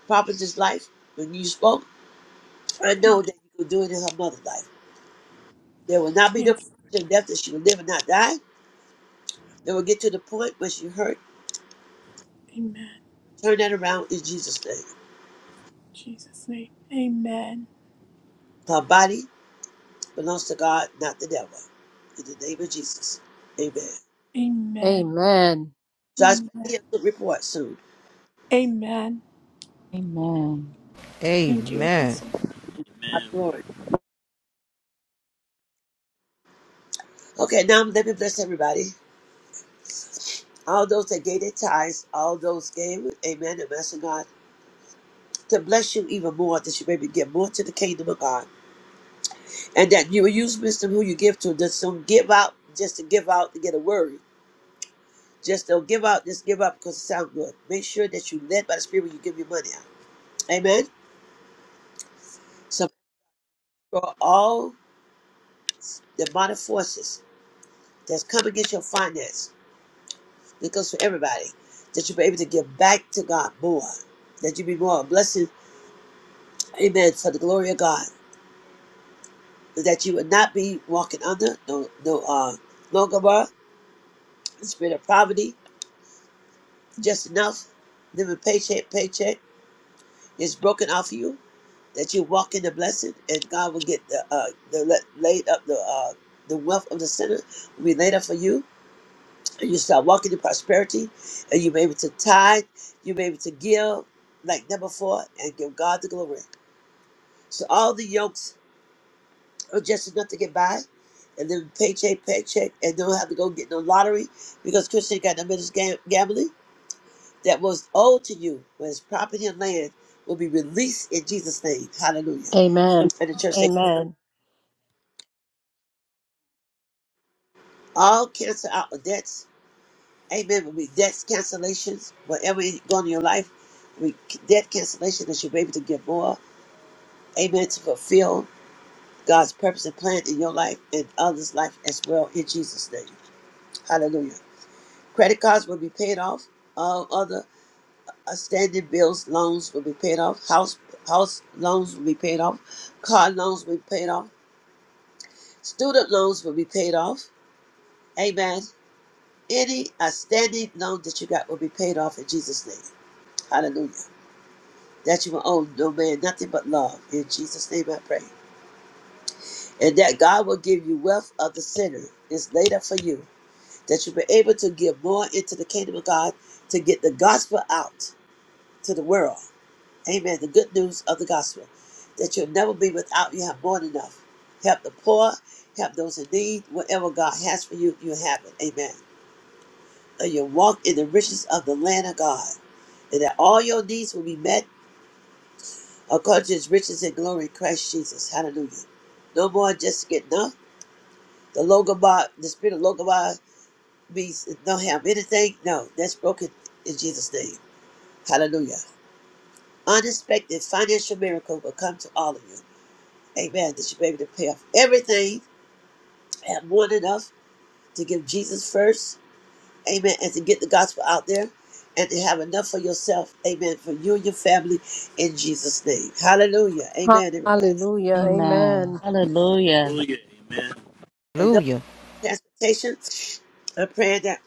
Prophet's life when you spoke. I
Amen.
know that you will do it in her mother's life. There will not be no
Yes.
premature death that she will live and not die. They will get to the point where she hurt.
Amen.
Turn that around in Jesus' name.
Jesus' name. Amen.
Her body belongs to God, not the devil. In the name of Jesus. Amen.
Amen.
Amen.
So I expect to hear
Amen.
a good report soon.
Amen.
Amen.
Thank you,
Amen.
Apostle.
I'm
Amen.
glory. Okay, now let me bless everybody. All those that gave their tithes, all those gave, amen, and blessing God, to bless you even more, that you may be give more to the kingdom of God. And that you will use wisdom who you give to. Just don't give out just to give out to get a word. Just don't give out, just give up because it sounds good. Make sure that you led by the Spirit when you give your money out. Amen. So for all demonic forces that's come against your finance. It goes for everybody. That you be able to give back to God more. That you be more a blessing. Amen. For the glory of God. That you would not be walking under no no uh longer bar, spirit of poverty, just enough, living paycheck, paycheck is broken off you. That you walk in the blessing and God will get the uh the la- laid up the uh the wealth of the sinner will be laid up for you you start walking in prosperity and you are able to tithe, you are able to give like number four and give God the glory. So all the yokes are just enough to get by and then paycheck, paycheck, and don't have to go get no lottery because Christian got no business gam- gambling that was owed to you when his property and land will be released in Jesus' name. Hallelujah.
Amen.
And the church say
Amen.
all cancel out the debts. Amen. Will be debts cancellations, whatever is going on in your life, we debt cancellation that you'll be able to get more Amen. To fulfill God's purpose and plan in your life and others' life as well in Jesus' name. Hallelujah. Credit cards will be paid off. All other outstanding bills, loans will be paid off. House house loans will be paid off. Car loans will be paid off. Student loans will be paid off. Amen. Any outstanding loan that you got will be paid off in Jesus' name. Hallelujah. That you will owe no man nothing but love. In Jesus' name I pray. And that God will give you wealth of the sinner is laid up for you that you've been able to give more into the kingdom of God to get the gospel out to the world. Amen. The good news of the gospel that you'll never be without. You have more than enough. Help the poor, help those in need. Whatever God has for you, you have it. Amen. And you'll walk in the riches of the land of God, and that all your needs will be met according to his riches and glory in Christ Jesus. Hallelujah. No more just get enough. The logobot, the spirit of logobot means don't have anything. No, that's broken in Jesus' name. Hallelujah. Unexpected financial miracle will come to all of you. Amen. That you be able to pay off everything, have more than enough to give Jesus first. Amen. And to get the gospel out there and to have enough for yourself. Amen. For you and your family in Jesus' name. Hallelujah. Amen, everybody.
Hallelujah.
Amen.
Amen.
Hallelujah.
Hallelujah. Amen.
And no
Hallelujah.
transportation. I'm praying that,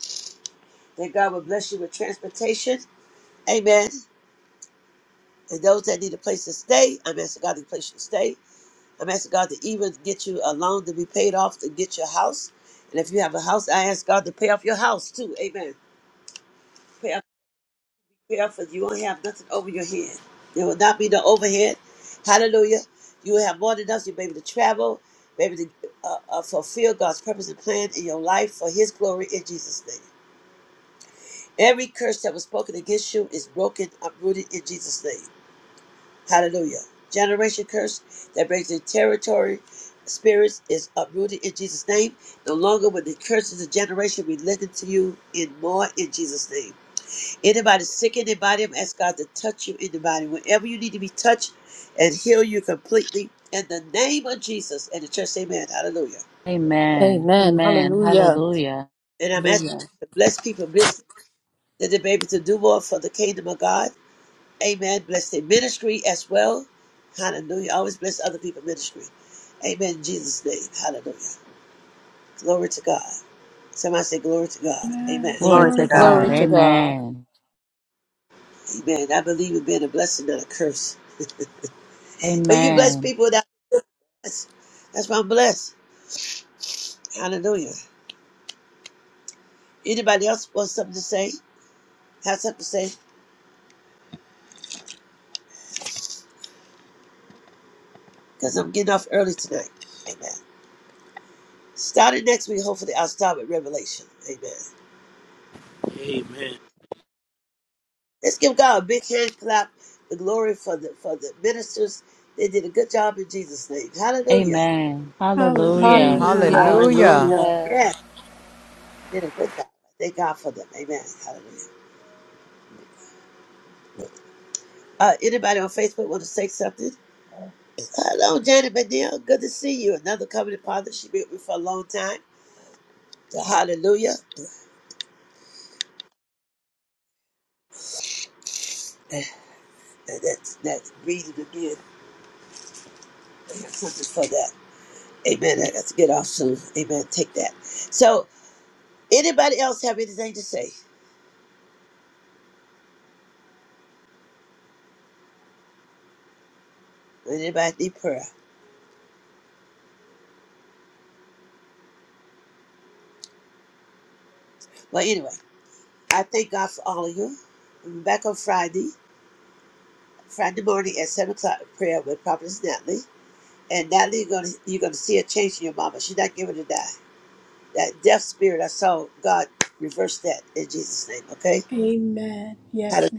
that God will bless you with transportation. Amen. And those that need a place to stay, I'm asking God to place you to stay. I'm asking God to even get you a loan to be paid off to get your house. And if you have a house, I ask God to pay off your house too. Amen. Pay off, pay off because you won't have nothing over your head. There will not be no overhead. Hallelujah. You will have more than enough. You'll be able to travel, be able to uh, uh, fulfill God's purpose and plan in your life for His glory in Jesus' name. Every curse that was spoken against you is broken, uprooted in Jesus' name. Hallelujah. Generation curse that breaks in territory spirits is uprooted in Jesus' name. No longer will the curses of generation be linked to you in more in Jesus' name. Anybody sick in the body, I'm ask God to touch you in the body. Whenever you need to be touched and heal you completely in the name of Jesus. And the church, say amen. Hallelujah.
Amen.
Amen.
Amen.
Hallelujah.
Hallelujah.
And I'm asking
Hallelujah.
God to bless people, bless the baby to do more for the kingdom of God. Amen. Bless their ministry as well. Hallelujah. Always bless other people's ministry. Amen. In Jesus' name. Hallelujah. Glory to God. Somebody say glory to God. Amen.
Amen.
Glory
Glory to
to
Glory to
Glory
God.
God.
to
God.
God.
Amen.
Amen. I believe in being a blessing, not a curse. But you bless
Amen.
people that bless. That's why I'm blessed. Hallelujah. Anybody else want something to say? Have something to say? Because I'm getting off early tonight. Amen. Starting next week, hopefully I'll start with Revelation. Amen.
Amen.
Let's give God a big hand clap, the glory for the for the ministers. They did a good job in Jesus' name. Hallelujah.
Amen.
Hallelujah.
Hallelujah.
Hallelujah.
Hallelujah.
Hallelujah.
Hallelujah.
Amen.
Yeah, they did a good job. Thank God for them. Amen. Hallelujah. Uh, anybody on Facebook want to say something? Hello, Janet McNeil. Good to see you. Another covenant partner. She has been with me for a long time. So hallelujah. And that's that's reason again. I got something for that. Amen. I got to get off soon. Amen. Take that. So anybody else have anything to say? Anybody need prayer? Well, anyway. I thank God for all of you. I'm back on Friday, Friday morning at seven o'clock prayer with Prophetess Natalie. And Natalie, you're gonna you're gonna see a change in your mama. She's not giving to die. That deaf spirit I saw, God reverse that in Jesus' name. Okay,
Amen.
how to
Yes.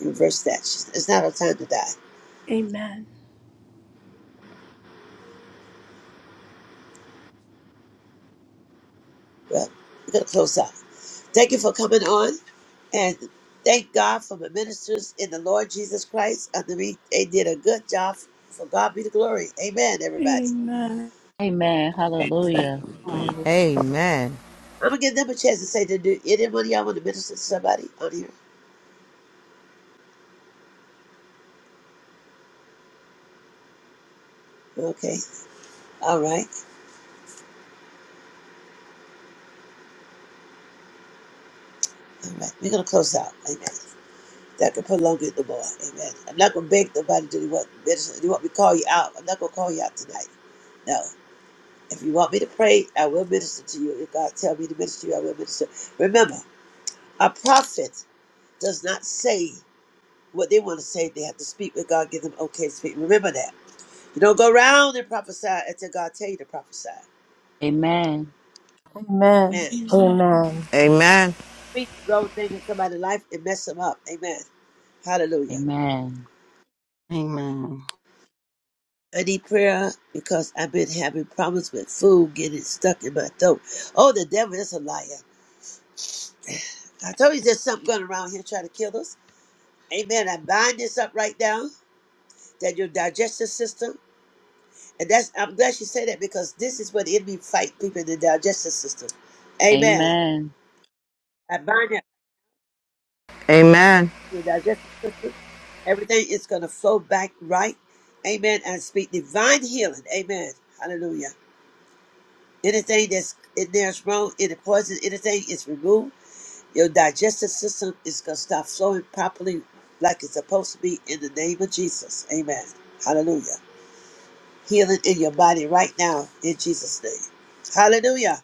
reverse that? She's- It's not our time to die.
Amen.
Well, we're gonna close out. Thank you for coming on, and thank God for the ministers in the Lord Jesus Christ. Under me, they did a good job. For God be the glory. Amen, everybody.
Amen.
Amen. Hallelujah.
Hallelujah.
Amen.
I'm gonna give them a chance to say to do anybody y'all want to minister to somebody on here. Okay. All right. All right. We're gonna close out. Amen. That can prolong it no more. Amen. I'm not gonna beg nobody to do what minister do what we call you out. I'm not gonna call you out tonight. No. If you want me to pray, I will minister to you. If God tell me to minister to you, I will minister. Remember, a prophet does not say what they want to say. They have to speak when God give them okay to speak. Remember that. You don't go around and prophesy until God tell you to prophesy.
Amen.
Amen.
Amen.
Amen.
Amen.
Amen.
speak the wrong thing in somebody's life and mess them up. Amen. Hallelujah.
Amen.
Amen.
I need prayer because I've been having problems with food getting stuck in my throat. Oh, the devil is a liar. I told you there's something going around here trying to kill us. Amen. I bind this up right now that your digestive system, and that's I'm glad you said that because this is what the enemy fight people in the digestive system. Amen.
Amen.
I bind up
Amen.
your digestive system. Everything is going to flow back right. Amen. And speak divine healing. Amen. Hallelujah. Anything that's in there is wrong, any poison, anything is removed. Your digestive system is going to stop flowing properly like it's supposed to be in the name of Jesus. Amen. Hallelujah. Healing in your body right now in Jesus' name. Hallelujah.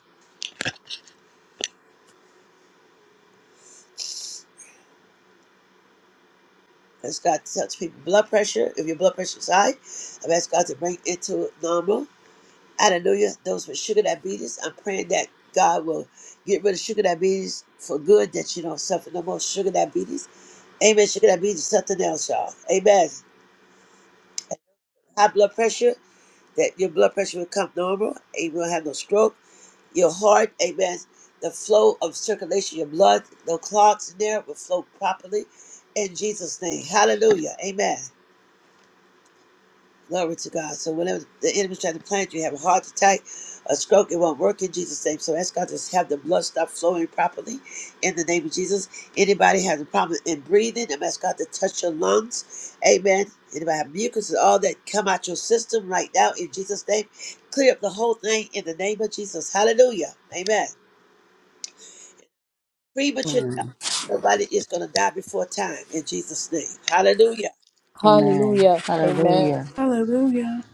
Ask God to touch people. Blood pressure, if your blood pressure is high, I've asked God to bring it to normal. Hallelujah. Those with sugar diabetes, I'm praying that God will get rid of sugar diabetes for good, that you don't suffer no more sugar diabetes Amen. She could have been something else, y'all. Amen. High blood pressure, that your blood pressure will come normal. Amen. You won't have no stroke. Your heart, amen. The flow of circulation, your blood, no clots in there, will flow properly. In Jesus' name. Hallelujah. Amen. Glory to God. So whenever the enemy tries to plant you, have a heart attack, a stroke, it won't work in Jesus' name. So ask God to have the blood stop flowing properly in the name of Jesus. Anybody has a problem in breathing, I'm asking God to touch your lungs. Amen. Anybody have mucus and all that come out your system right now in Jesus' name. Clear up the whole thing in the name of Jesus. Hallelujah. Amen. Premature death.
Amen.
Nobody is going to die before time in Jesus' name. Hallelujah.
Amen.
Hallelujah. Amen.
Hallelujah.
Hallelujah.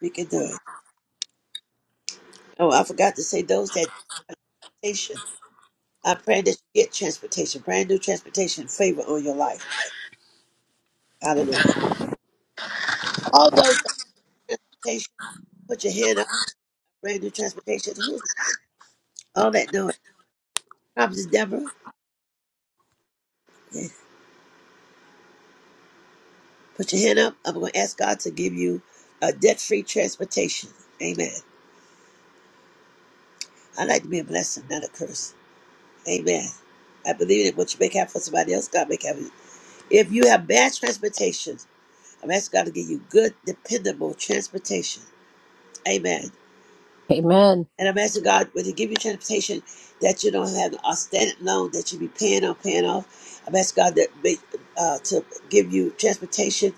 We can do it. Oh, I forgot to say those that temptation. I pray that you get transportation, brand new transportation favor on your life. Hallelujah. All those on transportation, put your hand up, brand new transportation. Who's all that doing? Prophet Deborah, yeah. put your hand up. I'm going to ask God to give you a debt free transportation. Amen. i like to be a blessing, not a curse. Amen. I believe that what you make happen for somebody else, God make happen. If you have bad transportation, I'm asking God to give you good, dependable transportation. Amen.
Amen.
And I'm asking God, when He give you transportation, that you don't have an outstanding loan that you be paying on, paying off. I'm asking God that make, uh, to give you transportation.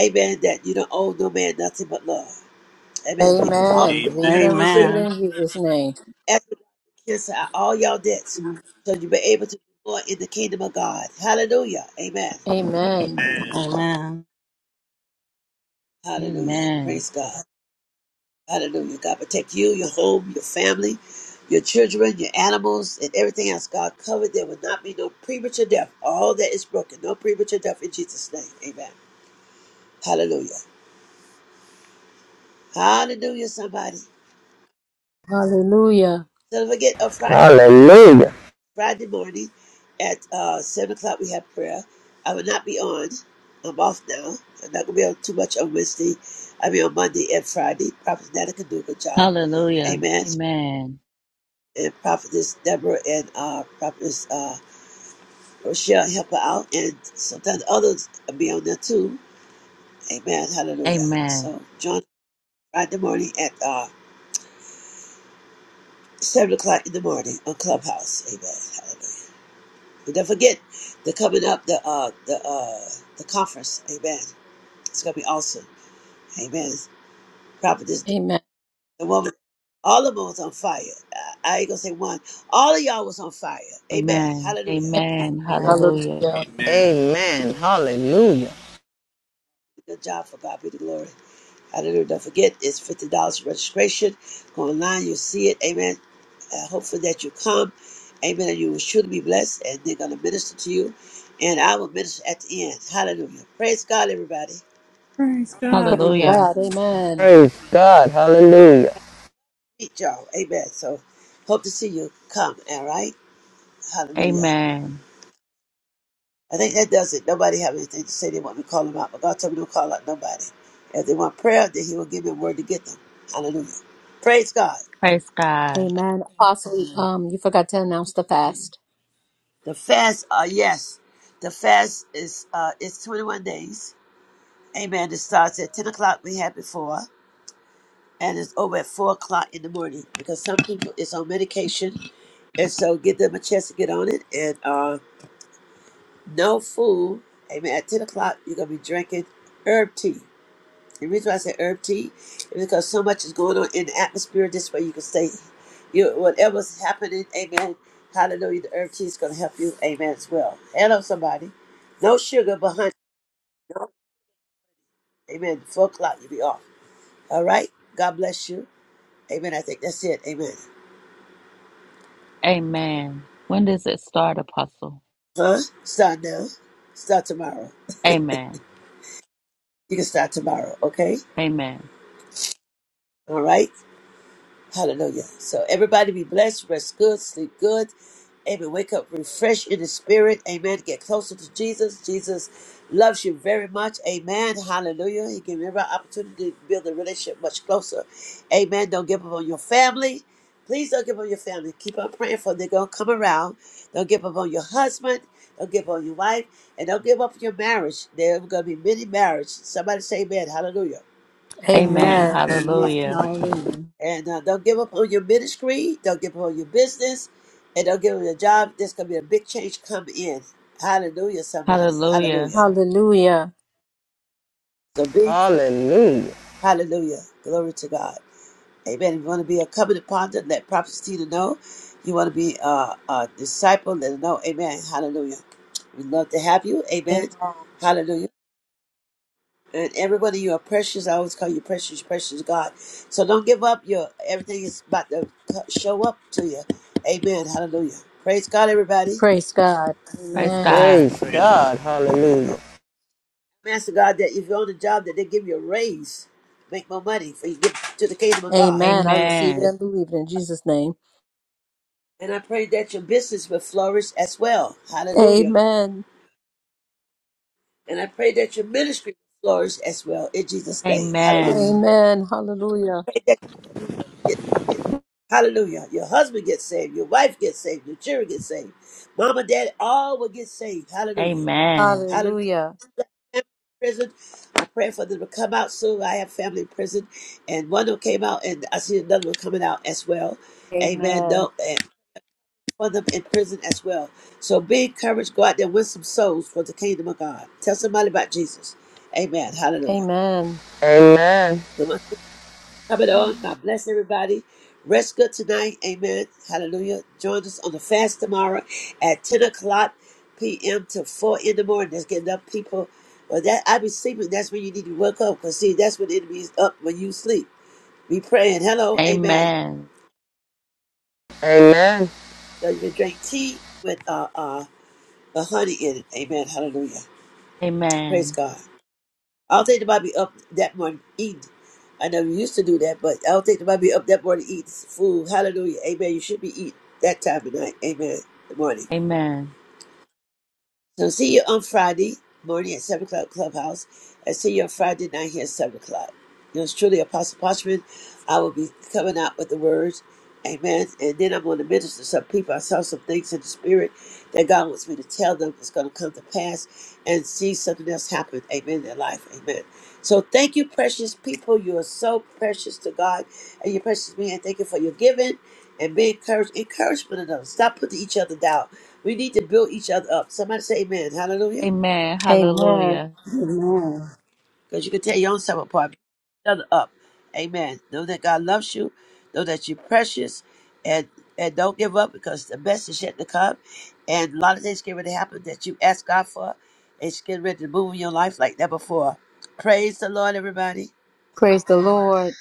Amen. That you don't owe no man nothing but love. Amen. Be all
Amen. Believe it
Amen.
and receive it
Amen.
in Jesus' name.
effort, cancel out all your debts, so you be able to do more in the kingdom of God. Hallelujah. Amen.
Amen.
Amen.
Amen.
Hallelujah.
Amen.
Praise God. Hallelujah. God protect you, your home, your family, your children, your animals, and everything else. God covered. There will not be no premature death. All that is broken. No premature death in Jesus' name. Amen. Hallelujah. Hallelujah, somebody. So
Hallelujah.
don't forget on Friday,
Hallelujah.
Friday morning at uh, 7 o'clock we have prayer. I will not be on. I'm off now. I'm not going to be on too much on Wednesday. I'll be on Monday and Friday. Prophet Nana can do a good job.
Hallelujah.
Amen.
Amen.
And Prophetess Deborah and uh, Prophetess. uh, for sure help her out, and sometimes others will be on there too. Amen. Hallelujah.
Amen.
So join Friday morning at uh, seven o'clock in the morning on Clubhouse. Amen. Hallelujah. And don't forget the coming up the uh the uh the conference. Amen. It's gonna be awesome. Amen. Prophet this
Amen.
the woman. All of them was on fire. I, I ain't gonna say one. All of y'all was on fire. Amen.
Amen.
Hallelujah.
Amen.
Amen.
Hallelujah.
Yeah.
Amen.
Amen. Hallelujah.
Good job for God be the glory. Hallelujah. Don't forget, it's $50 registration. Go online, you'll see it. Amen. Uh, hopefully that you come. Amen. And you will surely be blessed, and they're going to minister to you. And I will minister at the end. Hallelujah. Praise God, everybody.
Praise
Praise
God.
Hallelujah.
Hallelujah.
God. Amen.
Praise God. Hallelujah.
Meet y'all. Amen. So hope to see you come. All right. Hallelujah.
Amen.
I think that does it. Nobody have anything to say. They want me to call them out, but God told me don't call out nobody. If they want prayer, then He will give me a word to get them. Hallelujah. Praise God.
Praise God.
Amen. Apostle, um, you forgot to announce the fast.
The fast, uh, yes, the fast is uh, it's 21 days. Amen. It starts at 10 o'clock. We had before, and it's over at 4 o'clock in the morning because some people is on medication, and so give them a chance to get on it. And uh, no food. Amen. At 10 o'clock, you're gonna be drinking herb tea. The reason why I say herb tea is because so much is going on in the atmosphere. This way you can stay, you whatever's happening, amen. Hallelujah. The herb tea is going to help you, amen, as well. Hello, somebody. No sugar but honey. No? Amen. Four o'clock, you'll be off. All right? God bless you. Amen. I think that's it. Amen.
Amen. When does it start, Apostle?
Huh? Start now. Start tomorrow.
Amen.
You can start tomorrow, okay?
Amen.
All right? Hallelujah. So everybody be blessed, rest good, sleep good. Amen. Wake up refresh in the spirit. Amen. Get closer to Jesus. Jesus loves you very much. Amen. Hallelujah. He gives you an opportunity to build a relationship much closer. Amen. Don't give up on your family. Please don't give up on your family. Keep on praying for them. They're going to come around. Don't give up on your husband. Don't give up on your wife. And don't give up on your marriage. There are going to be many marriages. Somebody say amen. Hallelujah.
Amen.
Amen.
Amen.
Hallelujah.
Hallelujah.
And uh, don't give up on your ministry. Don't give up on your business. And don't give up your job. There's going to be a big change come in. Hallelujah, somebody.
Hallelujah.
Hallelujah.
Hallelujah.
So big
Hallelujah.
hallelujah. Glory to God. Amen. If you want to be a covenant partner, let Prophet Tina know. You want to be a, a disciple, let her know. Amen. Hallelujah. We'd love to have you. Amen. Hallelujah. And everybody, you are precious. I always call you precious, precious God. So don't give up. Your everything is about to co- show up to you. Amen. Hallelujah. Praise God, everybody.
Praise God.
Praise
Amen.
God.
Praise
Praise
God.
God.
Hallelujah.
Master God, that if you're on a job, that they give you a raise, make more money for you give to the kingdom of God.
Amen. I receive it
And,
Amen.
and believe it in Jesus' name.
and I pray that your business will flourish as well. Hallelujah.
Amen.
And I pray that your ministry will flourish as well in Jesus' name. Hallelujah.
Amen.
Amen. Hallelujah.
Pray that you get Hallelujah. Your husband gets saved. Your wife gets saved. Your children get saved. Mama, dad, all will get saved. Hallelujah.
Amen.
Hallelujah.
Hallelujah.
Family in Prison. I pray for them to come out soon. I have family in prison, and one of them came out, and I see another one coming out as well. Amen.
Amen.
No, and for them in prison as well. So be encouraged. Go out there and win some souls for the kingdom of God. Tell somebody about Jesus. Amen. Hallelujah.
Amen.
Amen.
Come it on. God bless everybody. Rest good tonight. Amen. Hallelujah. Join us on the fast tomorrow at 10 o'clock p.m. to 4 in the morning. That's getting up, people. Well, that I be sleeping. That's when you need to wake up. Because, see, that's when the enemy is up when you sleep. Be praying. Hello. Amen.
Amen.
Amen.
So you can drink tea with uh, uh, the honey in it. Amen. Hallelujah. Praise
Amen.
God. I don't think nobody be up that morning eating. I know you used to do that, but I don't think nobody be up that morning eating food. Hallelujah. Amen. You should be eating that time of night. Amen. Good morning.
Amen.
So see you on Friday morning at 7 o'clock Clubhouse. And see you on Friday night here at 7 o'clock. Yours truly, Apostle Parchman. I will be coming out with the words. Amen. And then I'm going to minister to some people. I saw some things in the spirit that God wants me to tell them is going to come to pass and see something else happen. Amen. In their life. Amen. So thank you, precious people. You are so precious to God and you're precious to me. And thank you for your giving and be encouraged. Encourage one another. Stop putting each other down. We need to build each other up. Somebody say amen. Hallelujah.
Amen.
Amen.
Hallelujah.
Amen.
Because you can tear your own self apart. Build each other up. Amen. Know that God loves you. Know that you're precious. And and don't give up because the best is yet to come. And a lot of things get ready to happen that you ask God for. It's getting ready to move in your life like that before. Praise the Lord, everybody.
Praise the Lord.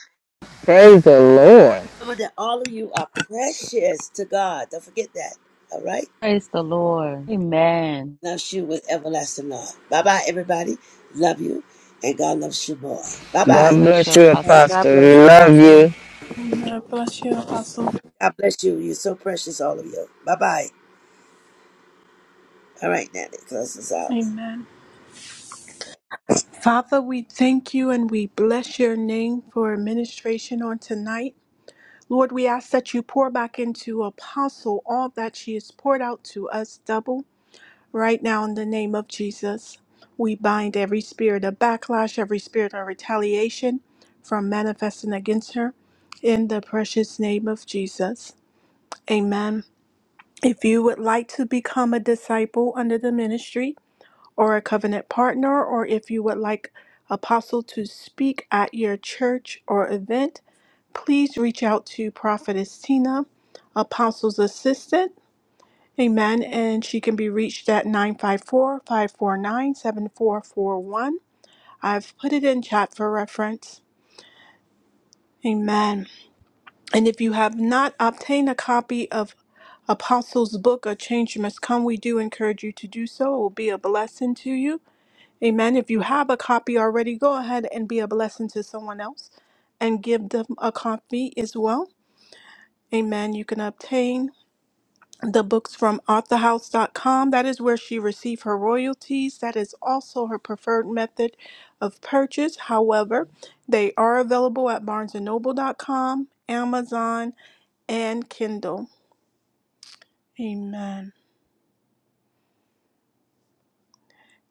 Praise the Lord.
Remember that all of you are precious to God. Don't forget that. All right?
Praise the Lord. Amen.
Loves you with everlasting love. Bye bye, everybody. Love you. And God loves you more. Bye
God
God
bye.
bless you,
bless you,
Uh,
Apostle.
God
Apostle.
bless
We
you,
love
Pastor.
you.
Amen.
That's
Bless you,
apostle.
Apostle.
God bless you. You're so precious, all of you. Bye bye. All right, Nanny, close us out.
Amen. Father, we thank you and we bless your name for administration on tonight. Lord, we ask that you pour back into Apostle all that she has poured out to us double right now in the name of Jesus. We bind every spirit of backlash, every spirit of retaliation from manifesting against her in the precious name of Jesus. Amen. If you would like to become a disciple under the ministry or a covenant partner, or if you would like Apostle to speak at your church or event, please reach out to Prophetess Tina, Apostle's Assistant. Amen. And she can be reached at nine five four five four nine seven four four one. I've put it in chat for reference. Amen. And if you have not obtained a copy of Apostle's book, A Change Must Come, we do encourage you to do so. It will be a blessing to you. Amen. If you have a copy already, go ahead and be a blessing to someone else and give them a copy as well. Amen. You can obtain the books from authorhouse.com. That is where she received her royalties. That is also her preferred method of purchase. However, they are available at barnesandnoble.com, Amazon, and Kindle. Amen.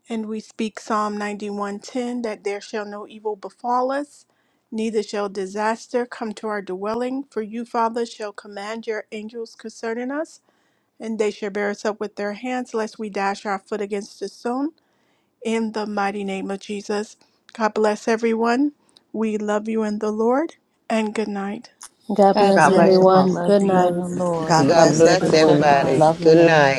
And we speak Psalm 91:10 that there shall no evil befall us, neither shall disaster come to our dwelling, for you, Father, shall command your angels concerning us, and they shall bear us up with their hands lest we dash our foot against a stone. in the mighty name of Jesus. God bless everyone. We love you in the Lord, and good night.
God
God
bless
God bless you,
bless.
everyone.
Apostle.
Love
Good
you
night.
in the
That's
God
Lord.
God
bless
everyone.
bless
Have a good
everyone.
Good
everybody.
night.
night.
Love you in the
Good
Lord.
night.